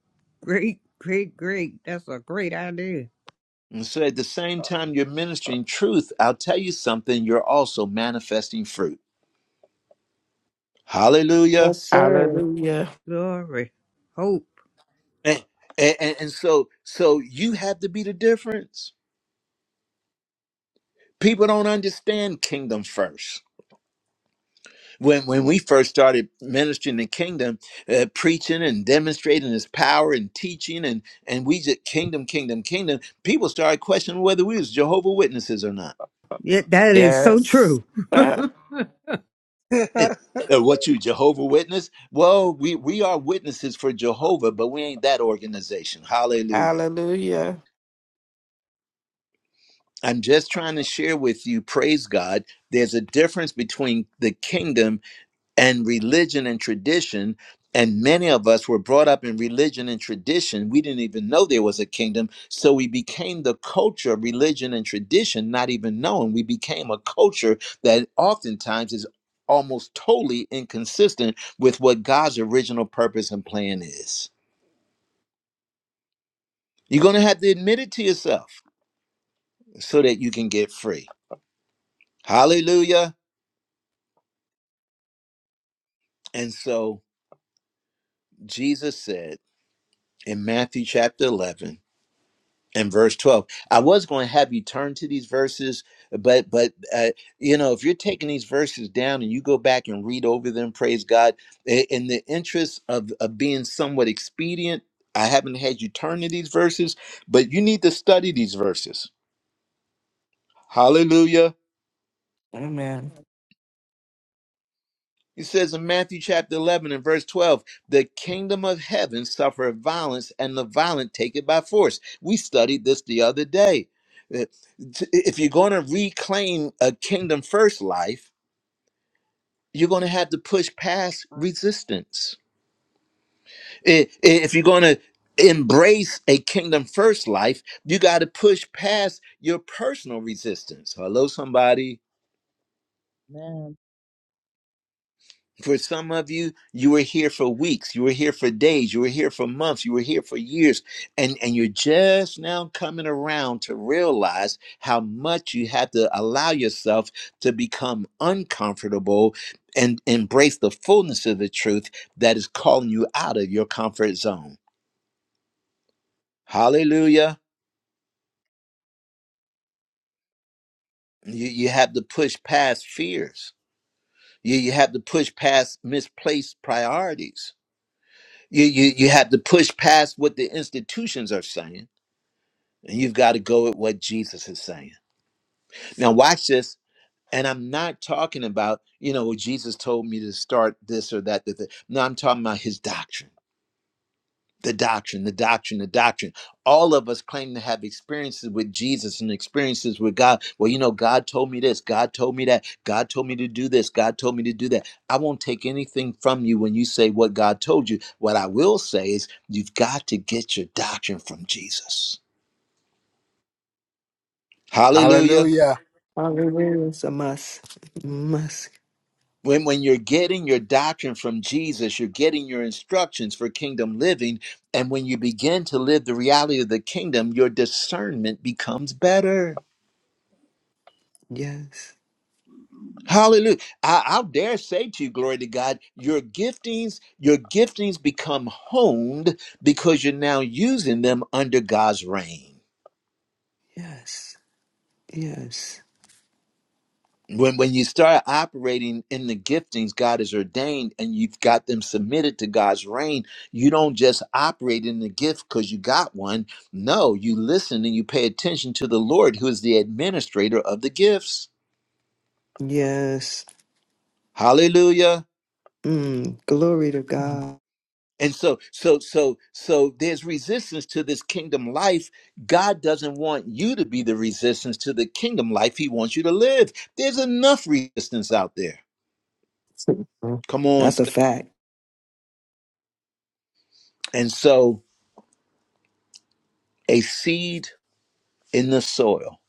S7: Great, great, great. That's a great idea.
S1: And so at the same time you're ministering truth, I'll tell you something, you're also manifesting fruit. Hallelujah.
S6: Yes, sir.
S5: Hallelujah.
S7: Glory. Hope.
S1: And, and, and so so you have to be the difference. People don't understand kingdom first. When when we first started ministering the kingdom, uh, preaching and demonstrating his power and teaching and and we just kingdom kingdom kingdom, people started questioning whether we was Jehovah witnesses or not.
S7: Yeah, that is so
S5: Yes.
S7: true.
S1: Uh, What you Jehovah Witness? Well, we we are witnesses for Jehovah, but we ain't that organization. Hallelujah.
S5: Hallelujah.
S1: I'm just trying to share with you, praise God. There's a difference between the kingdom and religion and tradition. And many of us were brought up in religion and tradition. We didn't even know there was a kingdom. So we became the culture of religion and tradition, not even knowing. We became a culture that oftentimes is almost totally inconsistent with what God's original purpose and plan is. You're going to have to admit it to yourself so that you can get free. Hallelujah. And so Jesus said in Matthew chapter 11, in verse 12 i was going to have you turn to these verses but but uh, you know if you're taking these verses down and you go back and read over them praise god i- in the interest of of being somewhat expedient i haven't had you turn to these verses but you need to study these verses hallelujah
S5: Amen.
S1: He says in Matthew chapter 11 and verse 12, the kingdom of heaven suffereth violence, and the violent take it by force. We studied this the other day. If you're going to reclaim a kingdom first life, you're going to have to push past resistance. i- If you're going to embrace a kingdom first life, you got to push past your personal resistance. Hello, somebody.
S2: Man,
S1: For some of you, you were here for weeks, you were here for days, you were here for months, you were here for years, and, and you're just now coming around to realize how much you had to allow yourself to become uncomfortable and embrace the fullness of the truth that is calling you out of your comfort zone. Hallelujah. You, you have to push past fears. You, you have to push past misplaced priorities. You, you, you have to push past what the institutions are saying And you've got to go with what Jesus is saying. Now, watch this. And I'm not talking about, you know, well, Jesus told me to start this or that. that, that. No, I'm talking about his doctrine, the doctrine, the doctrine, the doctrine. All of us claim to have experiences with Jesus and experiences with God. Well, you know, God told me this, God told me that, God told me to do this, God told me to do that. I won't take anything from you when you say what God told you. What I will say is, you've got to get your doctrine from Jesus. Hallelujah.
S8: Hallelujah.
S6: Hallelujah. It's a must. Must.
S1: When, when you're getting your doctrine from Jesus, you're getting your instructions for kingdom living. And when you begin to live the reality of the kingdom, your discernment becomes better.
S6: Yes.
S1: Hallelujah. I, I'll dare say to you, glory to God, your giftings, your giftings become honed because you're now using them under God's reign.
S6: Yes. Yes.
S1: when when you start operating in the giftings God has ordained and you've got them submitted to God's reign, you don't just operate in the gift because you got one. No, you listen and you pay attention to the Lord who is the administrator of the gifts.
S6: Yes.
S1: Hallelujah.
S6: Mm, glory to God.
S1: And so so so so there's resistance to this kingdom life. God doesn't want you to be the resistance to the kingdom life he wants you to live. There's enough resistance out there. Come on.
S6: That's a fact.
S1: And so a seed in the soil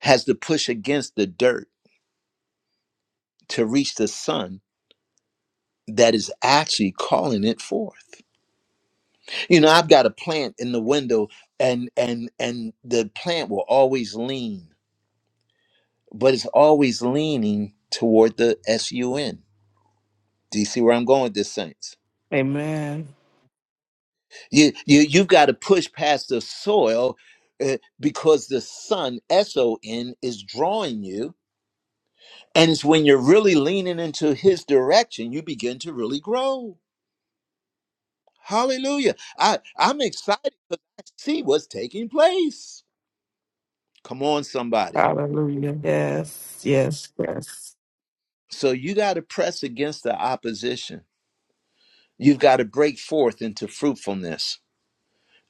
S1: has to push against the dirt to reach the sun that is actually calling it forth. You know, I've got a plant in the window and and and the plant will always lean, but it's always leaning toward the sun. Do you see where I'm going with this saints?
S5: Amen.
S1: You you you've got to push past the soil uh, because the sun S O N is drawing you and it's when you're really leaning into his direction you begin to really grow Hallelujah. I, I'm excited because I see what's taking place. Come on, somebody.
S5: Hallelujah. Yes. Yes. Yes.
S1: So you got to press against the opposition. You've got to break forth into fruitfulness.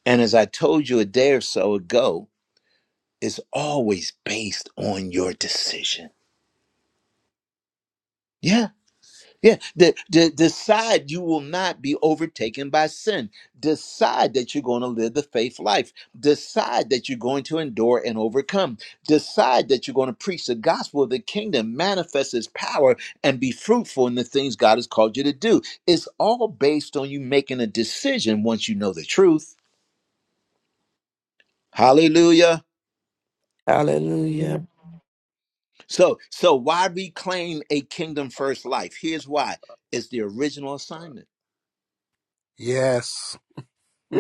S1: And as I told you a day or so ago, it's always based on your decision. Yeah. Yeah, de- de- decide you will not be overtaken by sin. Decide that you're going to live the faith life. Decide that you're going to endure and overcome. Decide that you're going to preach the gospel of the kingdom, manifest its power, and be fruitful in the things God has called you to do. It's all based on you making a decision once you know the truth. Hallelujah.
S2: Luke
S5: Hallelujah.
S1: So, so why reclaim a kingdom first life? Here's why: it's the original assignment.
S8: Yes.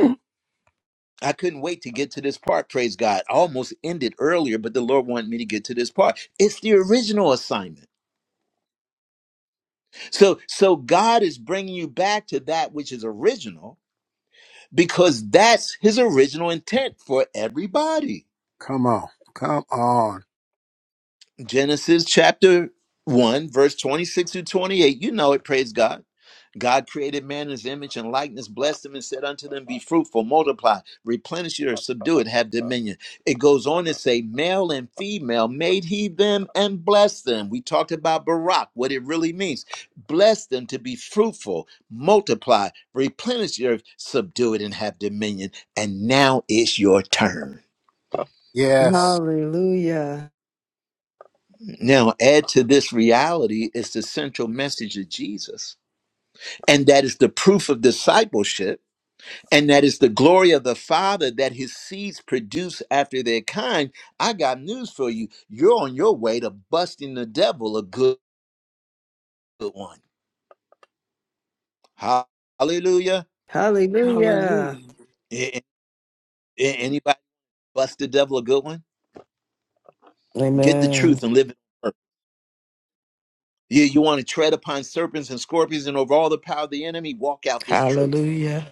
S1: I couldn't wait to get to this part, praise God. I almost ended earlier, but the Lord wanted me to get to this part. It's the original assignment. So so God is bringing you back to that which is original because that's his original intent for everybody.
S8: Come on. Come on.
S1: Genesis chapter 1, verse 26 through 28. You know it, praise God. God created man in his image and likeness, blessed him, and said unto them, Be fruitful, multiply, replenish your, earth, subdue it, have dominion. It goes on to say, Male and female made he them and blessed them. We talked about Barak, what it really means. Bless them to be fruitful, multiply, replenish your, earth, subdue it, and have dominion. And now is your turn.
S8: Yes.
S6: Hallelujah.
S1: Now, add to this reality is the central message of Jesus. And that is the proof of discipleship. And that is the glory of the Father that his seeds produce after their kind. I got news for you. You're on your way to busting the devil a good one. Hallelujah.
S6: Hallelujah.
S3: Hallelujah.
S1: A- a- Anybody bust the devil a good one? Get the
S5: Amen.
S1: truth and live it on earth. You, you want to tread upon serpents and scorpions and over all the power of the enemy? Walk out this truth.
S5: Hallelujah.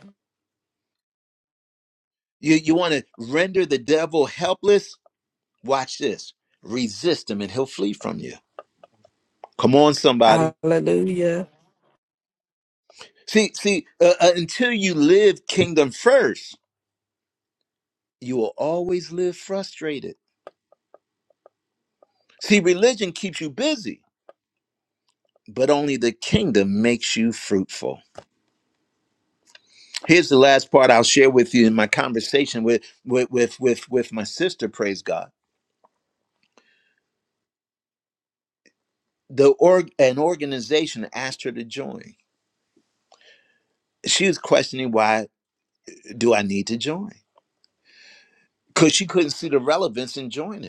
S1: You, you want to render the devil helpless? Watch this. Resist him and he'll flee from you. Come on, somebody.
S5: Hallelujah.
S1: See, see, uh, uh, until you live kingdom first, you will always live frustrated. See, religion keeps you busy, but only the kingdom makes you fruitful. Here's the last part I'll share with you in my conversation with with with with, with my sister. Praise God. The org an organization asked her to join. She was questioning why do I need to join? Because she couldn't see the relevance in joining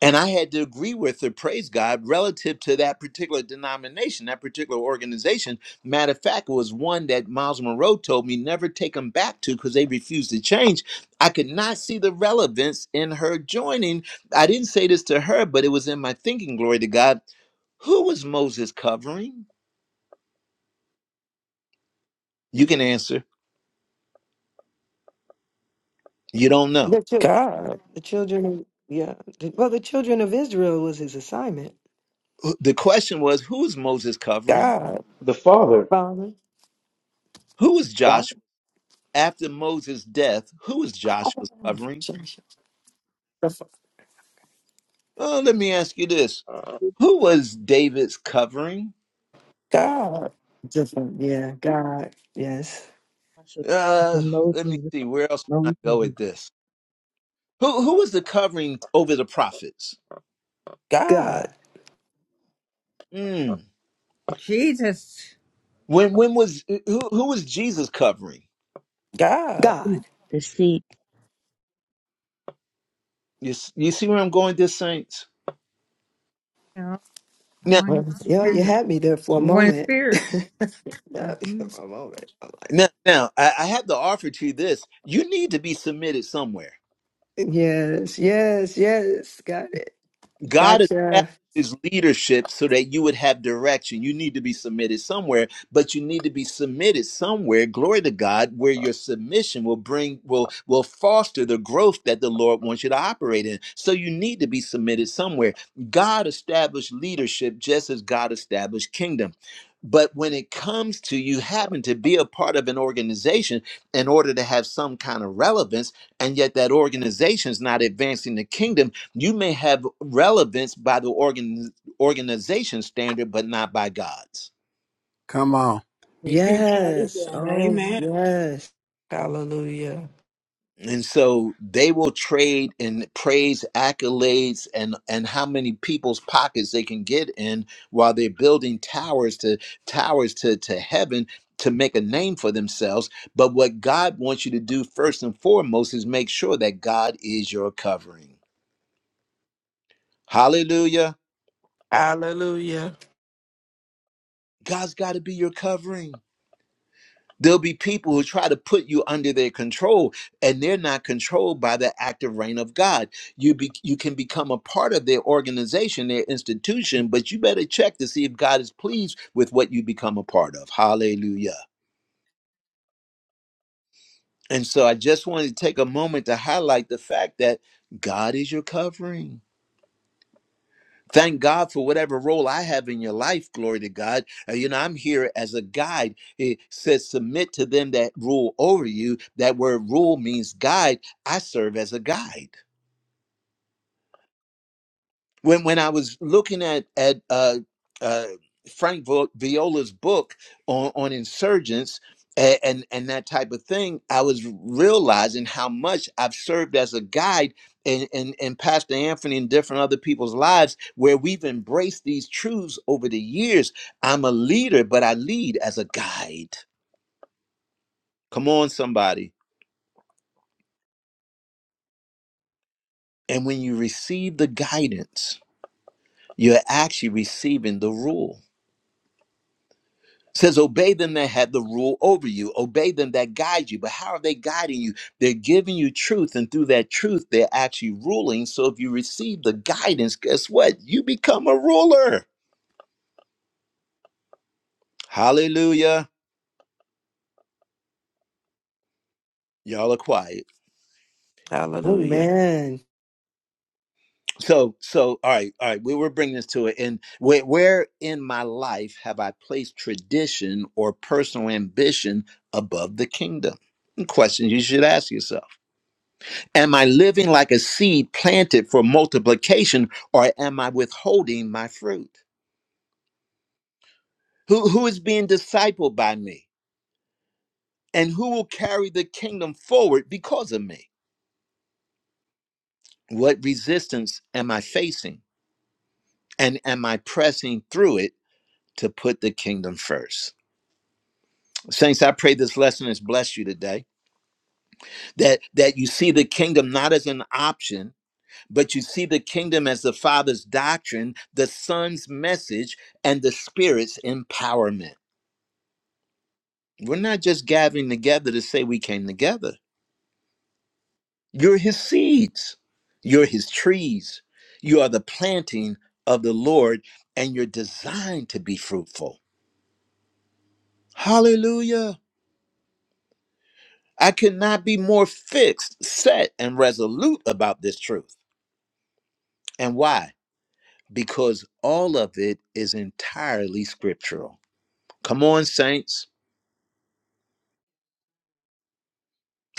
S1: And I had to agree with her, praise God, relative to that particular denomination, that particular organization. Matter of fact, it was one that Miles Monroe told me never take them back to because they refused to change. I could not see the relevance in her joining. I didn't say this to her, but it was in my thinking, glory to God. Who was Moses covering? You can answer. You don't know.
S6: The, chil-
S5: God.
S6: the children of, yeah. the- well, the children of Israel was his assignment.
S1: Who- The question was, who was Moses covering?
S5: God.
S4: The Father,
S6: Father.
S1: Who was
S6: God.
S1: Joshua? After Moses' death, who was Joshua covering?
S6: Different.
S1: Oh, let me ask you this. Who was David's covering?
S5: God.
S6: Different. Yeah. God. Yes.
S2: Pasha the
S1: Uh, let me
S2: Moses
S1: see. Where else can I go with
S2: Moses'
S1: this? Who who was the covering over the prophets?
S5: God.
S6: God.
S1: Mm.
S7: Jesus.
S1: When when was who who was Jesus covering?
S5: God.
S6: God.
S2: feet. The seat.
S1: You s- you see where I'm going, with this saints.
S7: You know,
S1: Now
S7: One
S6: Well, yeah, you
S7: spirit.
S6: had me there for a
S7: One
S6: moment.
S7: spirit.
S6: Yeah, for a moment. I'm like,
S1: now now I, I have to offer to you this. You need to be submitted somewhere.
S6: yes, yes, yes. Got it.
S1: God established
S6: Gotcha.
S1: his leadership so that you would have direction. You need to be submitted somewhere, but you need to be submitted somewhere, glory to God, where your submission will bring will will foster the growth that the Lord wants you to operate in. So you need to be submitted somewhere. God established leadership just as God established kingdom. But when it comes to you having to be a part of an organization in order to have some kind of relevance, and yet that organization is not advancing the kingdom, you may have relevance by the organ, organization standard, but not by God's.
S8: Come on.
S3: Repeat that
S6: Yes.
S3: again.
S6: Oh,
S3: Amen.
S6: yes.
S5: Hallelujah.
S1: And so they will trade in praise, accolades, and and how many people's pockets they can get in while they're building towers to towers to to heaven to make a name for themselves. But what God wants you to do first and foremost is make sure that God is your covering. Hallelujah.
S5: Hallelujah.
S1: God's got to be your covering. There'll be people who try to put you under their control, and they're not controlled by the active reign of God. You be, you can become a part of their organization, their institution, but you better check to see if God is pleased with what you become a part of. Hallelujah. And so I just wanted to take a moment to highlight the fact that God is your covering. Thank God for whatever role I have in your life. Glory to God. Uh, you know, I'm here as a guide. It says, submit to them that rule over you. That word rule means guide. I serve as a guide when when I was looking at at uh, uh, Frank Vi- Viola's book on on insurgents and, and and that type of thing, I was realizing how much I've served as a guide in, in in Pastor Anthony and different other people's lives where we've embraced these truths over the years. I'm a leader, but I lead as a guide. Come on, somebody! And when you receive the guidance, you're actually receiving the rule says obey them that have the rule over you obey them that guide you but how are they guiding you they're giving you truth and through that truth they're actually ruling so if you receive the guidance guess what you become a ruler hallelujah y'all are quiet
S6: Oh,
S5: Hallelujah.
S6: man.
S1: so so all right all right we were bringing this to it and where, where in my life have i placed tradition or personal ambition above the kingdom questions you should ask yourself Am I living like a seed planted for multiplication or am I withholding my fruit? Who, who is being discipled by me? And who will carry the kingdom forward because of me? What resistance am I facing? And am I pressing through it to put the kingdom first? Saints, I pray this lesson has blessed you today. That that you see the kingdom not as an option, but you see the kingdom as the Father's doctrine, the Son's message, and the Spirit's empowerment. We're not just gathering together to say we came together. You're his seeds, you're his trees, you are the planting of the Lord, and you're designed to be fruitful. Hallelujah. I could not be more fixed, set, and resolute about this truth. And why? Because all of it is entirely scriptural. Come on, saints.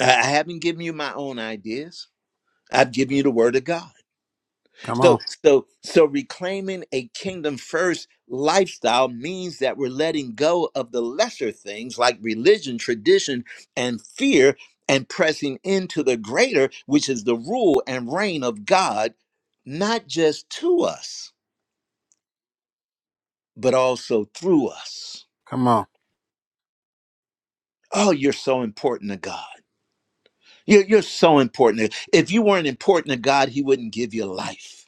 S1: I I haven't given you my own ideas, I've given you the word of God.
S8: Come
S1: So,
S8: on.
S1: so, so reclaiming a kingdom first lifestyle means that we're letting go of the lesser things like religion, tradition, and fear, and pressing into the greater, which is the rule and reign of God, not just to us, but also through us.
S8: Come on.
S1: Oh, you're so important to God. You're, you're so important. If you weren't important to God, He wouldn't give you life.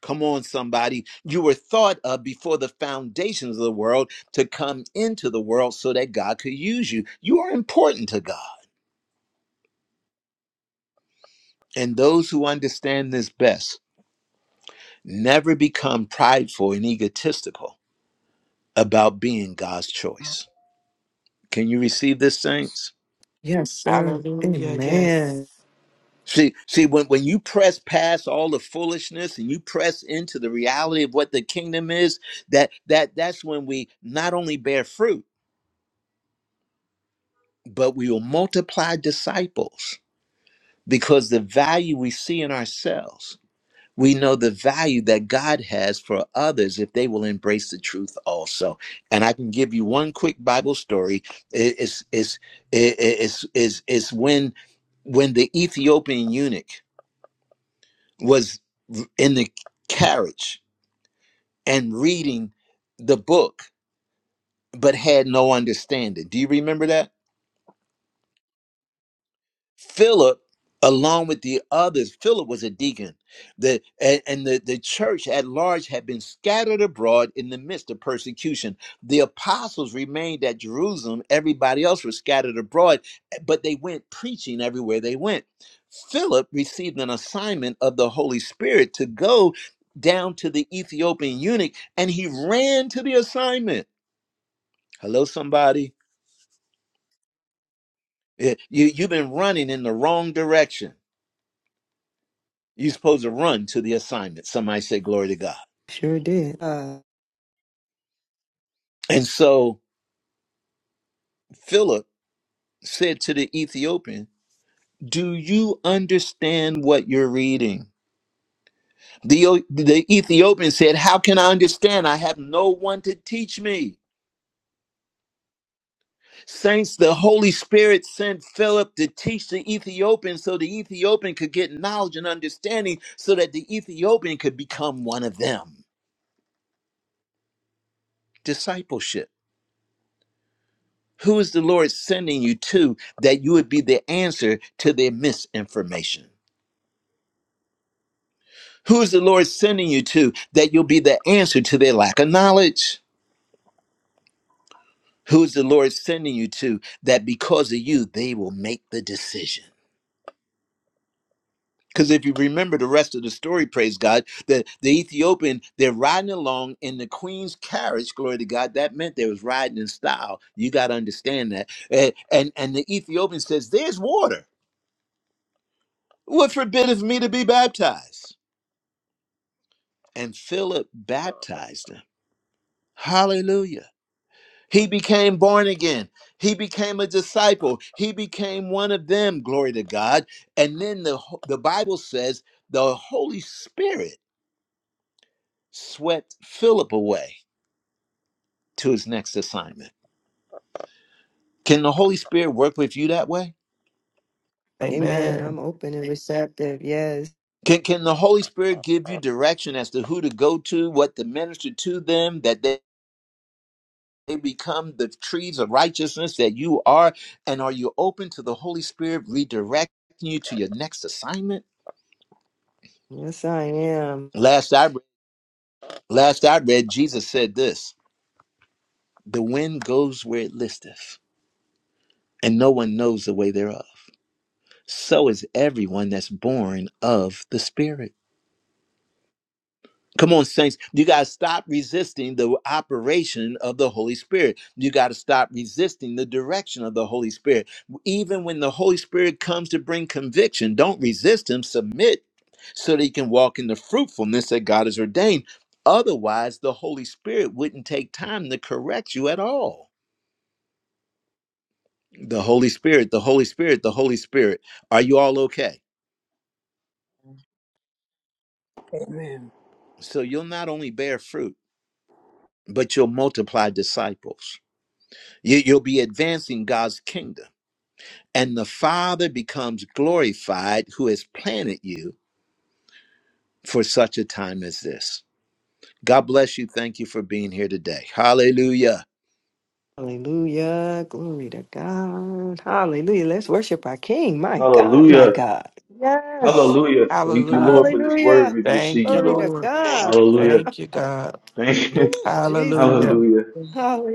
S1: Come on, somebody. You were thought of before the foundations of the world to come into the world so that God could use you. You are important to God. And those who understand this best never become prideful and egotistical about being God's choice. Can you receive this, saints?
S6: Yes, sir.
S5: Hallelujah. Yes.
S6: Amen.
S1: See, see, when, when you press past all the foolishness and you press into the reality of what the kingdom is, that that that's when we not only bear fruit, but we will multiply disciples. because the value we see in ourselves, we know the value that God has for others if they will embrace the truth also. And I can give you one quick Bible story. I- It's it's i- i- it's it's it's when when the Ethiopian eunuch was in the carriage and reading the book but had no understanding. Do you remember that? Philip, along with the others, Philip was a deacon. The, and and the, the church at large had been scattered abroad in the midst of persecution. The apostles remained at Jerusalem. Everybody else was scattered abroad, eh, but they went preaching everywhere they went. Philip received an assignment of the Holy Spirit to go down to the Ethiopian eunuch, and he ran to the assignment. Hello, somebody. Eh, You, you've been running in the wrong direction You're supposed to run to the assignment. Somebody say, Glory to God.
S6: Sure did. Uh,
S1: And so Philip said to the Ethiopian, Do you understand what you're reading? The, O- the Ethiopian said, How can I understand? I have no one to teach me. Saints, the Holy Spirit sent Philip to teach the Ethiopian so the Ethiopian could get knowledge and understanding so that the Ethiopian could become one of them. Discipleship. Who is the Lord sending you to that you would be the answer to their misinformation? Who is the Lord sending you to that you'll be the answer to their lack of knowledge? Who is the Lord sending you to that because of you, they will make the decision? Because if you remember the rest of the story, praise God, the, the Ethiopian, they're riding along in the queen's carriage, glory to God. That meant they was riding in style. You got to understand that. And, and, and the Ethiopian says, There's water. What forbideth me to be baptized? and Philip baptized him. Hallelujah. He became born again. He became a disciple. He became one of them, glory to God. And then the, ho- the Bible says the Holy Spirit swept Philip away to his next assignment. Can the Holy Spirit work with you that way?
S6: amen. I'm
S5: Amen.
S6: open and receptive. Yes.
S1: Can, can the Holy Spirit give you direction as to who to go to, what to minister to them, that they they become the trees of righteousness that you are? And are you open to the Holy Spirit redirecting you to your next assignment?
S6: Yes, I am.
S1: Last I read, last I read, Jesus said this: "The wind goes where it listeth, and no one knows the way thereof. So is everyone that's born of the Spirit." Come on, saints. You got to stop resisting the operation of the Holy Spirit. You got to stop resisting the direction of the Holy Spirit. Even when the Holy Spirit comes to bring conviction, don't resist Him, submit so that you can walk in the fruitfulness that God has ordained. Otherwise, the Holy Spirit wouldn't take time to correct you at all. The Holy Spirit, the Holy Spirit, the Holy Spirit. Are you all okay? So you'll not only bear fruit, but you'll multiply disciples. You, you'll be advancing God's kingdom. And the Father becomes glorified who has planted you for such a time as this. God bless you. Thank you for being here today. Hallelujah.
S6: Hallelujah. Glory to God. Hallelujah. Let's worship our King. My God, my
S4: hallelujah,
S6: God. Yes.
S4: hallelujah. Thank you,
S5: Hallelujah.
S4: Lord, for this word
S6: Hallelujah.
S4: we've
S5: Thank you,
S4: received,
S6: Glory
S4: Lord.
S6: to
S5: Lord.
S10: Thank you.
S6: God.
S4: Hallelujah.
S5: Thank you, God.
S4: Thank you,
S6: Ooh,
S5: Hallelujah.
S6: Jesus.
S4: hallelujah.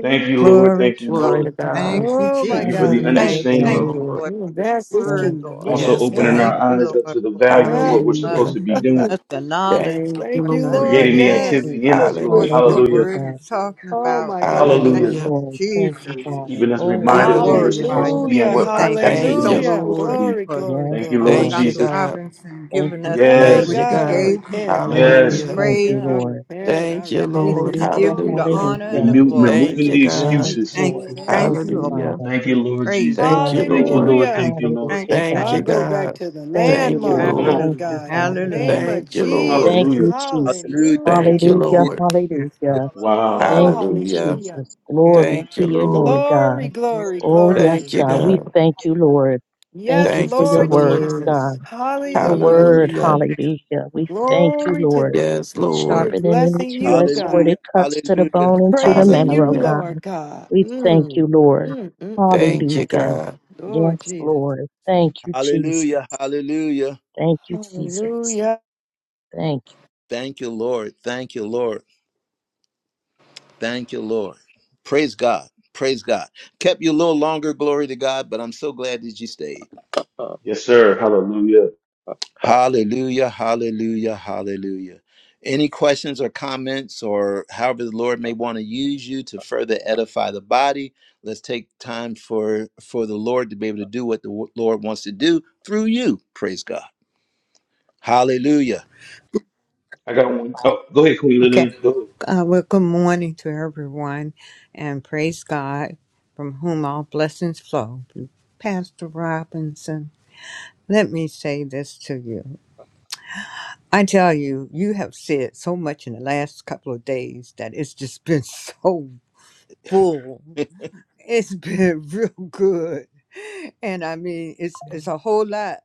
S4: Thank you, Lord.
S7: Glory
S4: Thank you,
S7: to God.
S5: Glory
S4: Lord.
S2: Thank
S5: to
S2: you,
S5: God.
S7: Thank
S2: Jesus.
S7: you,
S6: Oh,
S4: Thank
S6: my
S4: you for
S7: Jesus.
S4: the
S6: God.
S2: Hallelujah,
S7: Thank you.
S5: Thank you,
S7: Thank
S4: understanding,
S2: God.
S7: you,
S5: Lord.
S7: Lord,
S6: You
S7: for this
S6: advance this
S7: word,
S2: Thank
S6: kingdom. We're
S7: Lord.
S6: going
S2: Lord.
S4: also
S6: to
S5: Yes,
S4: opening
S6: advance
S4: our
S6: our
S7: Thank
S5: God.
S7: you,
S4: eyes
S6: kingdom.
S4: up
S7: Lord,
S4: to the
S7: for
S4: value of
S2: Thank
S6: Yeah.
S4: what
S7: giving
S4: we're
S2: you,
S7: us,
S4: supposed
S5: Hallelujah.
S4: to be
S2: Jesus.
S7: giving
S4: doing,
S7: us the knowledge,
S5: Thank you,
S6: Thank
S7: Lord,
S6: you,
S7: to
S5: Lord.
S6: Lord.
S4: creating
S2: Thank
S4: the
S2: you,
S7: understand
S6: Yes,
S4: activity in
S2: Jesus.
S6: yes,
S4: us, Lord.
S7: what
S6: yes.
S5: Hallelujah.
S7: your
S2: Hallelujah,
S4: Hallelujah,
S7: word
S2: God.
S7: is talking
S6: Oh,
S7: about,
S6: my
S7: Lord.
S2: Yes,
S6: God.
S7: Thank
S4: hallelujah.
S6: Yes.
S5: Hallelujah.
S7: you,
S2: Lord. Thank you,
S7: Jesus.
S2: Father.
S4: Keeping us
S7: Oh, we
S4: reminded of who we're
S2: Yes,
S5: Hallelujah.
S4: supposed
S7: glorify
S4: to
S2: Lord.
S7: you.
S4: be and
S6: Hallelujah.
S2: Thank
S7: We
S4: what
S2: you,
S4: our
S7: thank you
S5: Thank
S7: so
S4: activity
S2: Jesus.
S7: much
S5: you,
S4: is
S6: Hallelujah.
S4: supposed to
S5: Lord.
S4: be.
S6: Glory,
S7: for
S6: glory,
S2: Yes,
S4: Thank you,
S6: glory.
S7: uh,
S4: Lord
S5: Thank
S2: Lord.
S5: you,
S7: Dr.
S4: Jesus.
S5: God.
S7: Robinson
S2: Thank
S7: giving
S2: you,
S7: us
S6: Oh,
S5: Thank
S4: Yes.
S2: Jesus.
S5: you,
S7: what you
S6: God, I
S5: God.
S7: gave
S6: repent.
S7: him, Lord.
S2: Thank
S7: We
S2: you,
S4: Yes,
S5: Hallelujah.
S2: thank
S7: praise
S2: you,
S6: Hallelujah. I
S7: your
S2: Lord.
S7: name
S6: repent. I
S5: Thank you,
S7: and we
S6: repent.
S5: Lord.
S7: just
S2: Hallelujah,
S7: give
S6: Oh,
S7: you the
S6: my
S5: Hallelujah.
S6: God.
S7: honor and the
S2: hallelujah.
S4: remo-
S7: glory.
S5: Thank
S4: removing
S5: you,
S4: the
S6: Jesus,
S5: God.
S2: Yes,
S7: We
S6: Jesus,
S4: excuses.
S7: thank
S2: Lord.
S7: you.
S2: Thank
S7: Thank you,
S6: Jesus.
S2: you,
S7: Lord.
S5: Hallelujah.
S2: Father.
S4: Thank you,
S7: We
S4: Lord
S10: Thank you,
S7: praise
S4: Jesus.
S7: you.
S5: Thank
S2: Yes,
S5: you,
S4: Thank you,
S5: Lord.
S2: Lord.
S4: Lord.
S6: Hallelujah.
S7: Thank
S4: Thank you,
S7: you.
S4: Lord.
S7: Thank
S2: Hallelujah,
S7: you. Thank
S5: Thank
S6: I
S5: you,
S2: God.
S6: go back
S5: God.
S6: to the
S2: Thank you,
S5: Thank you,
S7: you.
S6: landmark,
S2: Lord.
S4: Come
S5: Lord.
S4: on.
S6: Lord
S2: Thank you,
S7: Hallelujah.
S6: God, in the
S2: Father God.
S6: name
S7: Hallelujah.
S6: of
S5: Thank you, Lord.
S2: Thank
S6: Jesus.
S4: Hallelujah.
S2: you, Jesus.
S1: Hallelujah.
S6: Hallelujah.
S5: Thank you,
S2: Hallelujah,
S10: Lord.
S5: Lord.
S7: Yes, Lord.
S2: hallelujah.
S10: Hallelujah.
S4: Wow.
S6: Oh,
S2: Thank you,
S5: Hallelujah.
S6: hallelujah.
S2: Jesus.
S7: Yes,
S10: Yeah.
S2: Glory
S5: Thank
S2: to
S5: you,
S2: your name,
S5: Lord.
S2: God.
S6: Glory,
S7: yes.
S10: Yes,
S6: glory,
S2: Oh,
S10: Lord.
S2: yes,
S5: Thank
S6: glory.
S5: you,
S2: God. We
S5: God.
S2: thank
S10: Yes,
S2: you, Lord. Thank
S6: Yes,
S2: you
S10: thank
S5: Thank
S2: for
S5: you
S2: your
S5: for
S6: Lord
S5: the
S2: words,
S5: word.
S2: God.
S6: Jesus.
S2: Your
S10: you.
S6: Hallelujah.
S2: word,
S5: Hallelujah.
S10: Hallelujah.
S2: hallelujah. We thank you,
S6: Glory to the
S2: Lord.
S5: Yes,
S10: Thank you,
S6: we're
S5: Lord.
S2: Sharper
S10: Jesus.
S2: than any
S6: blessing
S2: two-edged
S6: you,
S2: sword,
S6: God.
S1: Hallelujah.
S2: it cuts to the
S1: Hallelujah.
S2: bone and to the
S6: Praising
S2: marrow,
S6: you,
S2: oh
S5: Hallelujah.
S2: God.
S6: Lord God.
S2: We thank
S6: Mm,
S2: you, Lord.
S6: mm, mm, mm.
S5: Thank you,
S2: Hallelujah.
S5: God.
S6: Lord
S2: Yes,
S6: Jesus.
S2: Lord. Thank you, Jesus.
S1: Hallelujah. Hallelujah.
S2: Thank you, Jesus.
S6: Hallelujah.
S2: Thank
S1: Thank you, Lord. Thank you, Lord. Thank you, Lord. Praise God. Praise God. Kept you a little longer, glory to God, but I'm so glad that you stayed.
S4: Yes, sir. Hallelujah.
S1: Hallelujah, hallelujah, hallelujah. Any questions or comments, or however the Lord may want to use you to further edify the body? Let's take time for for the Lord to be able to do what the w- Lord wants to do through you. Praise God. Hallelujah.
S4: I got one. Oh, go ahead, Queen
S7: Okay.
S4: Lillian. Go. ahead.
S7: Uh, well, good morning to everyone and praise God from whom all blessings flow. Pastor Robinson, let me say this to you. I tell you, you have said so much in the last couple of days that it's just been so full. It's been real good. And I mean, it's it's a whole lot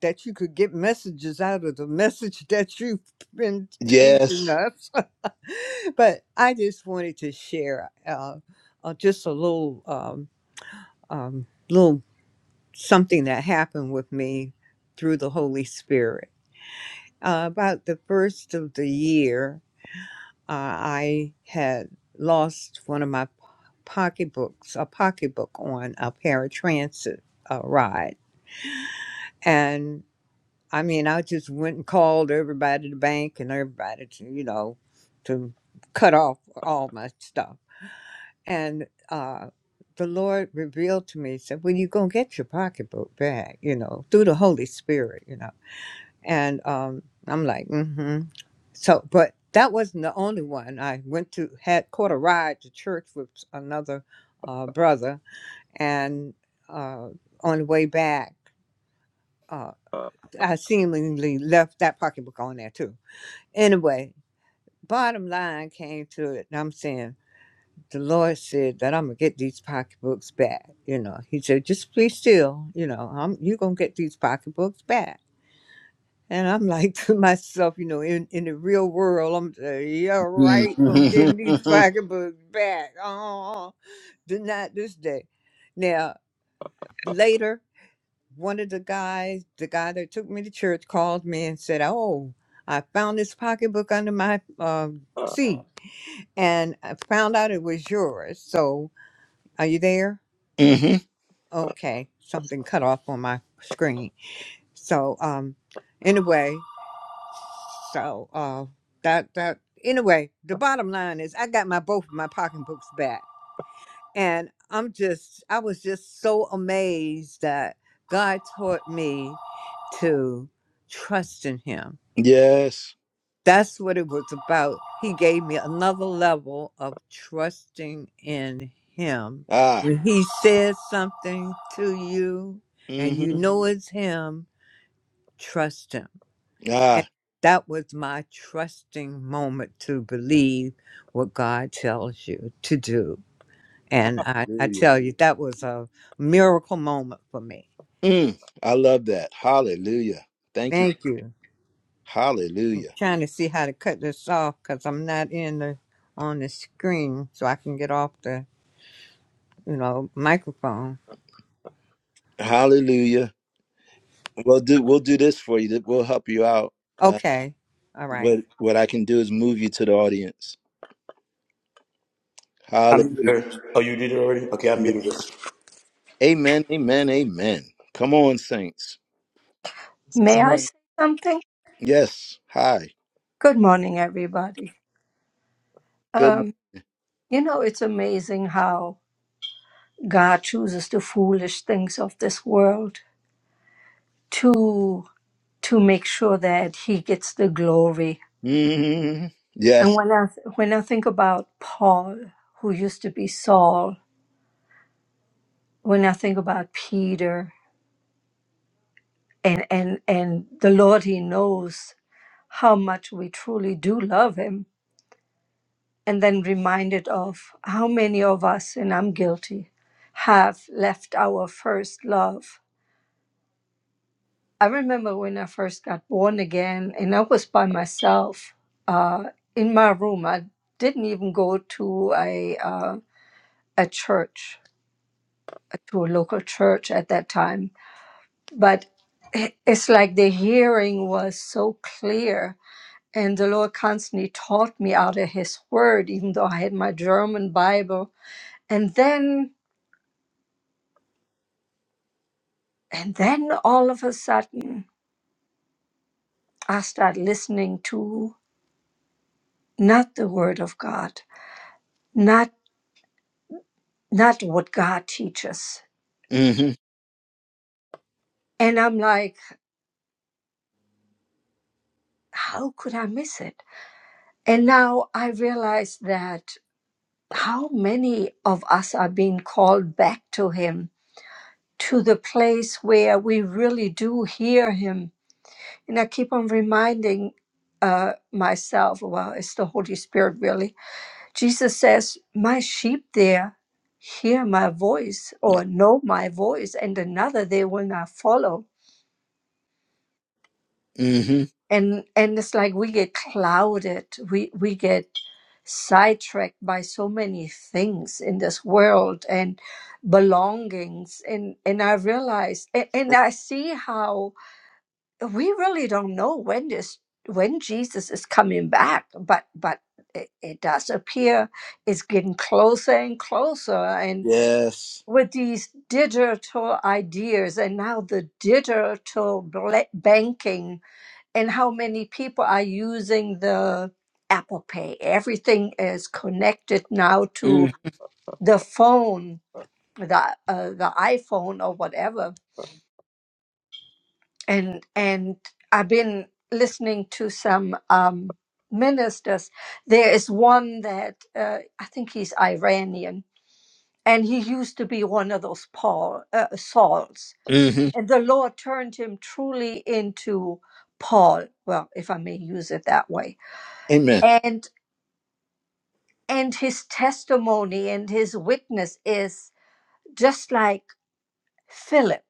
S7: that you could get messages out of the message that you've been teaching
S1: Yes.
S7: us. but I just wanted to share uh, uh, just a little um, um, little something that happened with me through the Holy Spirit. Uh, about the first of the year, uh, I had lost one of my po- pocketbooks, a pocketbook on a paratransit uh, ride, and. I mean, I just went and called everybody at the bank and everybody to, you know, to cut off all my stuff. And uh, the Lord revealed to me, said, Well, you're going to get your pocketbook back, you know, through the Holy Spirit, you know. And um, I'm like, Mm hmm. So, but that wasn't the only one. I went to, had caught a ride to church with another uh, brother. And uh, on the way back, uh, I seemingly left that pocketbook on there too Anyway, bottom line came to it, and I'm saying the Lord said that I'm gonna get these pocketbooks back. You know, He said, just be still. You know, I'm you're gonna get these pocketbooks back. And I'm like to myself, you know, in, in the real world, I'm saying, yeah,
S1: hmm
S7: right, I'm getting these pocketbooks back. Oh, did not this day. Now, later, one of the guys, the guy that took me to church, called me and said, oh, I found this pocketbook under my um seat. and I found out it was yours. So, are you there? Okay, something cut off on my screen. So, um, anyway, so uh, that that anyway, the bottom line is I got my both of my pocketbooks back, and I'm just I was just so amazed that God taught me to trust in Him
S1: Yes.
S7: That's what it was about. He gave me another level of trusting in him.
S1: Ah.
S7: When he says something to you and you
S1: hmm
S7: know it's him, trust him. And
S1: Ah.
S7: that was my trusting moment to believe what God tells you to do. And I, I
S1: Hallelujah.
S7: tell you, that was a miracle moment for me.
S1: Mm. I love that. Hallelujah. Thank you.
S7: Thank you.
S1: Hallelujah.
S7: trying to see how to cut this off because I'm not in the on the screen so I can get off the you know, microphone.
S1: Hallelujah. We'll do we'll do this for you. We'll help you out. Uh,
S7: Okay. All right.
S1: what what I can do is move you to the audience. Hallelujah. Amen. Amen. Amen. Come on, saints.
S2: you,
S11: May I
S2: Lord.
S11: say something?
S1: Yes. Hi.
S11: Good morning, everybody.
S1: Good morning.
S11: Um, you know, it's amazing how God chooses the foolish things of this world to to make sure that He gets the glory.
S1: hmm
S11: And
S1: Yes.
S11: when I when I think about Paul, who used to be Saul, when I think about Peter, and and and the Lord, He knows how much we truly do love Him and then reminded of how many of us, and I'm guilty, have left our first love. I remember when I first got born again, and I was by myself uh, in my room. I didn't even go to a uh, a church, to a local church at that time. But it- it's like the hearing was so clear, and the Lord constantly taught me out of His Word, even though I had my German Bible. And then And then all of a sudden, I start listening to not the word of God, not not what God teaches.
S1: hmm
S11: And I'm like, how could I miss it? And now I realize that how many of us are being called back to him to the place where we really do hear him. And I keep on reminding uh, myself, well, it's the Holy Spirit really, Jesus says, My sheep there hear my voice
S1: Yeah.
S11: or know my voice, and another they will not follow.
S1: hmm
S11: And and it's like we get clouded, we we get sidetracked by so many things in this world and belongings. And and I realize and, and I see how we really don't know when this when Jesus is coming back, but but it, it does appear it's getting closer and closer and.
S1: Yes.
S11: with these digital ideas and now the digital bla- banking and how many people are using the Apple Pay. Everything is connected now to
S1: Mm-hmm.
S11: the phone, the uh, the iPhone or whatever. And and I've been listening to some um, ministers. There is one that uh, I think he's Iranian, and he used to be one of those Paul uh, Sauls
S1: Mm-hmm.
S11: and the Lord turned him truly into Paul, well, if I may use it that way.
S1: Amen.
S11: And and his testimony and his witness is just like Philip,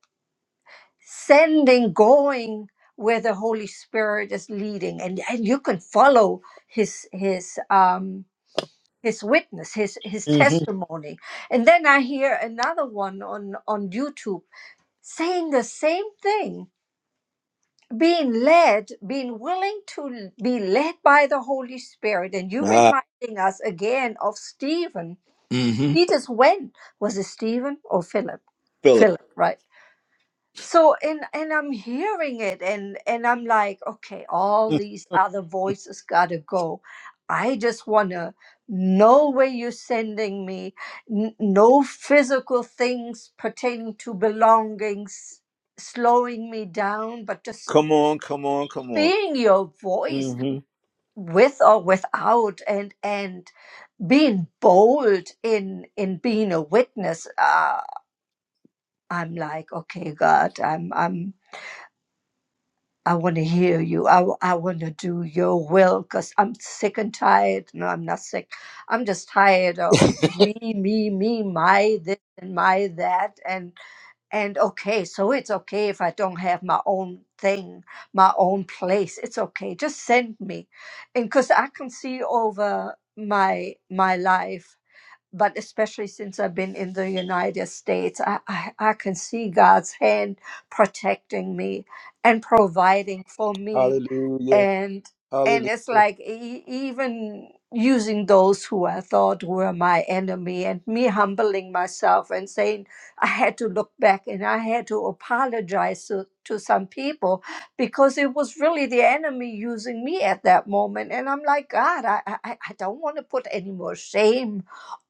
S11: sending, going where the Holy Spirit is leading, and, and you can follow his his um his witness, his his
S1: hmm
S11: testimony. And then I hear another one on on YouTube saying the same thing being led, being willing to be led by the Holy Spirit. And you
S1: Ah.
S11: reminding us again of Stephen.
S1: hmm
S11: He just went. Was it Stephen or Philip?
S1: Philip.
S11: Philip, right? So and and I'm hearing it and and I'm like, okay, all
S1: Mm.
S11: these other voices gotta go. I just wanna know where you're sending me. N- no physical things pertaining to belongings slowing me down, but just
S1: Come on. Come on. Come on.
S11: being your voice
S1: hmm
S11: with or without and and being bold in in being a witness uh i'm like okay god i'm i'm i want to hear you i, w- I want to do your will because i'm sick and tired no i'm not sick i'm just tired of me me me my this and my that and. and okay so it's okay if i don't have my own thing my own place it's okay just send me and because i can see over my my life but especially since I've been in the United States, I, I, I can see God's hand protecting me and providing for me.
S1: Hallelujah.
S11: And and it's
S1: Hallelujah.
S11: like e- even using those who I thought were my enemy and me humbling myself and saying I had to look back and I had to apologize to, to some people because it was really the enemy using me at that moment. And I'm like, God, I, I, I I don't want to put any more shame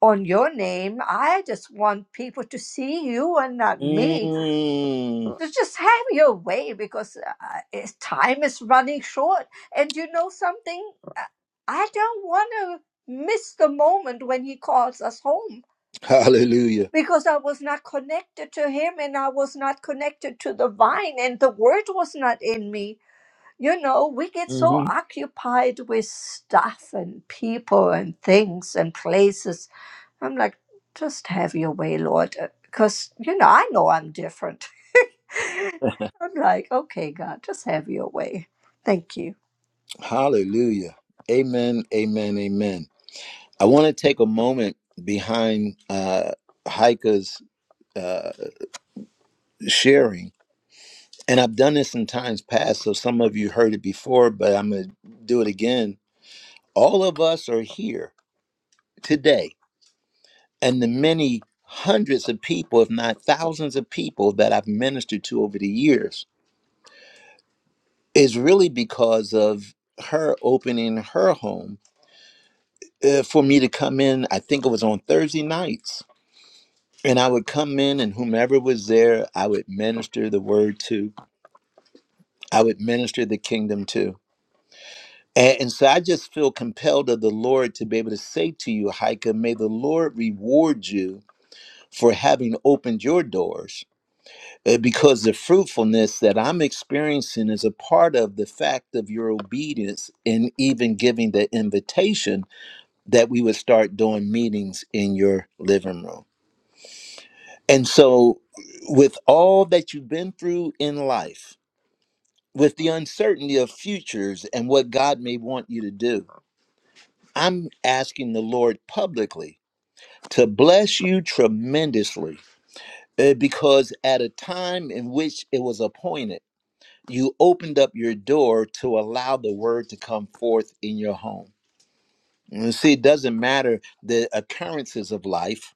S11: on your name. I just want people to see you and not me.
S1: Mm.
S11: So just have your way because uh, it's, time is running short. And you know something? Uh, I don't want to miss the moment when he calls us home
S1: Hallelujah.
S11: because I was not connected to him and I was not connected to the vine and the word was not in me. You know, we get so occupied with stuff and people and things and places I'm like, just have your way, Lord, because you know I know I'm different. I'm like, okay, God, just have your way. Thank you.
S1: Hallelujah. Amen. Amen. Amen. I want to take a moment behind uh, Heike's sharing, and I've done this in times past, so some of you heard it before, but I'm going to do it again. All of us are here today, and the many hundreds of people, if not thousands of people, that I've ministered to over the years is really because of her opening her home uh, for me to come in. I think it was on Thursday nights And I would come in, and whomever was there, I would minister the word to, I would minister the kingdom to. And, and so I just feel compelled of the Lord to be able to say to you, Heike, may the Lord reward you for having opened your doors uh, because the fruitfulness that I'm experiencing is a part of the fact of your obedience in even giving the invitation that we would start doing meetings in your living room. And so, with all that you've been through in life, with the uncertainty of futures and what God may want you to do, I'm asking the Lord publicly to bless you tremendously uh, because at a time in which it was appointed, you opened up your door to allow the word to come forth in your home. You see, it doesn't matter the occurrences of life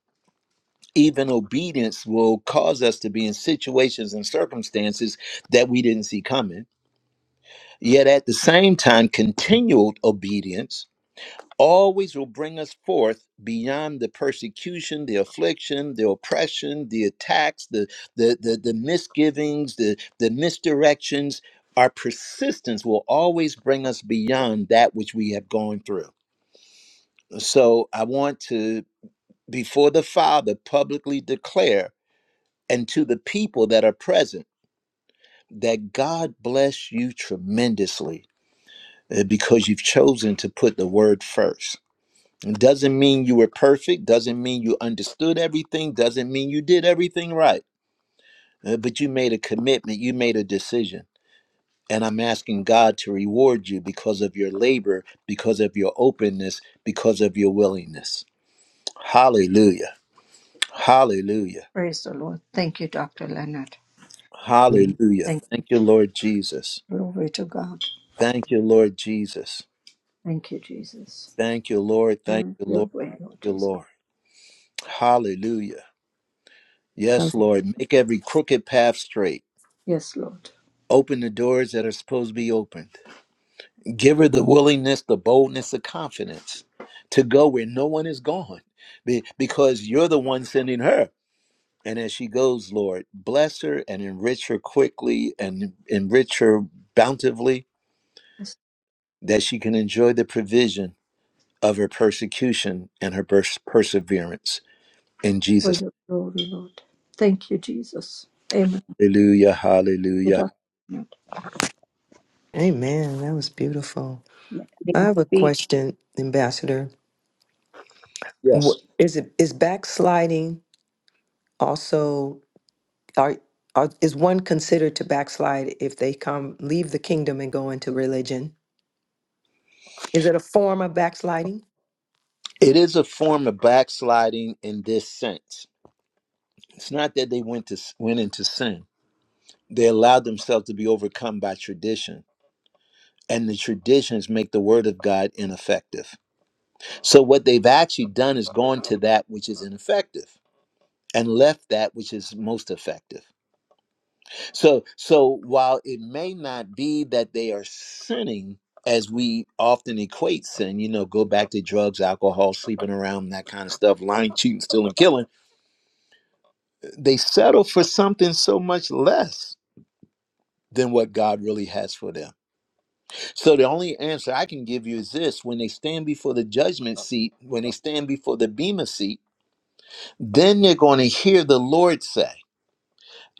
S1: even obedience will cause us to be in situations and circumstances that we didn't see coming. Yet at the same time, continual obedience always will bring us forth beyond the persecution, the affliction, the oppression, the attacks, the the the, the misgivings, the the misdirections. Our persistence will always bring us beyond that which we have gone through. So I want to before the Father publicly declare and to the people that are present that God bless you tremendously uh, because you've chosen to put the word first. It doesn't mean you were perfect, doesn't mean you understood everything, doesn't mean you did everything right, uh, but you made a commitment, you made a decision. And I'm asking God to reward you because of your labor, because of your openness, because of your willingness. Hallelujah. Hallelujah.
S11: Praise the Lord. Thank you, Dr. Leonard.
S1: Hallelujah.
S11: Thank
S1: Thank you, Lord Jesus.
S11: you. Glory to God.
S1: Thank you, Lord Jesus.
S11: Thank you, Jesus.
S1: Thank you, Lord. Thank
S11: Have
S1: you, Lord.
S11: your way, Lord
S1: Thank you,
S11: Jesus.
S1: Lord. Hallelujah. Yes, Lord. Make every crooked path straight.
S11: Yes, Lord.
S1: Open the doors that are supposed to be opened. Give her the willingness, the boldness, the confidence to go where no one is gone be- because you're the one sending her. And as she goes, Lord, bless her and enrich her quickly and enrich her bountifully
S11: Yes,
S1: that she can enjoy the provision of her persecution and her pers- perseverance. In Jesus'
S11: for your glory, Lord. Thank you, Jesus. Amen. Thank
S1: Hallelujah.
S11: you,
S1: Hallelujah.
S11: Dr. Leonard.
S6: Amen. That was beautiful.
S12: May
S6: I
S12: I
S6: have a
S12: speak?
S6: question, Ambassador.
S1: Yes.
S6: Wh- Is it is backsliding also? Are, are is one considered to backslide if they come leave the kingdom and go into religion? Is it a form of backsliding?
S1: It is a form of backsliding in this sense. It's not that they went to went into sin. They allowed themselves to be overcome by tradition. And the traditions make the word of God ineffective. So what they've actually done is gone to that which is ineffective and left that which is most effective. So so while it may not be that they are sinning as we often equate sin, you know, go back to drugs, alcohol, sleeping around, that kind of stuff, lying, cheating, stealing, killing, they settle for something so much less than what God really has for them. So the only answer I can give you is this when they stand before the judgment seat, when they stand before the bema seat, then they're going to hear the Lord say,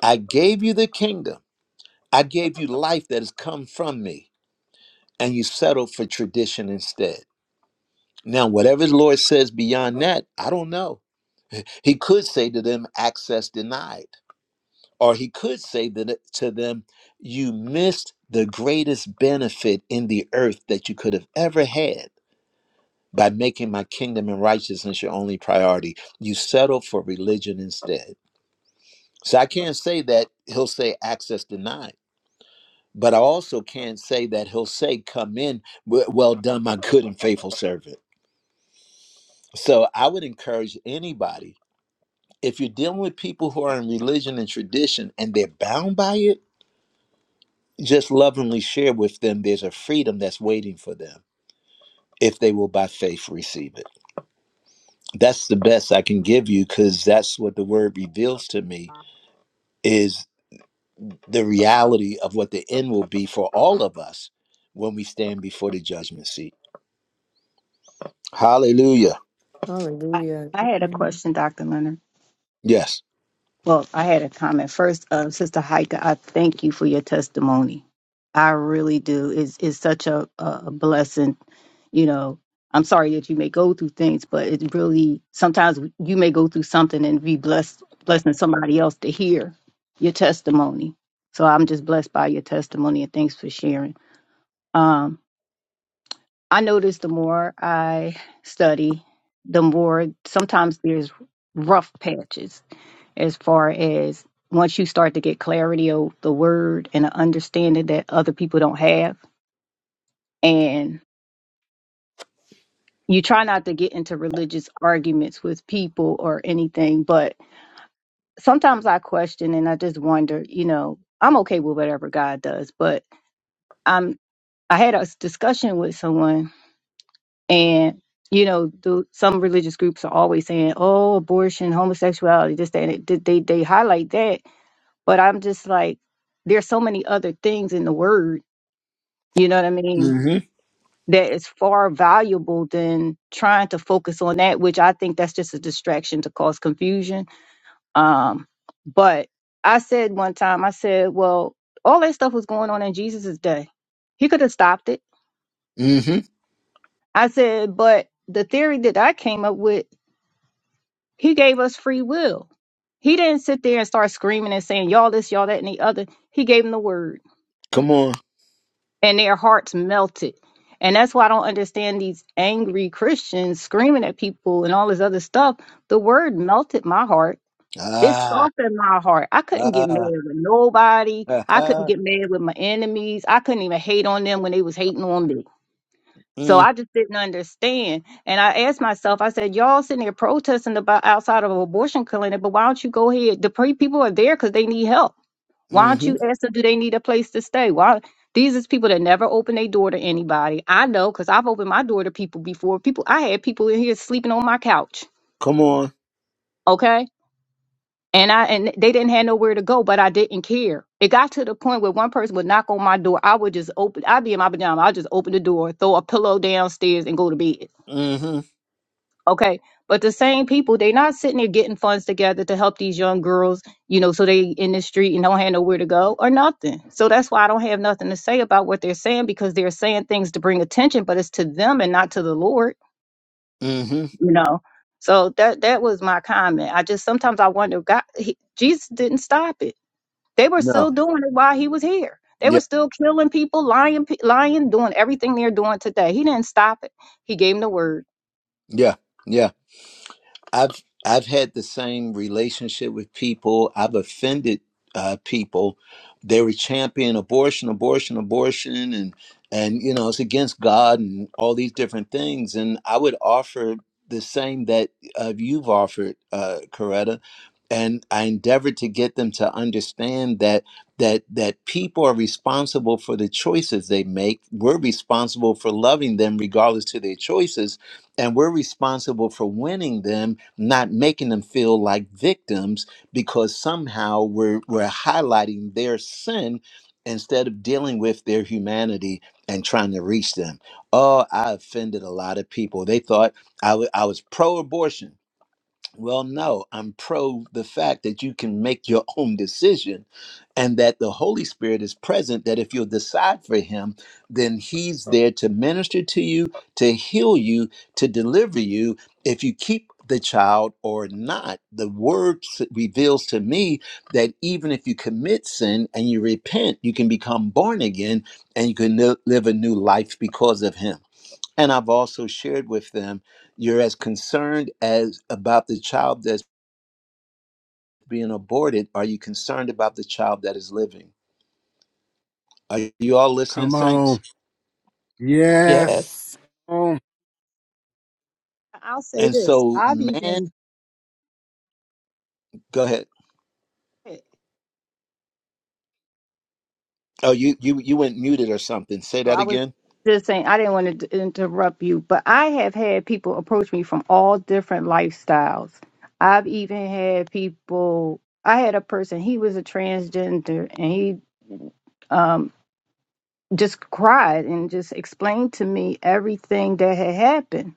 S1: I gave you the kingdom. I gave you life that has come from me. and you settle for tradition instead. Now, whatever the Lord says beyond that, I don't know. He could say to them, access denied. Or he could say that to them, you missed the greatest benefit in the earth that you could have ever had by making my kingdom and righteousness your only priority. You settle for religion instead. So I can't say that he'll say access denied, but I also can't say that he'll say, come in, w- well done, my good and faithful servant So I would encourage anybody, if you're dealing with people who are in religion and tradition and they're bound by it, just lovingly share with them there's a freedom that's waiting for them if they will by faith receive it. That's the best I can give you because that's what the word reveals to me is the reality of what the end will be for all of us when we stand before the judgment seat. Hallelujah.
S12: I,
S6: Hallelujah.
S12: I had a
S6: Amen.
S12: question, Dr. Leonard.
S1: Yes.
S12: Well, I had a comment first. Uh, Sister Heike, I thank you for your testimony. I really do. It's, it's such a, a blessing. You know, I'm sorry that you may go through things, but it really sometimes you may go through something and be blessed, blessing somebody else to hear your testimony. So I'm just blessed by your testimony and thanks for sharing. Um, I notice the more I study, the more sometimes there's rough patches as far as once you start to get clarity of the word and an understanding that other people don't have. And you try not to get into religious arguments with people or anything, but sometimes I question and I just wonder, you know, I'm okay with whatever God does, but I'm I had a s- discussion with someone And you know, do, some religious groups are always saying, "Oh, abortion, homosexuality, this, that." And it, they they highlight that, but I'm just like, there's so many other things in the word. You know what I mean?
S1: Mm-hmm.
S12: That is far valuable than trying to focus on that, which I think that's just a distraction to cause confusion. Um, but I said one time, I said, "Well, all that stuff was going on in Jesus' day. He could have stopped it."
S1: Mm-hmm.
S12: I said, "But." The theory that I came up with He gave us free will. He didn't sit there and start screaming and saying, y'all this, y'all that, and the other. He gave them the word,
S1: Come on.
S12: and their hearts melted. And that's why I don't understand these angry Christians screaming at people and all this other stuff. The word melted my heart. It
S1: Ah.
S12: softened my heart. I couldn't get mad
S1: Ah.
S12: with nobody. I couldn't get mad with my enemies. I couldn't even hate on them when they was hating on me. So I just didn't understand. And I asked myself, I said, y'all sitting there protesting about outside of an abortion clinic, but why don't you go ahead? The pre- people are there because they need help. Why
S1: Mm-hmm.
S12: don't you ask them, do they need a place to stay? Why? These is people that never open their door to anybody. I know because I've opened my door to people before. People, I had people in here sleeping on my couch.
S1: Come on.
S12: Okay. And I and they didn't have nowhere to go, but I didn't care. It got to the point where one person would knock on my door. I would just open. I'd be in my pajamas. I'd just open the door, throw a pillow downstairs, and go to bed
S1: Mm-hmm.
S12: Okay. But the same people, they not sitting there getting funds together to help these young girls, you know, so they in the street and don't have nowhere to go or nothing. So that's why I don't have nothing to say about what they're saying because they're saying things to bring attention, but it's to them and not to the Lord,
S1: Mm-hmm.
S12: you know. So that that was my comment. I just sometimes I wonder, God, he, Jesus didn't stop it. They were still
S1: No.
S12: doing it while he was here. They
S1: Yeah.
S12: were still killing people, lying, pe- lying, doing everything they're doing today. He didn't stop it. He gave them the word.
S1: Yeah. Yeah. I've I've had the same relationship with people. I've offended uh, people. They were championing abortion, abortion, abortion, and and you know it's against God and all these different things. And I would offer the same that uh, you've offered, uh, Coretta, and I endeavored to get them to understand that that that people are responsible for the choices they make. We're responsible for loving them regardless to their choices, and we're responsible for winning them not making them feel like victims because somehow we're, we're highlighting their sin instead of dealing with their humanity and trying to reach them. Oh, I offended a lot of people. They thought I wa- I was pro abortion well, no, I'm pro the fact that you can make your own decision and that the Holy Spirit is present. That if you'll decide for Him, then He's there to minister to you, to heal you, to deliver you. If you keep the child or not, the word s- reveals to me that even if you commit sin and you repent, you can become born again and you can li- live a new life because of Him. And I've also shared with them, you're as concerned as about the child that's being aborted. Are you concerned about the child that is living? Are you all listening,
S8: Come
S1: saints?
S8: on. Yes.
S5: Yes.
S8: Come on.
S12: I'll say
S1: And
S12: this:
S1: so,
S12: I've
S1: man,
S12: even
S1: go ahead. Oh, you you you went muted or something. Say
S12: Oh,
S1: that
S12: I was
S1: again.
S12: just saying, I didn't want to interrupt you, but I have had people approach me from all different lifestyles. I've even had people, I had a person, he was a transgender, and he um, just cried and just explained to me everything that had happened.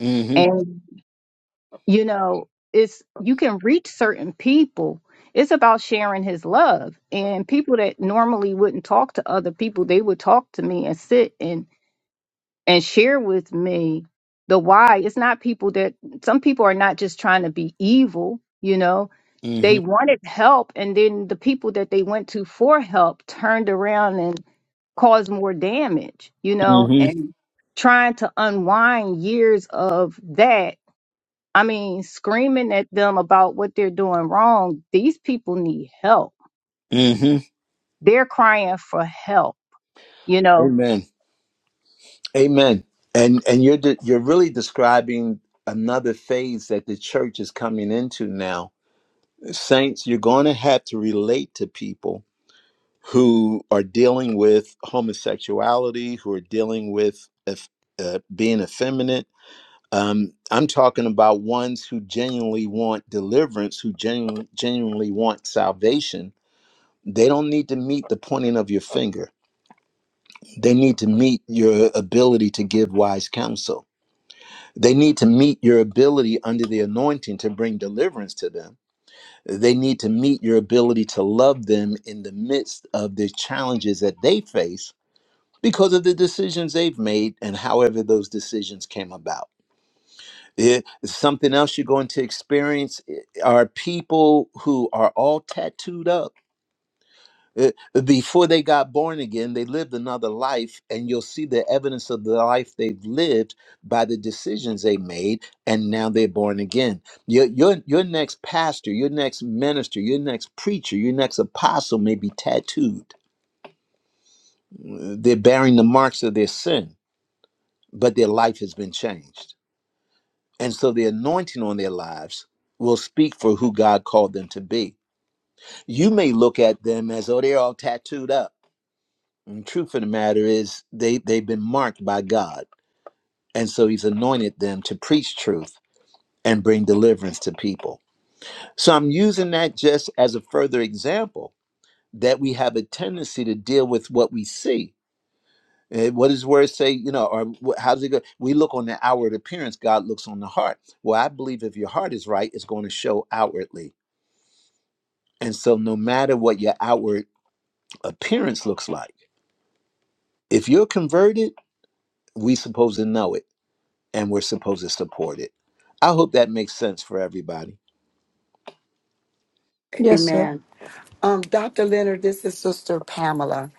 S1: hmm
S12: And, you know, it's you can reach certain people. It's about sharing his love. And people that normally wouldn't talk to other people, they would talk to me and sit and and share with me the why. It's not people that some people are not just trying to be evil, you know.
S1: Mm-hmm.
S12: They wanted help and then the people that they went to for help turned around and caused more damage, you know,
S1: Mm-hmm.
S12: and trying to unwind years of that. I mean, screaming at them about what they're doing wrong. These people need help.
S1: Mm-hmm.
S12: They're crying for help, you know
S1: Amen. Amen. And and you're de- you're really describing another phase that the church is coming into now. Saints, you're going to have to relate to people who are dealing with homosexuality, who are dealing with eff- uh, being effeminate. Um, I'm talking about ones who genuinely want deliverance, who genu- genuinely want salvation. They don't need to meet the pointing of your finger They need to meet your ability to give wise counsel. They need to meet your ability under the anointing to bring deliverance to them. They need to meet your ability to love them in the midst of the challenges that they face because of the decisions they've made and however those decisions came about. It- something else you're going to experience eh, are people who are all tattooed up Uh, Before they got born again, they lived another life, and you'll see the evidence of the life they've lived by the decisions they made, and now they're born again. Your, your, your next pastor, your next minister, your next preacher, your next apostle may be tattooed. Uh, They're bearing the marks of their sin, but their life has been changed. And so the anointing on their lives will speak for who God called them to be. You may look at them as, oh, they're all tattooed up And the truth of the matter is, they, they've been marked by God. And so he's anointed them to preach truth and bring deliverance to people. So I'm using that just as a further example that we have a tendency to deal with what we see. Eh, What does the word say? You know, or wh- how does it go? We look on the outward appearance, God looks on the heart. Well, I believe if your heart is right, it's going to show outwardly. And so, no matter what your outward appearance looks like, if you're converted, we supposed to know it and we're supposed to support it. I hope that makes sense for everybody.
S11: Yes, sir.
S13: Amen. Um, Dr. Leonard, this is Sister Pamela.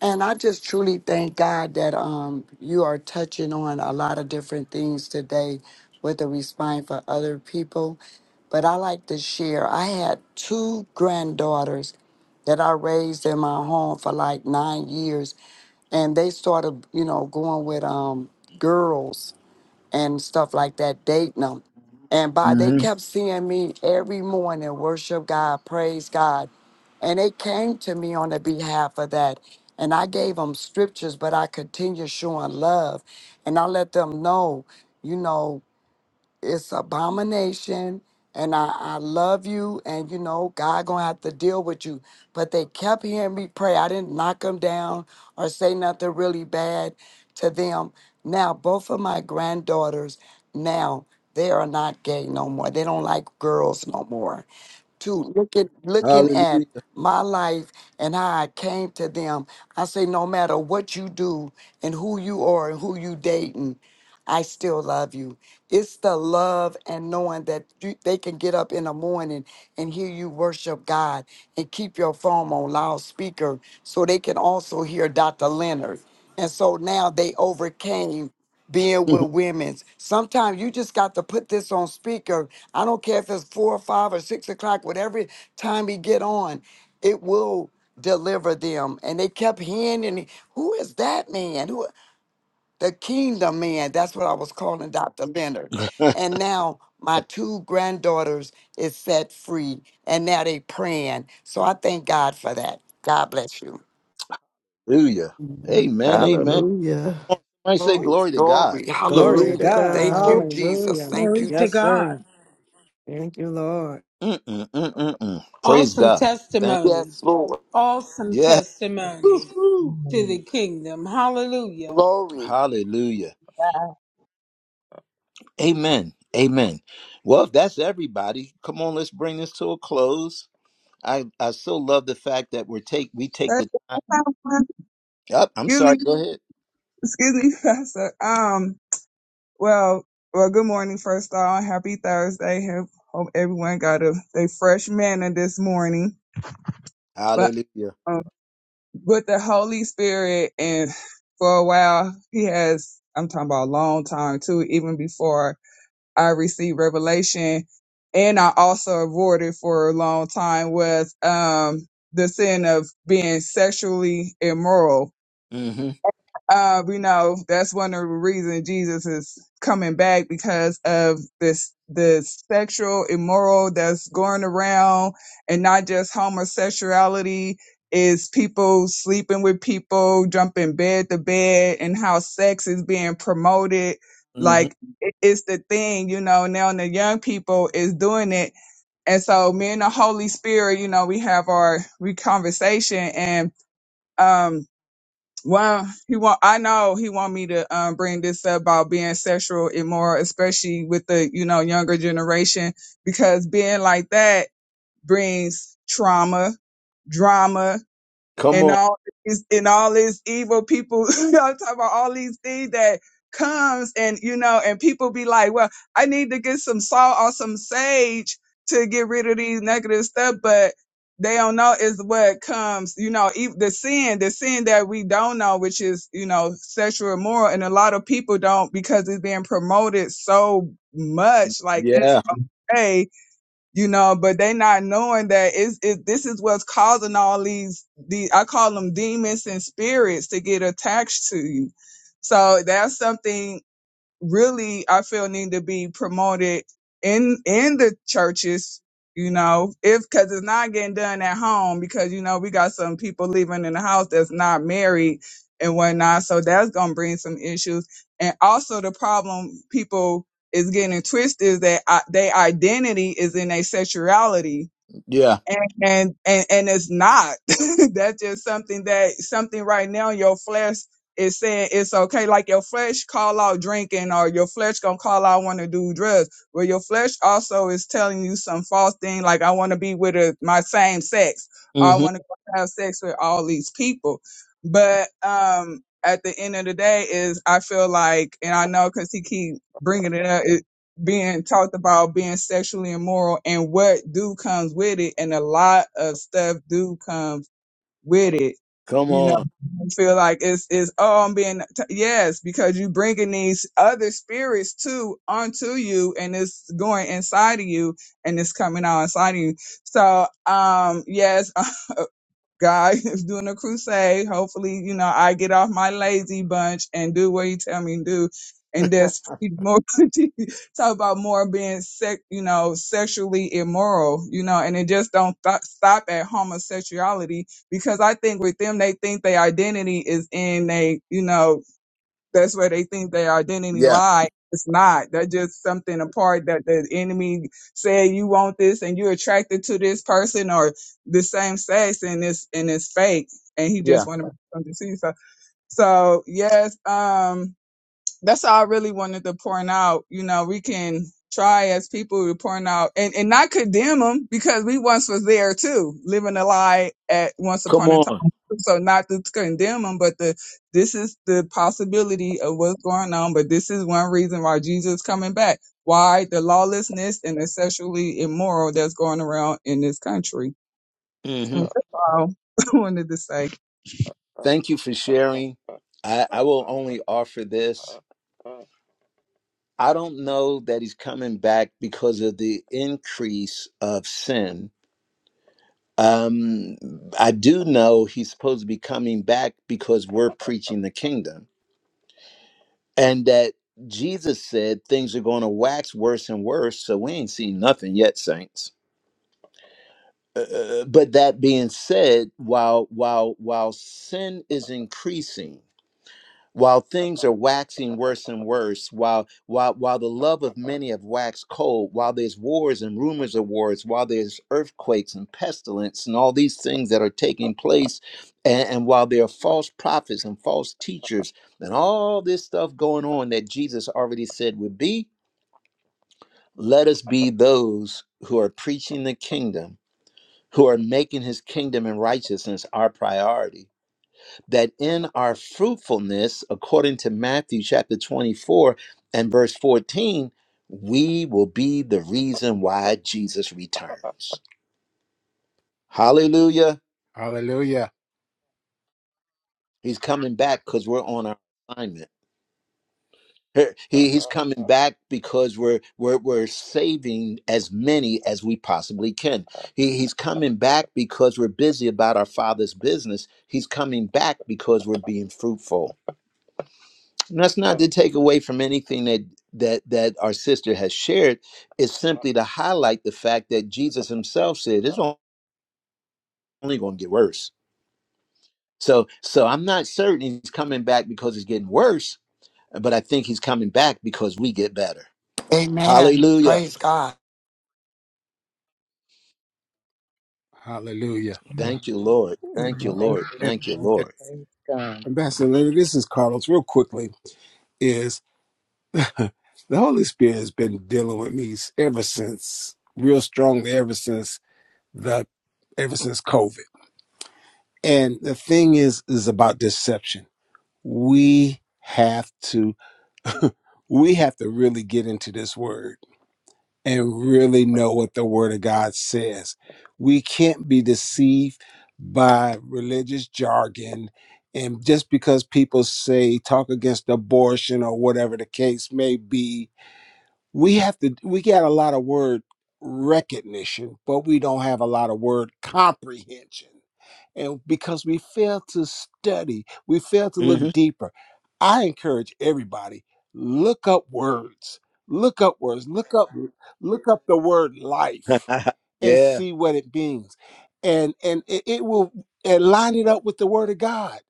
S13: And I just truly thank God that um, you are touching on a lot of different things today with a response for other people. But I like to share, I had two granddaughters that I raised in my home for like nine years. And they started, you know, going with um, girls and stuff like that, dating them. And by they
S1: hmm
S13: kept seeing me every morning, worship God, praise God. And they came to me on the behalf of that. And I gave them scriptures, but I continued showing love. And I let them know, you know it's abomination and I, I love you and you know god gonna have to deal with you but they kept hearing me pray i didn't knock them down or say nothing really bad to them now both of my granddaughters now they are not gay no more they don't like girls no more to look at looking at
S1: Hallelujah.
S13: my life and how i came to them i say no matter what you do and who you are and who you dating I still love you. It's the love and knowing that you, they can get up in the morning and hear you worship God and keep your phone on loudspeaker so they can also hear Dr. Leonard. And so now they overcame being with women's. Sometimes you just got to put this on speaker. I don't care if it's four or five or six o'clock, whatever time he get on, it will deliver them. And they kept hearing, and who is that man? Who? the kingdom man. That's what I was calling Dr. Leonard. And now my two granddaughters is set free, and now they praying. So I thank God for that. God bless you.
S1: Hallelujah. Amen. Amen.
S5: Hallelujah.
S1: I say
S13: Glory,
S1: glory to God.
S13: glory,
S6: Glory to
S5: Glory to
S13: hallelujah.
S6: God.
S13: Thank
S5: God.
S13: you, Jesus.
S6: Hallelujah.
S13: Thank
S3: Glory
S13: you, Je-
S3: to
S6: Yes, sir.
S3: God.
S6: Thank you, Lord.
S1: Mm-mm-mm-mm-mm. Praise
S3: Awesome
S1: God. Thank
S3: testimony.
S13: yes, Lord.
S3: Awesome
S1: Yeah.
S3: testimony
S1: Woo-hoo.
S3: to the
S2: Amen.
S3: kingdom. Hallelujah.
S13: Glory.
S1: Hallelujah. Amen. Amen. Well, if that's everybody, come on, let's bring this to a close. I, I so love the fact that we're take we take
S14: Uh,
S1: the up. I'm
S14: excuse
S1: sorry,
S14: me,
S1: go ahead.
S14: excuse me, Pastor. Um, well, well, good morning, first of all. Happy Thursday. Hope, hope everyone got a, a fresh manna this morning. But,
S1: Hallelujah.
S14: um, with the Holy Spirit and for a while, he has, I'm talking about a long time too, even before I received revelation. And I also avoided for a long time was, um, the sin of being sexually immoral
S1: Mm-hmm.
S14: Uh, we know that's one of the reasons Jesus is coming back because of this, the sexual immoral that's going around and not just homosexuality is people sleeping with people, jumping bed to bed and how sex is being promoted.
S1: Mm-hmm.
S14: Like it- it's the thing, you know, now and the young people is doing it. And so me and the Holy Spirit, you know, we have our, we conversation and, um, well, he want. I know he want me to um, bring this up about being sexual immoral, especially with the you know younger generation, because being like that brings trauma, drama,
S1: Come
S14: and
S1: on.
S14: all these and all these evil people you know I'm talking about all these things that comes and you know and people be like well i need to get some salt or some sage to get rid of these negative stuff but they don't know is what comes you know ev- the sin the sin that we don't know which is you know sexual immoral and a lot of people don't because it's being promoted so much like it's
S1: Yeah.
S14: okay you know but they not knowing that it's it this is what's causing all these the i call them demons and spirits to get attached to you so that's something really I feel need to be promoted in in the churches, you know, if because it's not getting done at home because you know we got some people living in the house that's not married and whatnot, so that's gonna bring some issues. And also the problem people is getting it twisted is that I, their identity is in their sexuality
S1: Yeah.
S14: and and and, and it's not that's just something that something right now your flesh is saying it's okay like your flesh call out drinking or your flesh gonna call out want to do drugs well your flesh also is telling you some false thing like i want to be with a, my same sex or
S1: Mm-hmm.
S14: i want to have sex with all these people but um at the end of the day is i feel like and i know because he keep bringing it up being talked about being sexually immoral and what do comes with it and a lot of stuff do comes with it
S1: Come
S14: you know
S1: on.
S14: you feel like it's it's oh i'm being t- yes because you bringing these other spirits too onto you and it's going inside of you and it's coming out inside of you so um yes God is doing a crusade. Hopefully, you know, I get off my lazy bunch and do what you tell me to do. And that's pretty more talk about more being sex, you know, sexually immoral, you know, and it just don't th- stop at homosexuality because I think with them they think their identity is in they, you know, that's where they think their identity
S1: Yeah.
S14: lie. It's not. That's just something apart that the enemy said you want this and you're attracted to this person or the same sex and it's and it's fake and he
S1: Yeah.
S14: just wanted to see. So so yes, um that's all I really wanted to point out. You know, we can try as people to point out and, and not condemn them because we once was there too, living a lie at once
S1: Come
S14: upon a time.
S1: on.
S14: So not to condemn them, but the this is the possibility of what's going on. But this is one reason why Jesus is coming back. Why the lawlessness and the sexually immoral that's going around in this country.
S1: hmm
S14: So that's all I wanted to say. Thank
S1: Thank you for sharing. I, I will only offer this. I don't know that he's coming back because of the increase of sin. Um, I do know he's supposed to be coming back because we're preaching the kingdom and that Jesus said things are going to wax worse and worse. So we ain't seen nothing yet, saints. Uh, uh, but that being said, while while while sin is increasing, while things are waxing worse and worse, while while while the love of many have waxed cold, while there's wars and rumors of wars, while there's earthquakes and pestilence and all these things that are taking place, and, and while there are false prophets and false teachers and all this stuff going on that Jesus already said would be, let us be those who are preaching the kingdom, who are making his kingdom and righteousness our priority that in our fruitfulness, according to Matthew chapter 24 and verse 14, we will be the reason why Jesus returns. Hallelujah.
S8: Hallelujah.
S1: He's coming back because we're on our assignment. He- he's coming back because we're, we're we're saving as many as we possibly can. He, he's coming back because we're busy about our father's business. He's coming back because we're being fruitful. And that's not to take away from anything that that that our sister has shared. It's simply to highlight the fact that Jesus himself said it's only going to get worse. So so I'm not certain he's coming back because it's getting worse, but I think he's coming back because we get better.
S13: Amen.
S1: Hallelujah.
S13: Praise God.
S8: Hallelujah.
S15: It,
S2: Amen.
S1: Thank you, Lord. Thank you,
S2: Praise
S1: Lord.
S2: the
S8: And,
S1: Thank you,
S2: Lord.
S8: and
S1: Lord.
S2: Praise God,
S8: Ambassador Leonard, this is Carlos. Real quickly, is the Holy Spirit has been dealing with me ever since, real strongly ever since the ever since COVID. And the thing is, is about deception. We have to we have to really get into this word and really know what the Word of God says. We can't be deceived by religious jargon. And just because people say talk against abortion or whatever the case may be, we have to we got a lot of word recognition but we don't have a lot of word comprehension and because we fail to study we fail to look
S1: Mhm.
S8: deeper i encourage everybody look up words look up words look up look up the word life and
S1: yeah.
S8: see what it means and and it, it will and line it up with the word of god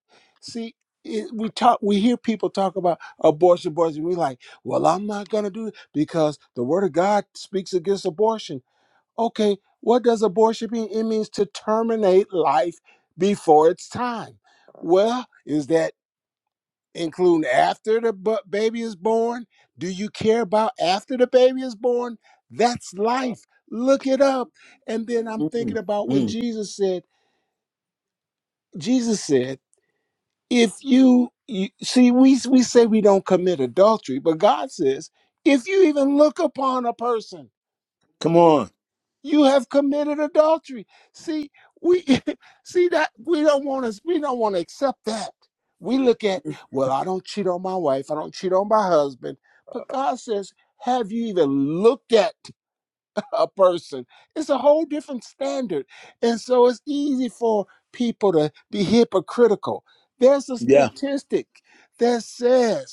S8: see it, we talk we hear people talk about abortion abortion we like well i'm not going to do it because the word of god speaks against abortion okay what does abortion mean it means to terminate life before its time well is that including after the bu- baby is born? Do you care about after the baby is born? That's life. Look it up. And then I'm thinking
S1: Mm,
S8: about when
S1: mm.
S8: Jesus said, Jesus said, if you, you see, we, we say we don't commit adultery, but God says, if you even look upon a person
S1: Come on.
S8: you have committed adultery see we see that we don't want to we don't want to accept that we look at well i don't cheat on my wife i don't cheat on my husband but god says have you even looked at a person it's a whole different standard and so it's easy for people to be hypocritical there's a
S1: Yeah.
S8: statistic that says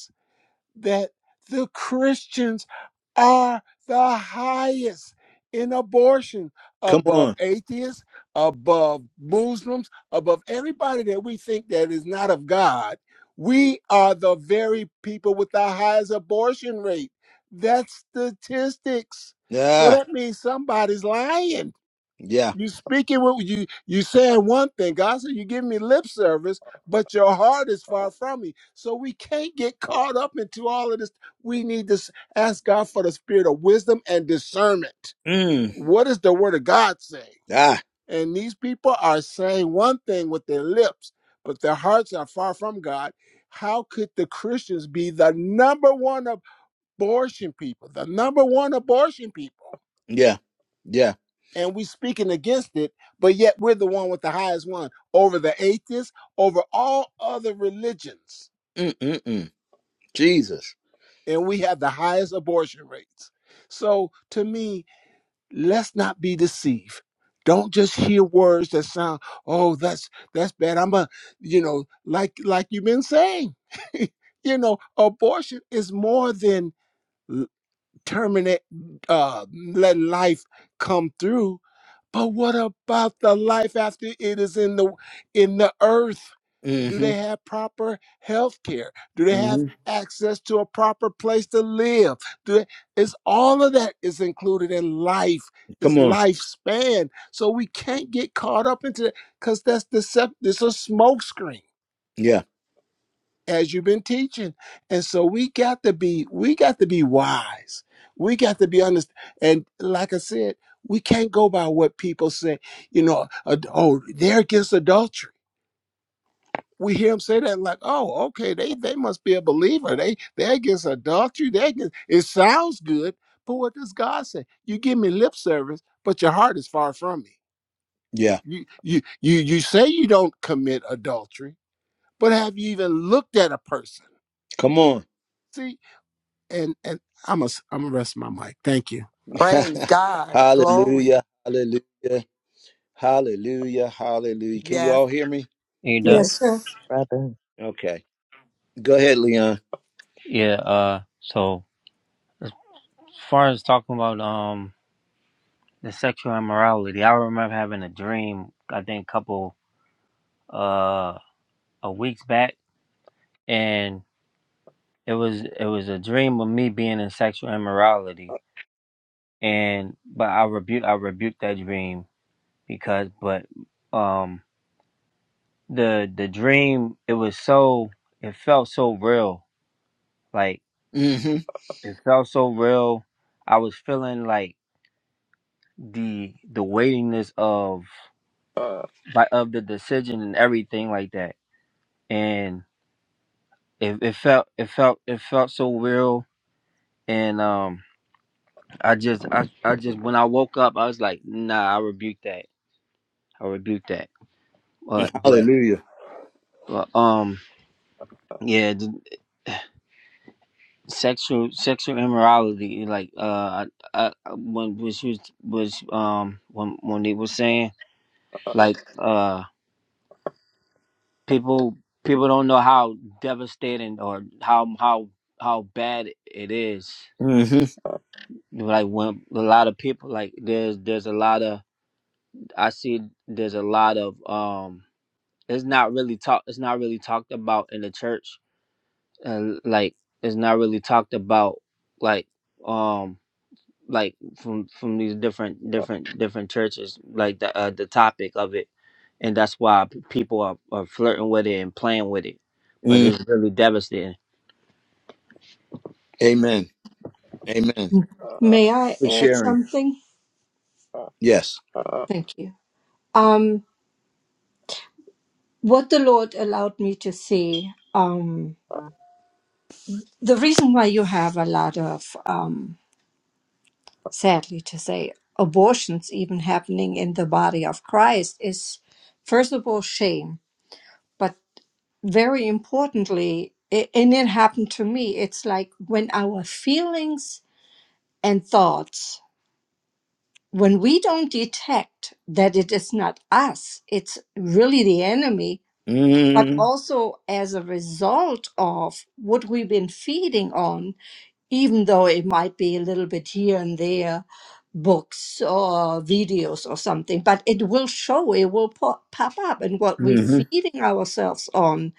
S8: that the Christians are the highest in abortion
S1: Come
S8: above
S1: on.
S8: atheists, above Muslims, above everybody that we think that is not of God. We are the very people with the highest abortion rate. That's statistics. So
S1: Yeah.
S8: that means somebody's lying
S1: Yeah.
S8: you speaking what you you saying one thing. God said you give me lip service, but your heart is far from me. So we can't get caught up into all of this. We need to s- ask God for the spirit of wisdom and discernment.
S1: Mm.
S8: What does the word of God say?
S1: Ah.
S8: And these people are saying one thing with their lips, but their hearts are far from God. How could the Christians be the number one abortion people? The number one abortion people
S1: Yeah. Yeah.
S8: and we speaking against it, but yet we're the one with the highest one over the atheists, over all other religions,
S1: Mm-mm-mm. Jesus.
S8: and we have the highest abortion rates. So to me, let's not be deceived. Don't just hear words that sound, oh, that's that's bad. I'm a, you know, like like you've been saying, you know, abortion is more than l- terminate, uh, letting life come through But what about the life after it is in the in the earth? Do
S1: hmm
S8: they have proper health care? Do they have
S1: hmm
S8: access to a proper place to live? Do they, is all of that is included in life,
S1: Come
S8: is
S1: on.
S8: lifespan. So we can't get caught up into that because that's deceptive. It's a smoke screen
S1: Yeah.
S8: as you've been teaching. And so we got to be we got to be wise. We got to be honest. And like I said, we can't go by what people say. You know, ad- oh, they're against adultery. We hear them say that like, oh, okay, they they must be a believer. They they're against adultery. They against it sounds good, but what does God say? You give me lip service, but your heart is far from me.
S1: Yeah.
S8: You you you you say you don't commit adultery, but have you even looked at a person?
S1: Come on.
S8: See, and and I'm a I'm gonna rest my mic. Thank you.
S13: Praise God. Glory.
S1: hallelujah. Hallelujah. Hallelujah. Hallelujah. Can you all
S13: Yes.
S1: hear me?
S11: Yes, sir.
S5: Yes.
S2: brother.
S1: Okay. Go ahead, Leon.
S15: yeah. Uh, so as far as talking about um the sexual immorality, I remember having a dream. I think a couple uh a weeks back, and it was it was a dream of me being in sexual immorality, and but I rebuke I rebuked that dream because but um the the dream it was so it felt so real like
S1: hmm
S15: it felt so real. I was feeling like. the the weightiness of by of the decision and everything like that and it, it felt it felt it felt so real and um i just I, I just when i woke up i was like nah i rebuke that i rebuke that but but,
S1: Hallelujah.
S15: but um yeah the sexual sexual immorality like uh I, I when when she was was um when when they were saying like uh people people don't know how devastating or how how how bad it is
S1: hmm
S15: like when a lot of people like there's there's a lot of i see there's a lot of um it's not really talk it's not really talked about in the church and like it's not really talked about like um like from from these different different different churches like the uh, the topic of it and that's why p- people are, are flirting with it and playing with it but
S1: mm
S15: it's really devastating
S1: Amen. Amen.
S11: May I
S1: For
S11: add
S1: sharing.
S11: something?
S1: Yes.
S11: Thank you. Um. what the Lord allowed me to see, um, the reason why you have a lot of, um, sadly to say, abortions even happening in the body of Christ is, first of all, shame, but very importantly, i and it happened to me, it's like when our feelings and thoughts, when we don't detect that it is not us, it's really the enemy but
S1: Mm-hmm.
S11: also as a result of what we've been feeding on, even though it might be a little bit here and there, books or videos or something, but it will show, it will pop, pop up, and what we're
S1: hmm
S11: feeding ourselves on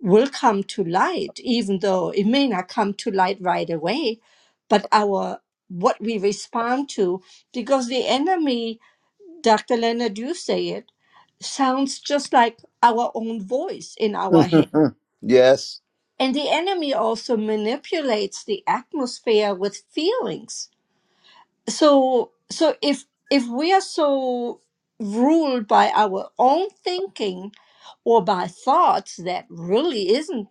S11: will come to light, even though it may not come to light right away, but our what we respond to, because the enemy Dr. Leonard, you say it, sounds just like our own voice in our head.
S1: yes.
S11: And the enemy also manipulates the atmosphere with feelings. So so if if we are so ruled by our own thinking or by thoughts that really isn't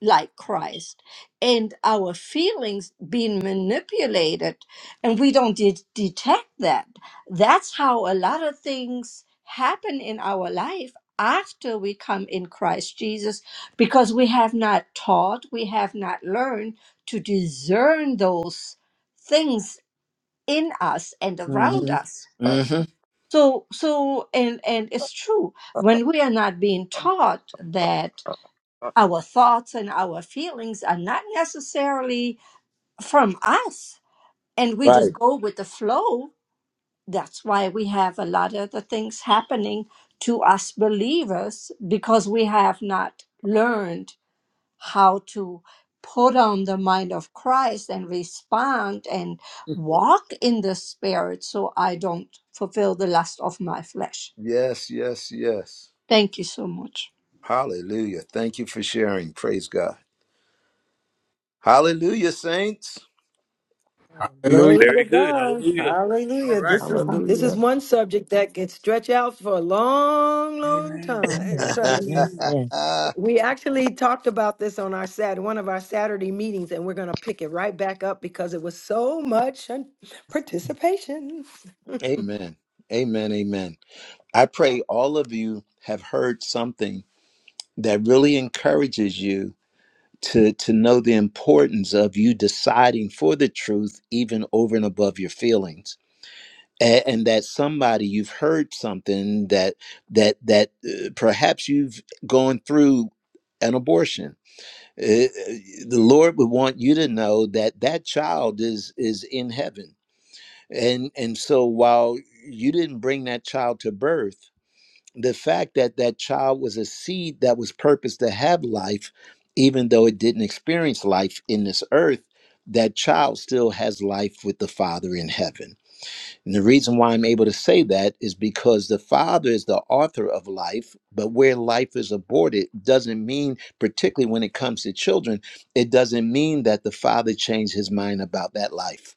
S11: like Christ and our feelings being manipulated and we don't de- detect that. That's how a lot of things happen in our life after we come in Christ Jesus because we have not taught, we have not learned to discern those things in us and around
S1: hmm
S11: us.
S1: hmm
S11: So so and and it's true when we are not being taught that our thoughts and our feelings are not necessarily from us, and we just
S1: Right.
S11: go with the flow. That's why we have a lot of the things happening to us believers because we have not learned how to put on the mind of Christ and respond and walk in the Spirit so I don't fulfill the lust of my flesh.
S1: Yes, yes, yes.
S11: Thank you so much.
S1: Hallelujah. Thank you for sharing. Praise God. Hallelujah, saints.
S2: Amen.
S6: Glory
S8: Hallelujah.
S6: to God. Hallelujah. This is this is
S5: Hallelujah.
S6: one subject that can stretch out for a long, long
S3: Amen.
S6: time.
S2: Yes,
S6: Trust.
S3: Amen.
S2: yes.
S6: We actually talked about this on our Sat, one of our Saturday meetings, and we're gonna pick it right back up because it was so much uh, participation. Thank
S1: amen. Amen. Amen. I pray all of you have heard something that really encourages you to, to know the importance of you deciding for the truth, even over and above your feelings. A- And that somebody you've heard something that that that uh, perhaps you've gone through an abortion. Uh, uh, the Lord would want you to know that that child is is in heaven and and so while you didn't bring that child to birth the fact that that child was a seed that was purposed to have life even though it didn't experience life in this earth that child still has life with the father in heaven and the reason why i'm able to say that is because the father is the author of life but where life is aborted doesn't mean particularly when it comes to children it doesn't mean that the father changed his mind about that life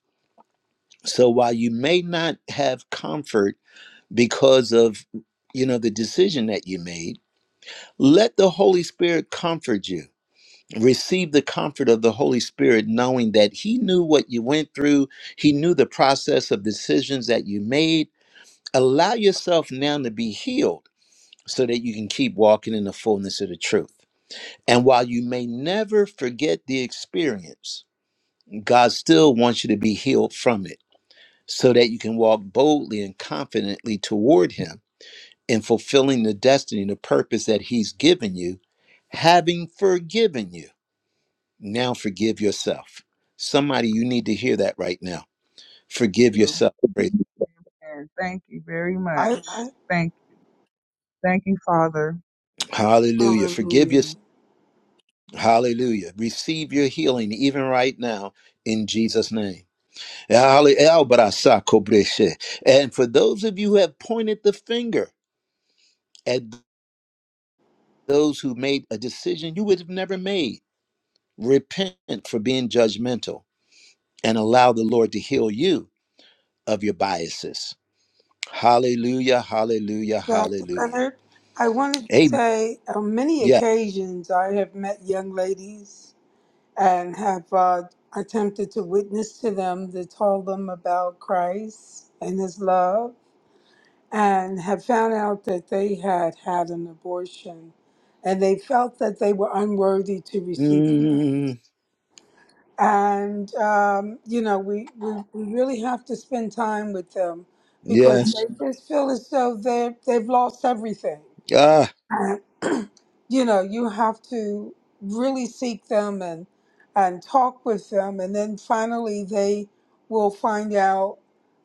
S1: so while you may not have comfort because of you know the decision that you made, let the Holy Spirit comfort you. Receive the comfort of the Holy Spirit knowing that he knew what you went through, he knew the process of decisions that you made. Allow yourself now to be healed so that you can keep walking in the fullness of the truth. And while you may never forget the experience, God still wants you to be healed from it. so that you can walk boldly and confidently toward Him in fulfilling the destiny, the purpose that He's given you, having forgiven you. Now forgive yourself. Somebody, you need to hear that right now. Forgive
S14: you.
S1: yourself. Praise-
S14: And thank you very much.
S3: I, I
S14: Thank thank you, Father.
S1: Hallelujah. Forgive
S3: hallelujah.
S1: yourself. Hallelujah. Receive your healing even right now in Jesus' name. And for those of you who have pointed the finger at those who made a decision you would have never made, Repent for being judgmental and allow the Lord to heal you of your biases. Hallelujah, hallelujah,
S3: Dr.
S1: hallelujah.
S3: Leonard, I wanted to
S1: Amen.
S3: say on many
S1: Yeah.
S3: occasions I have met young ladies and have uh, attempted to witness to them to tell them about Christ and his love and have found out that they had had an abortion and they felt that they were unworthy to receive Christ.
S1: Mm,
S3: And, um, you know, we, we, we really have to spend time with them because
S1: yes.
S3: they just feel as though they're, they've lost everything.
S1: Ah.
S3: You know, you have to really seek them and, and talk with them. And then finally, they will find out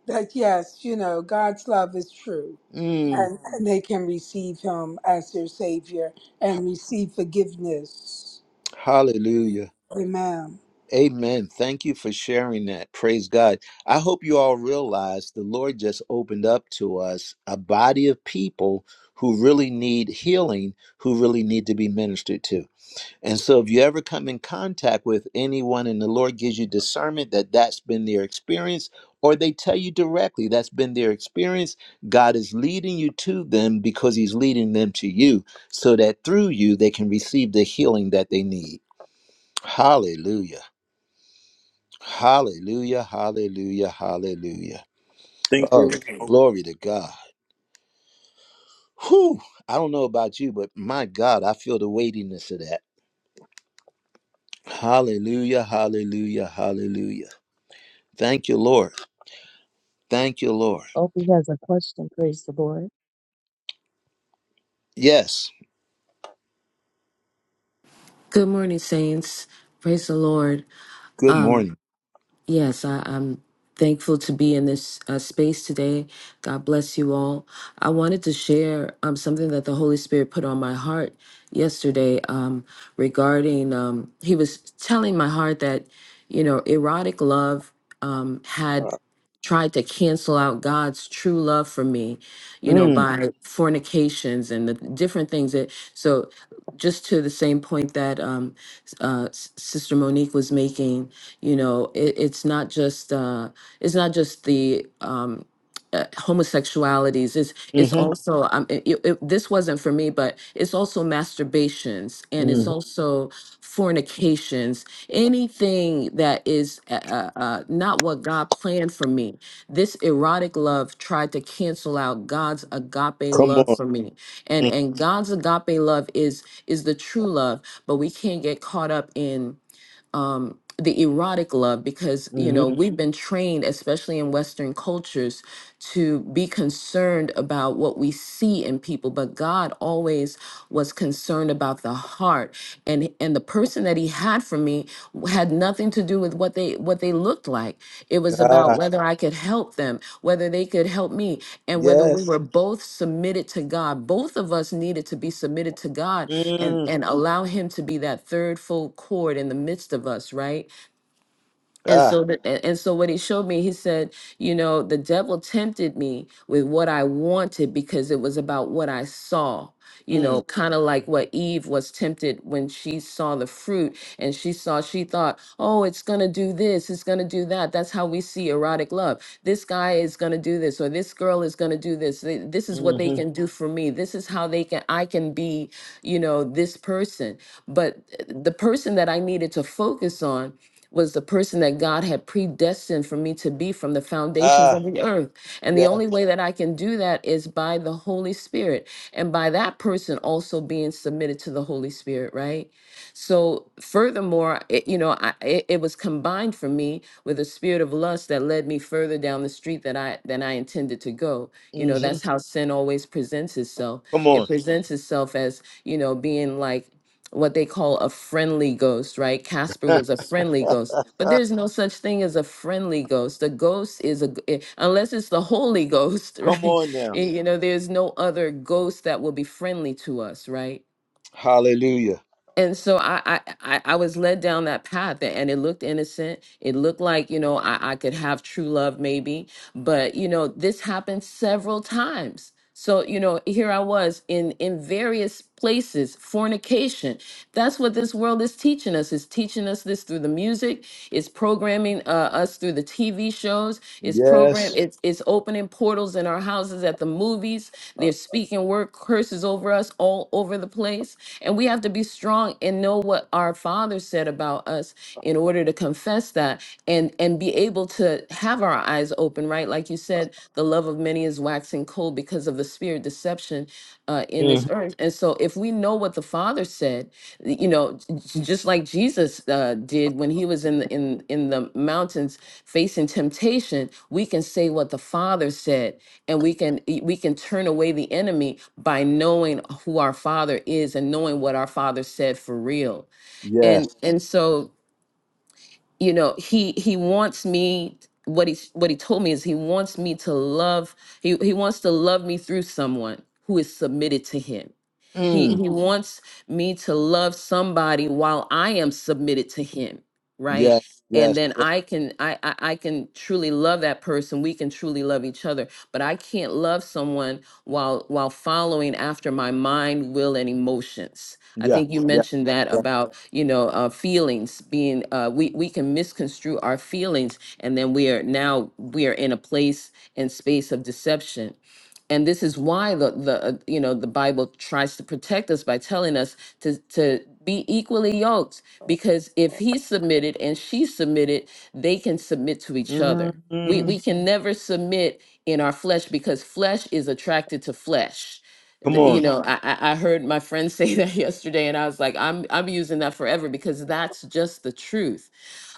S3: that, yes, you know, God's love is true
S1: Mm,
S3: and, and they can receive him as their savior and receive forgiveness.
S1: hallelujah.
S3: Amen.
S1: Amen. Thank you for sharing that. Praise God. I hope you all realize the Lord just opened up to us a body of people who really need healing, who really need to be ministered to. And so, if you ever come in contact with anyone and the Lord gives you discernment that that's been their experience, or they tell you directly that's been their experience, God is leading you to them because He's leading them to you so that through you they can receive the healing that they need. Hallelujah. Hallelujah. Hallelujah. Hallelujah. Oh, glory to God. Whew. I don't know about you, but my God, I feel the weightiness of that. Hallelujah. Hallelujah. Hallelujah. Thank you, Lord. Thank you, Lord.
S2: Opie has a question. Praise the Lord.
S1: Yes.
S16: Good morning, Saints. Praise the Lord.
S1: Good
S16: Um,
S1: morning.
S16: yes, I, I'm thankful to be in this uh, space today. God bless you all. I wanted to share um, something that the Holy Spirit put on my heart yesterday um, regarding, um, He was telling my heart that, you know, erotic love um, had tried to cancel out God's true love for me, you know,
S1: Mm,
S16: by Right. fornications and the different things that so just to the same point that um, s- uh, S- Sister Monique was making, you know, it, it's not just uh, it's not just the um, uh, homosexualities it's it's
S1: mm-hmm,
S16: also um, it, it, it- this wasn't for me but it's also masturbations and it's
S1: mm-hmm.
S16: also fornications anything that is uh, uh, uh, not what god planned for me this erotic love tried to cancel out god's agape
S1: Come
S16: love
S1: on.
S16: for me and and god's agape love is is the true love but we can't get caught up in um, the erotic love because you
S1: Mm-hmm.
S16: know Mhm. we've been trained especially in western cultures to be concerned about what we see in people but god always was concerned about the heart and and the person that he had for me had nothing to do with what they what they looked like. It was about
S1: Ah,
S16: whether I could help them, whether they could help me, and whether we were
S1: yes.
S16: both submitted to God. Both of us needed to be submitted to God and
S1: Mm,
S16: and allow him to be that third full cord in the midst of us, right? and
S1: ah,
S16: so that and and so what he showed me, he said, you know, the devil tempted me with what I wanted because it was about what I saw. You
S1: mm,
S16: know, kind of like what Eve was tempted when she saw the fruit and she saw, she thought, oh, it's going to do this, it's going to do that. That's how we see erotic love. This guy is going to do this, or this girl is going to do this. They- This is what they
S1: hmm
S16: can do for me. This is how they can, I can be, you know, this person. But uh, the person that I needed to focus on was the person that God had predestined for me to be from the foundations
S1: Ah,
S16: of the earth. And the
S1: yeah.
S16: only way that I can do that is by the Holy Spirit and by that person also being submitted to the Holy Spirit, right? So, furthermore, it, you know, I, it, it was combined for me with a spirit of lust that led me further down the street that I than I intended to go. You know,
S1: Mm-hmm.
S16: that's how sin always presents itself.
S1: Come
S16: It
S1: on.
S16: presents itself as, you know, being like what they call a friendly ghost, right? Casper was a friendly ghost, but there's no such thing as a friendly ghost. A ghost is a, g- eh, unless it's the Holy Ghost,
S1: Come
S16: right?
S1: on now.
S16: Eh, You know, there's no other ghost that will be friendly to us, right?
S1: Hallelujah.
S16: and so I, I I I was led down that path, a- and it looked innocent. It looked like you know I, I could have true love maybe, but you know this happened several times. So you know here I was in in various places fornication. That's what this world is teaching us. It's teaching us this through the music. It's programming uh, us through through the TV shows. It's program.
S1: Yes.
S16: It's it's opening portals in our houses at the movies. They're speaking word curses over us all over the place, and we have to be strong and know what our Father said about us in order to confess that and and be able to have our eyes open. Right, like you said, the love of many is waxing cold because of the spirit fear, deception uh, in this
S1: Mm-hmm.
S16: earth. And so, if we know what the Father said, you know, j- just like Jesus uh, did when he was in the in in the mountains facing temptation, we can say what the Father said, and we can y- we can turn away the enemy by knowing who our Father is and knowing what our Father said for real.
S1: Yes.
S16: And and so you know he he wants me what he what he told me is he wants me to love he, he wants to love me through someone who is submitted to him he he
S1: Mm.
S16: hmm wants me to love somebody while i am submitted to him right
S1: Yes.
S16: and
S1: Yes.
S16: then
S1: Yes.
S16: i can I, I i can truly love that person we can truly love each other but i can't love someone while while following after my mind will and emotions i
S1: Yeah.
S16: think you
S1: Yeah.
S16: mentioned that
S1: Yeah.
S16: about you know uh, feelings being uh, we we can misconstrue our feelings and then we are now we are in a place and space of deception and this is why the the uh, you know the bible tries to protect us by telling us to to be equally yoked because if he submitted and she submitted they can submit to each other we
S1: Mm-hmm.
S16: we can never submit in our flesh because flesh is attracted to flesh
S1: Come
S16: Th- you
S1: on.
S16: know Yeah. I, I I heard my friend say that yesterday and i was like i'm i'm using that forever because that's just the truth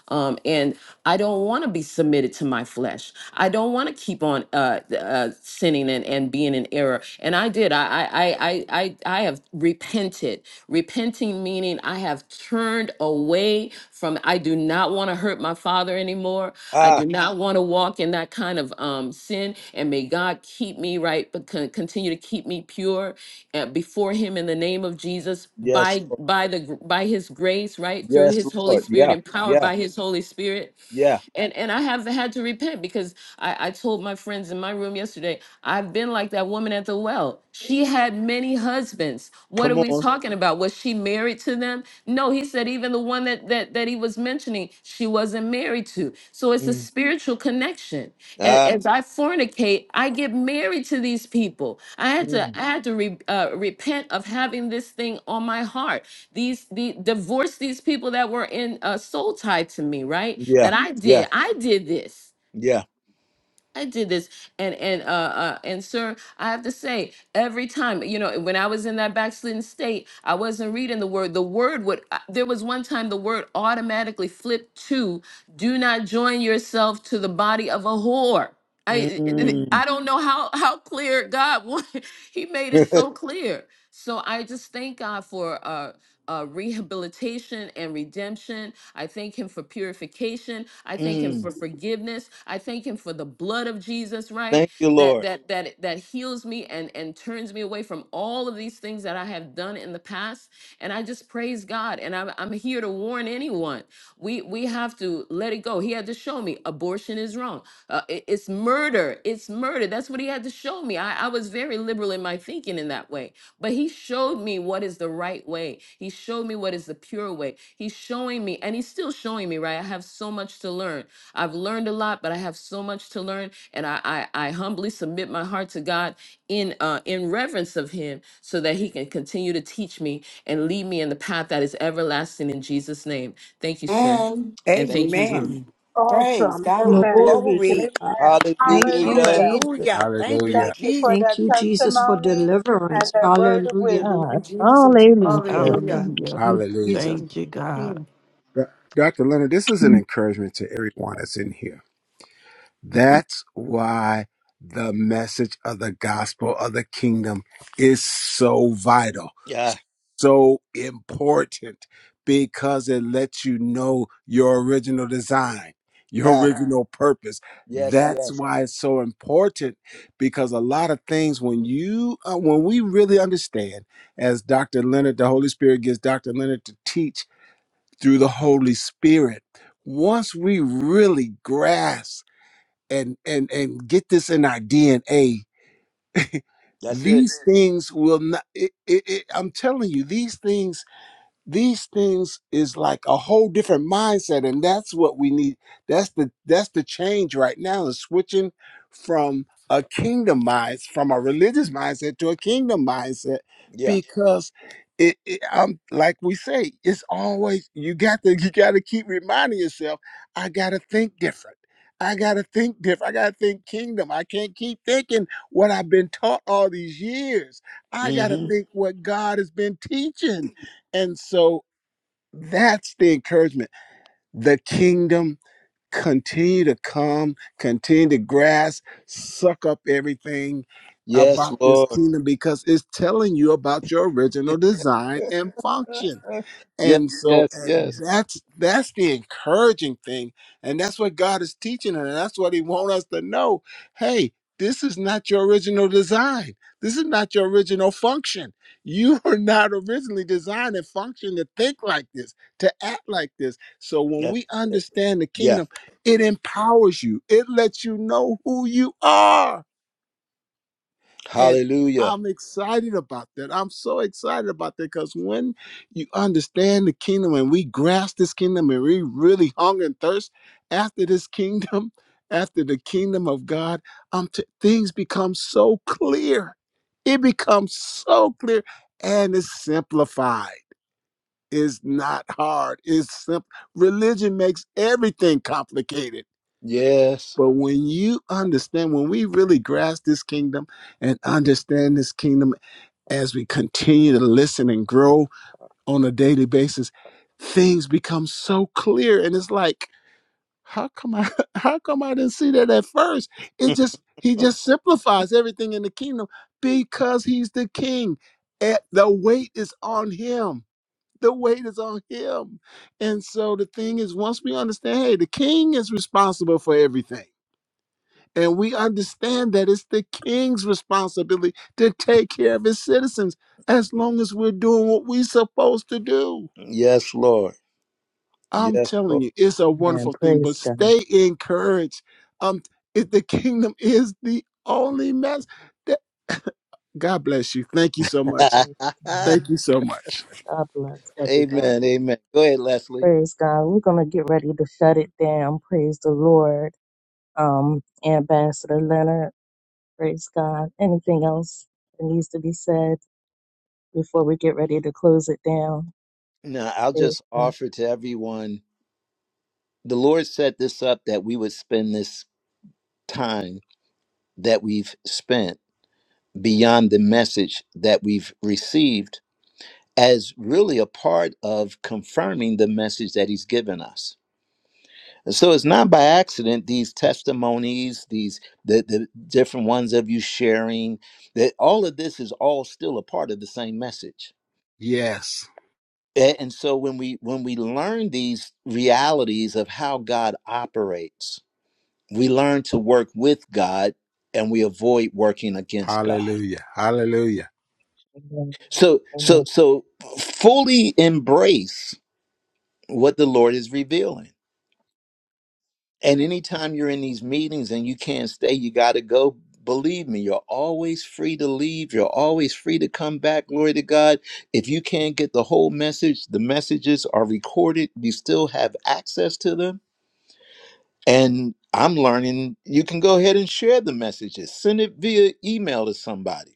S16: um, and I don't want to be submitted to my flesh. I don't want to keep on uh, uh, sinning and, and being in error. And I did. I, I, I, I, I I have repented. Repenting meaning I have turned away from. I do not want to hurt hurt my father anymore. I
S1: Ah,
S16: do not want to walk in that kind of um, sin. And may God keep me right, but con- continue to keep me pure uh, before Him in the name of Jesus
S1: yes.
S16: by
S1: Lord.
S16: by the gr- by His grace, right through
S1: Yes,
S16: His Holy
S1: Lord.
S16: Spirit,
S1: Yeah.
S16: empowered
S1: Yeah.
S16: by His Holy Spirit
S1: Yeah.
S16: and and I have had to repent because I, I told my friends in my room yesterday, I've been like that woman at the well. She had many husbands. What are
S1: Come
S16: we
S1: on.
S16: talking about? Was she married to them? No, he said even the one that that that he was mentioning, she wasn't married to. So it's a
S1: Mm.
S16: spiritual connection. A- As, I fornicate, I get married to these people. I had to
S1: Mm.
S16: I had to re, uh, repent of having this thing on my heart these the divorce these people that were in uh soul tied to me right that
S1: Yeah,
S16: i Mhm.
S1: yeah,
S16: did i did this
S1: yeah.
S16: i did this and and uh, uh and sir i have to say every time you know when i was in that backslidden state i wasn't reading the word the word would uh, there was one time the word automatically flipped to do not join yourself to the body of a whore i i
S1: Mm.
S16: I don't know how how clear god wanted he made it so clear so i just thank god for uh uh, rehabilitation and redemption. I thank him for purification. I thank him
S1: mm.
S16: for forgiveness. I thank him for the blood of Jesus, right?
S1: Thank you,
S16: That
S1: Lord.
S16: that that that heals me and and turns me away from all of these things that I have done in the past. And I just praise God. And I'm I'm here to warn anyone. We we have to let it go. He had to show me abortion is wrong. Uh, it- it's murder. It's murder. That's what he had to showed me I, I was very liberal in my thinking in that way but he showed me what is the right way he showed me what is the pure way he's showing me and he's still showing me right i have so much to learn i've learned a lot but i have so much to learn and i i, I humbly submit my heart to god in uh in reverence of him so that he can continue to teach me and lead me in the path that is everlasting in jesus name thank you sir
S13: And
S16: and
S1: Thank
S16: thank you room
S13: amen. Praise
S3: Awesome.
S13: God.
S3: Amen.
S11: Glory to
S13: Glory.
S11: God.
S3: Amen.
S11: Thank you,
S1: Hallelujah.
S3: Hallelujah.
S11: Jesus.
S13: Hallelujah. Thank you,
S8: Hallelujah.
S3: Thank you
S13: Jesus.
S3: for
S11: Thank
S3: that
S11: you, Jesus, for
S3: testimony and
S11: deliverance.
S3: that word of wisdom.
S11: Hallelujah.
S2: God.
S6: you, Jesus.
S2: Hallelujah.
S6: Hallelujah.
S11: Thank
S5: Hallelujah.
S11: you,
S8: Hallelujah.
S11: Jesus.
S5: Thank you, God.
S6: Mm.
S8: Do- Dr. Leonard, this is an encouragement to everyone that's in here. That's why the message of the gospel of the kingdom is so vital.
S1: Yeah.
S8: so important because it lets you know your original design, your
S1: Ha.
S8: original purpose.
S1: Yes,
S8: That's
S1: yes.
S8: why it's so important because a lot of things when you uh, when we really understand as Dr. Leonard the Holy Spirit gives Dr. Leonard to teach through the Holy Spirit, once we really grasp and and and get this in our DNA,
S1: That's it.
S8: these things will not it, it, it, I'm telling you these things these things is like a whole different mindset and that's what we need that's the that's the change right now is switching from a kingdom mindset from a religious mindset to a kingdom mindset
S1: Yeah.
S8: because it, it um like we say it's always you got to you got to keep reminding yourself i got to think different i got to think different i got to think kingdom i can't keep thinking what i've been taught all these years i got to
S1: hmm
S8: think what god has been teaching and so that's the encouragement. The kingdom continue to come, continue to grasp, suck up everything
S1: Yes,
S8: about this
S1: Lord.
S8: kingdom because it's telling you about your original design and function.
S1: yes,
S8: And so
S1: yes,
S8: and
S1: yes.
S8: that's that's the encouraging thing. And that's what God is teaching and that's what he wants us to know. Hey, this is not your original design. This is not your original function. You were not originally designed and functioned to think like this, to act like this. So when
S1: That's
S8: we
S1: it.
S8: understand the
S1: Yeah.
S8: kingdom, it empowers you. It lets you know who you are and
S1: Hallelujah.
S8: I'm excited about that. I'm so excited about that because when you understand the kingdom and we grasp this kingdom and we really hunger and thirst after this kingdom, after the kingdom of God, um, t- things become so clear. It becomes so clear and it's simplified. It's not hard. It's simple. Religion makes everything complicated.
S1: Yes.
S8: But when you understand, when we really grasp this kingdom, and understand this kingdom as we continue to listen and grow on a daily basis, things become so clear. And it's like, how come I how come I didn't see that at first? It just he just simplifies everything in the kingdom because he's the king. Eh, The weight is on him. The weight is on him. And so the thing is, once we understand, hey, the king is responsible for everything. And we understand that it's the king's responsibility to take care of his citizens as long as we're doing what we're supposed to do.
S1: Yes, Lord.
S8: I'm
S1: Yes,
S8: telling
S1: Lord.
S8: you, it's a
S2: Amen.
S8: wonderful thing, but
S2: Praise God.
S8: stay encouraged. Um, if the kingdom is the only mess, that, God bless you. Thank you so much.
S2: Praise
S8: Thank
S2: God.
S8: you so much.
S2: God bless
S1: amen.
S2: everybody.
S1: Amen. Go ahead, Leslie.
S2: Praise God. We're going to get ready to shut it down. Praise the Lord. Um, Ambassador Leonard, praise God. Anything else that needs to be said before we get ready to close it down?
S1: No, I'll
S2: Praise
S1: just
S2: God.
S1: offer to everyone. The Lord set this up that we would spend this time that we've spent beyond the message that we've received as really a part of confirming the message that he's given us. And so it's not by accident these testimonies, these the, the different ones of you sharing, that all of this is all still a part of the same message.
S8: Yes.
S1: A- And so when we when we learn these realities of how God operates, we learn to work with God and we avoid working against God.
S8: Hallelujah. Hallelujah.
S2: Amen.
S1: So so
S2: Amen.
S1: so fully embrace what the Lord is revealing. And anytime you're in these meetings and you can't stay, you got to go. Believe me, you're always free to leave. You're always free to come back. Glory to God. If you can't get the whole message, the messages are recorded. You still have access to them. And I'm learning you can go ahead and share the messages. Send it via email to somebody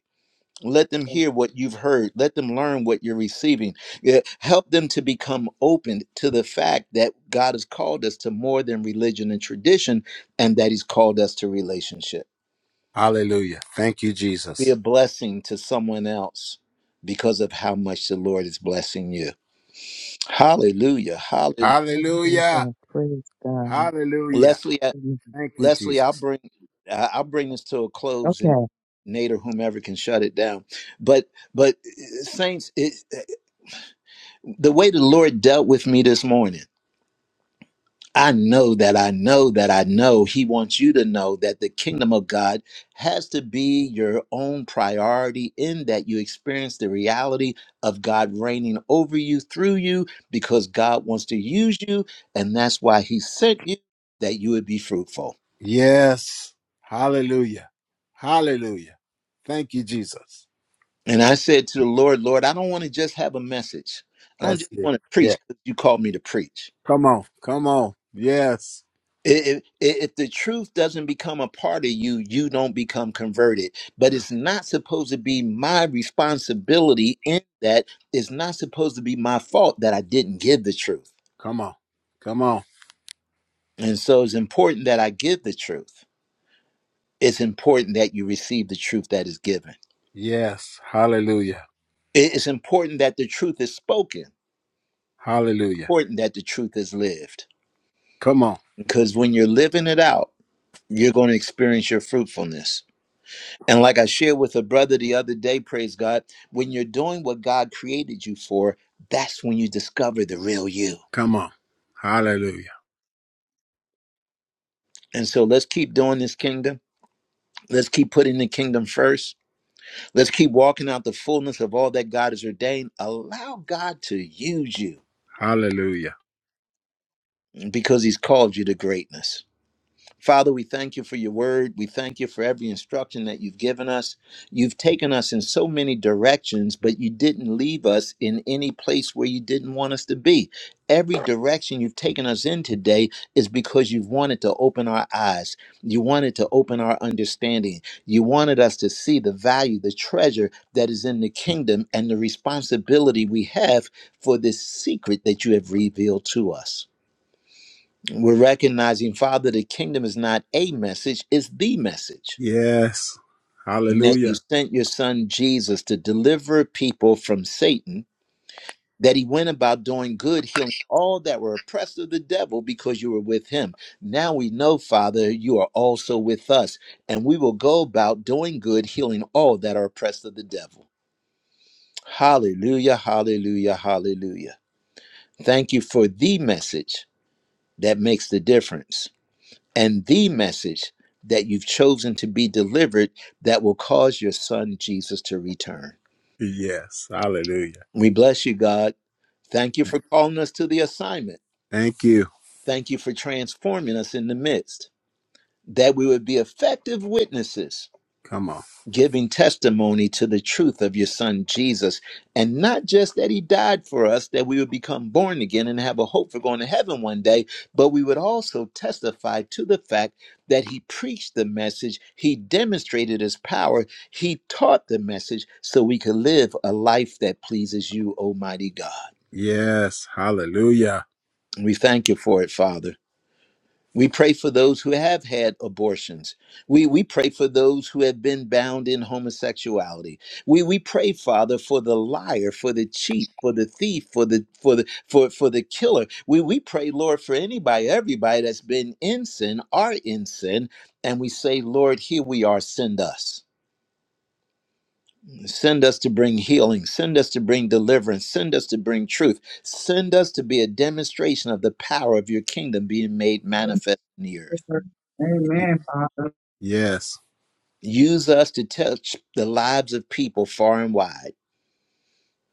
S1: Let them hear what you've heard. Let them learn what you're receiving. Yeah, Help them to become open to the fact that God has called us to more than religion and tradition and that He's called us to relationship.
S8: Hallelujah. Thank you,
S1: Be a
S8: Jesus.
S1: blessing to someone else because of how much the Lord is blessing you. Hallelujah. Hallelujah.
S8: Hallelujah.
S2: Hallelujah. Praise God.
S8: Hallelujah.
S1: Leslie, I-
S2: Amen.
S8: Thank you,
S1: Leslie, I'll
S8: Jesus.
S1: bring I- I'll bring this to a close and
S2: Okay.
S1: Nate or whomever can shut it down. But but uh, saints, it, uh, the way the Lord dealt with me this morning. I know that I know that I know he wants you to know that the kingdom of God has to be your own priority in that you experience the reality of God reigning over you through you because God wants to use you and that's why he sent you that you would be fruitful.
S8: Yes. Hallelujah. Hallelujah. Thank you, Jesus.
S1: And I said to the Lord, Lord, I don't want to just have a message. I don't
S8: That's
S1: just
S8: it.
S1: want to preach
S8: Yeah.
S1: because you called me to preach.
S8: Come on. Come on. Yes.
S1: If, if if the truth doesn't become a part of you, you don't become converted. But it's not supposed to be my responsibility in that. It's not supposed to be my fault that I didn't give the truth.
S8: Come on. Come on.
S1: And so it's important that I give the truth. It's important that you receive the truth that is given.
S8: Yes. Hallelujah.
S1: It- It's important that the truth is spoken,
S8: Hallelujah.
S1: important that the truth is lived.
S8: Come on.
S1: Because when you're living it out, you're going to experience your fruitfulness. And like I shared with a brother the other day, praise God, when you're doing what God created you for, that's when you discover the real you.
S8: Come on. Hallelujah.
S1: And so let's keep doing this kingdom. Let's keep putting the kingdom first. Let's keep walking out the fullness of all that God has ordained. Allow God to use you
S8: Hallelujah.
S1: because he's called you to greatness. Father, we thank you for your word. We thank you for every instruction that you've given us. You've taken us in so many directions, but you didn't leave us in any place where you didn't want us to be. Every direction you've taken us in today is because you've wanted to open our eyes. You wanted to open our understanding. You wanted us to see the value, the treasure that is in the kingdom, and the responsibility we have for this secret that you have revealed to us. We're recognizing, Father, the kingdom is not a message, it's the message.
S8: Yes.
S1: And that you
S8: Hallelujah.
S1: sent your son Jesus to deliver people from Satan, that he went about doing good, healing all that were oppressed of the devil because you were with him. Now we know, Father, you are also with us, and we will go about doing good, healing all that are oppressed of the devil. Hallelujah, hallelujah, hallelujah. Thank you for the message that makes the difference and the message that you've chosen to be delivered that will cause your son Jesus to return.
S8: Yes. Hallelujah.
S1: We bless you, God. Thank you for calling us to the assignment.
S8: Thank you.
S1: Thank you for transforming us in the midst, that we would be effective witnesses
S8: Come on.
S1: giving testimony to the truth of your son Jesus. And not just that he died for us, that we would become born again and have a hope for going to heaven one day, but we would also testify to the fact that he preached the message, he demonstrated his power, he taught the message so we could live a life that pleases you, Almighty God.
S8: Yes. Hallelujah.
S1: And we thank you for it, Father. We pray for those who have had abortions. We, we pray for those who have been bound in homosexuality. We, we pray, Father, for the liar, for the cheat, for the thief, for the for the for, for the killer. We, we pray, Lord, for anybody, everybody that's been in sin, are in sin, and we say, Lord, here we are, send us. Send us to bring healing. Send us to bring deliverance. Send us to bring truth. Send us to be a demonstration of the power of your kingdom being made manifest in the earth.
S14: Lord.
S8: Y-
S14: Amen, Father.
S8: yes.
S1: Use us to touch the lives of people far and wide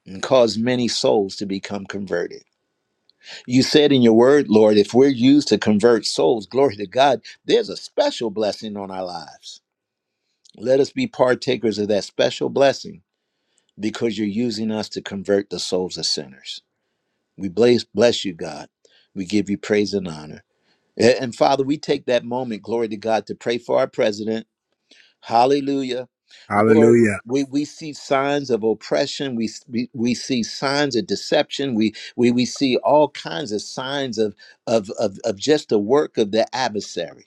S1: and cause many souls to become converted. You said in your word, Lord, if we're used to convert souls, glory to God, there's a special blessing on our lives. Let us be partakers of that special blessing because you're using us to convert the souls of sinners. We bless, bless you, God. We give you praise and honor. A- And Father, we take that moment, glory to God, to pray for our president Hallelujah. Lord,
S8: Hallelujah.
S1: we, we see signs of oppression. We, we, we see signs of deception. We, we, we see all kinds of signs of, of, of, of just the work of the adversary.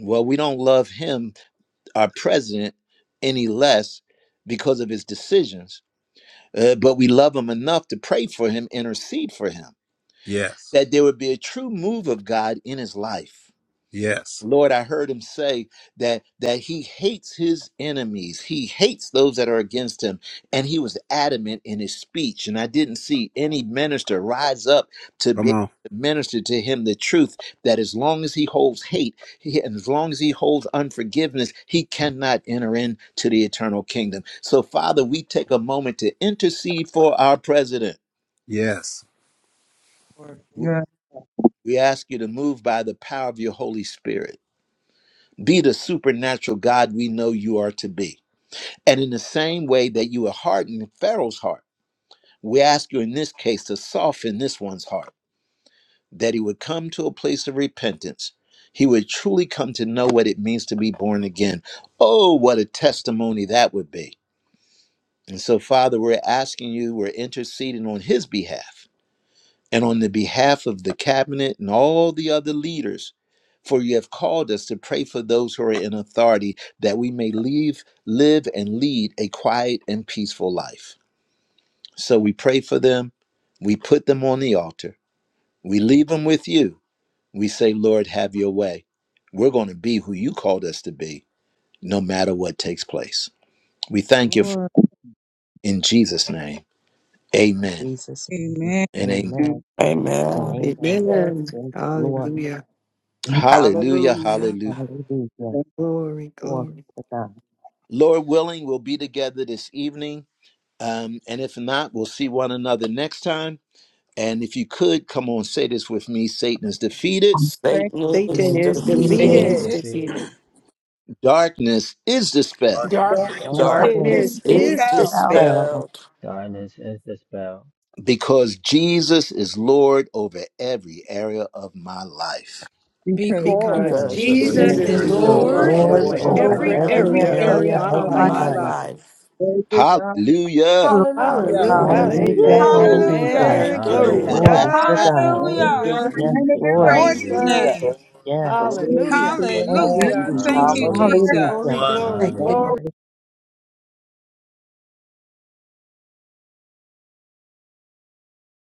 S1: Well, we don't love him, our president, any less because of his decisions, uh, but we love him enough to pray for him, intercede for him,
S8: Yes.
S1: that there would be a true move of God in his life
S8: Yes.
S1: Lord, I heard him say that that he hates his enemies. He hates those that are against him, and he was adamant in his speech. And I didn't see any minister rise up to be
S8: Come
S1: able
S8: on.
S1: to minister to him the truth that as long as he holds hate he, and as long as he holds unforgiveness, he cannot enter into the eternal kingdom. So, Father, we take a moment to intercede for our president.
S8: Yes.
S14: Lord.
S1: We
S14: Yes,
S1: we ask you to move by the power of your Holy Spirit Be the supernatural God we know you are to be. And in the same way that you are hardening Pharaoh's heart, we ask you in this case to soften this one's heart, that he would come to a place of repentance. He would truly come to know what it means to be born again. Oh, what a testimony that would be. And so, Father, we're asking you, we're interceding on his behalf and on the behalf of the cabinet and all the other leaders For you have called us to pray for those who are in authority, that we may leave, live and lead a quiet and peaceful life. So we pray for them. We put them on the altar. We leave them with you. We say, Lord, have your way. We're going to be who you called us to be, no matter what takes place. We thank you for
S14: Lord.
S1: in Jesus' name.
S2: In
S1: Amen
S2: Jesus' name.
S14: Amen.
S1: and amen.
S2: Amen and
S5: Amen.
S2: amen.
S14: Lord.
S6: Amen.
S2: Yes, Lord.
S6: Hallelujah.
S14: Thank
S1: Hallelujah.
S5: Hallelujah.
S1: Hallelujah.
S2: Hallelujah.
S14: you,
S6: Glory,
S2: Glory
S6: glory.
S2: to God.
S1: Lord willing, we'll be together this evening. Um, and if not, we'll see one another next time. And if you could come on, say this with me Satan is defeated,
S5: Satan
S6: Satan
S5: is
S2: Satan is
S6: is
S15: The
S11: Good
S14: God,
S16: Satan
S15: end
S5: defeated.
S2: defeated.
S15: is
S16: is
S6: defeated.
S3: Seated
S16: defeated
S15: defeated.
S1: darkness is dispelled
S3: darkness
S2: Darkness
S11: job,
S3: is
S5: Darkness
S6: Darkness
S11: Mr.
S2: is
S5: is
S6: is
S3: dispelled
S11: Bell.
S6: dispelled
S2: dispelled
S5: dispelled
S15: Darkness is dispelled
S1: because Jesus is Lord over every area of my life.
S14: because
S11: Thank
S6: because
S3: because
S2: because
S15: because
S5: Jesus,
S14: you're
S11: you,
S15: Jesus
S6: Jesus
S10: Because
S11: Jesus,
S3: Jesus
S6: is
S14: so
S15: is
S2: Jesus
S3: is
S5: Jesus is
S2: is
S10: Jesus
S15: Lord
S16: in
S10: is
S15: over
S6: Lord
S3: Lord
S2: Lord
S5: Lord
S15: every
S16: every
S6: over
S10: Lord over
S15: area
S11: over
S2: over
S5: over
S15: of
S6: every
S3: over
S16: area
S15: my
S10: everything
S5: every
S2: every
S10: in
S11: here.
S3: every
S16: of
S15: life.
S6: area of
S2: area
S3: area
S5: area
S6: my
S2: of
S5: of
S3: of
S11: My
S2: my
S11: dear life,
S10: our
S6: life.
S3: my
S5: my
S10: life.
S2: life.
S3: life.
S5: life.
S14: God.
S1: Hallelujah.
S11: Lord
S3: Hallelujah.
S11: God.
S6: Hallelujah.
S5: Hallelujah.
S15: Hallelujah.
S10: Hallelujah.
S2: Hallelujah,
S6: Amen.
S10: Praise
S3: Hallelujah.
S2: hallelujah.
S10: God.
S6: Amen.
S5: Thank you,
S14: Thank
S10: Praise
S6: Glory to
S14: you,
S5: Lord.
S10: God.
S14: Father,
S15: Hallelujah.
S2: Glory to
S6: God.
S2: God.
S14: for this
S10: Thank
S3: Hallelujah.
S10: you,
S6: Hallelujah.
S14: great
S2: Yes,
S14: man of
S10: Jesus.
S14: this
S6: Thank
S2: Lord.
S6: you,
S3: Praise
S14: morning.
S3: his
S15: Hallelujah.
S6: Jesus.
S10: Hallelujah.
S3: name.
S2: Yes.
S14: Thank you,
S10: Glory
S6: Hallelujah.
S10: to
S14: Jesus,
S10: your
S14: for
S2: Thank
S14: the
S2: you,
S10: name.
S3: Hallelujah. Thank
S14: testimony
S2: Jesus.
S14: of
S3: you,
S14: the
S15: Hallelujah.
S10: Hallelujah.
S2: Hallelujah.
S6: Glory,
S3: Jesus.
S6: glory,
S11: Thank you,
S14: Lord.
S15: Hallelujah.
S6: glory.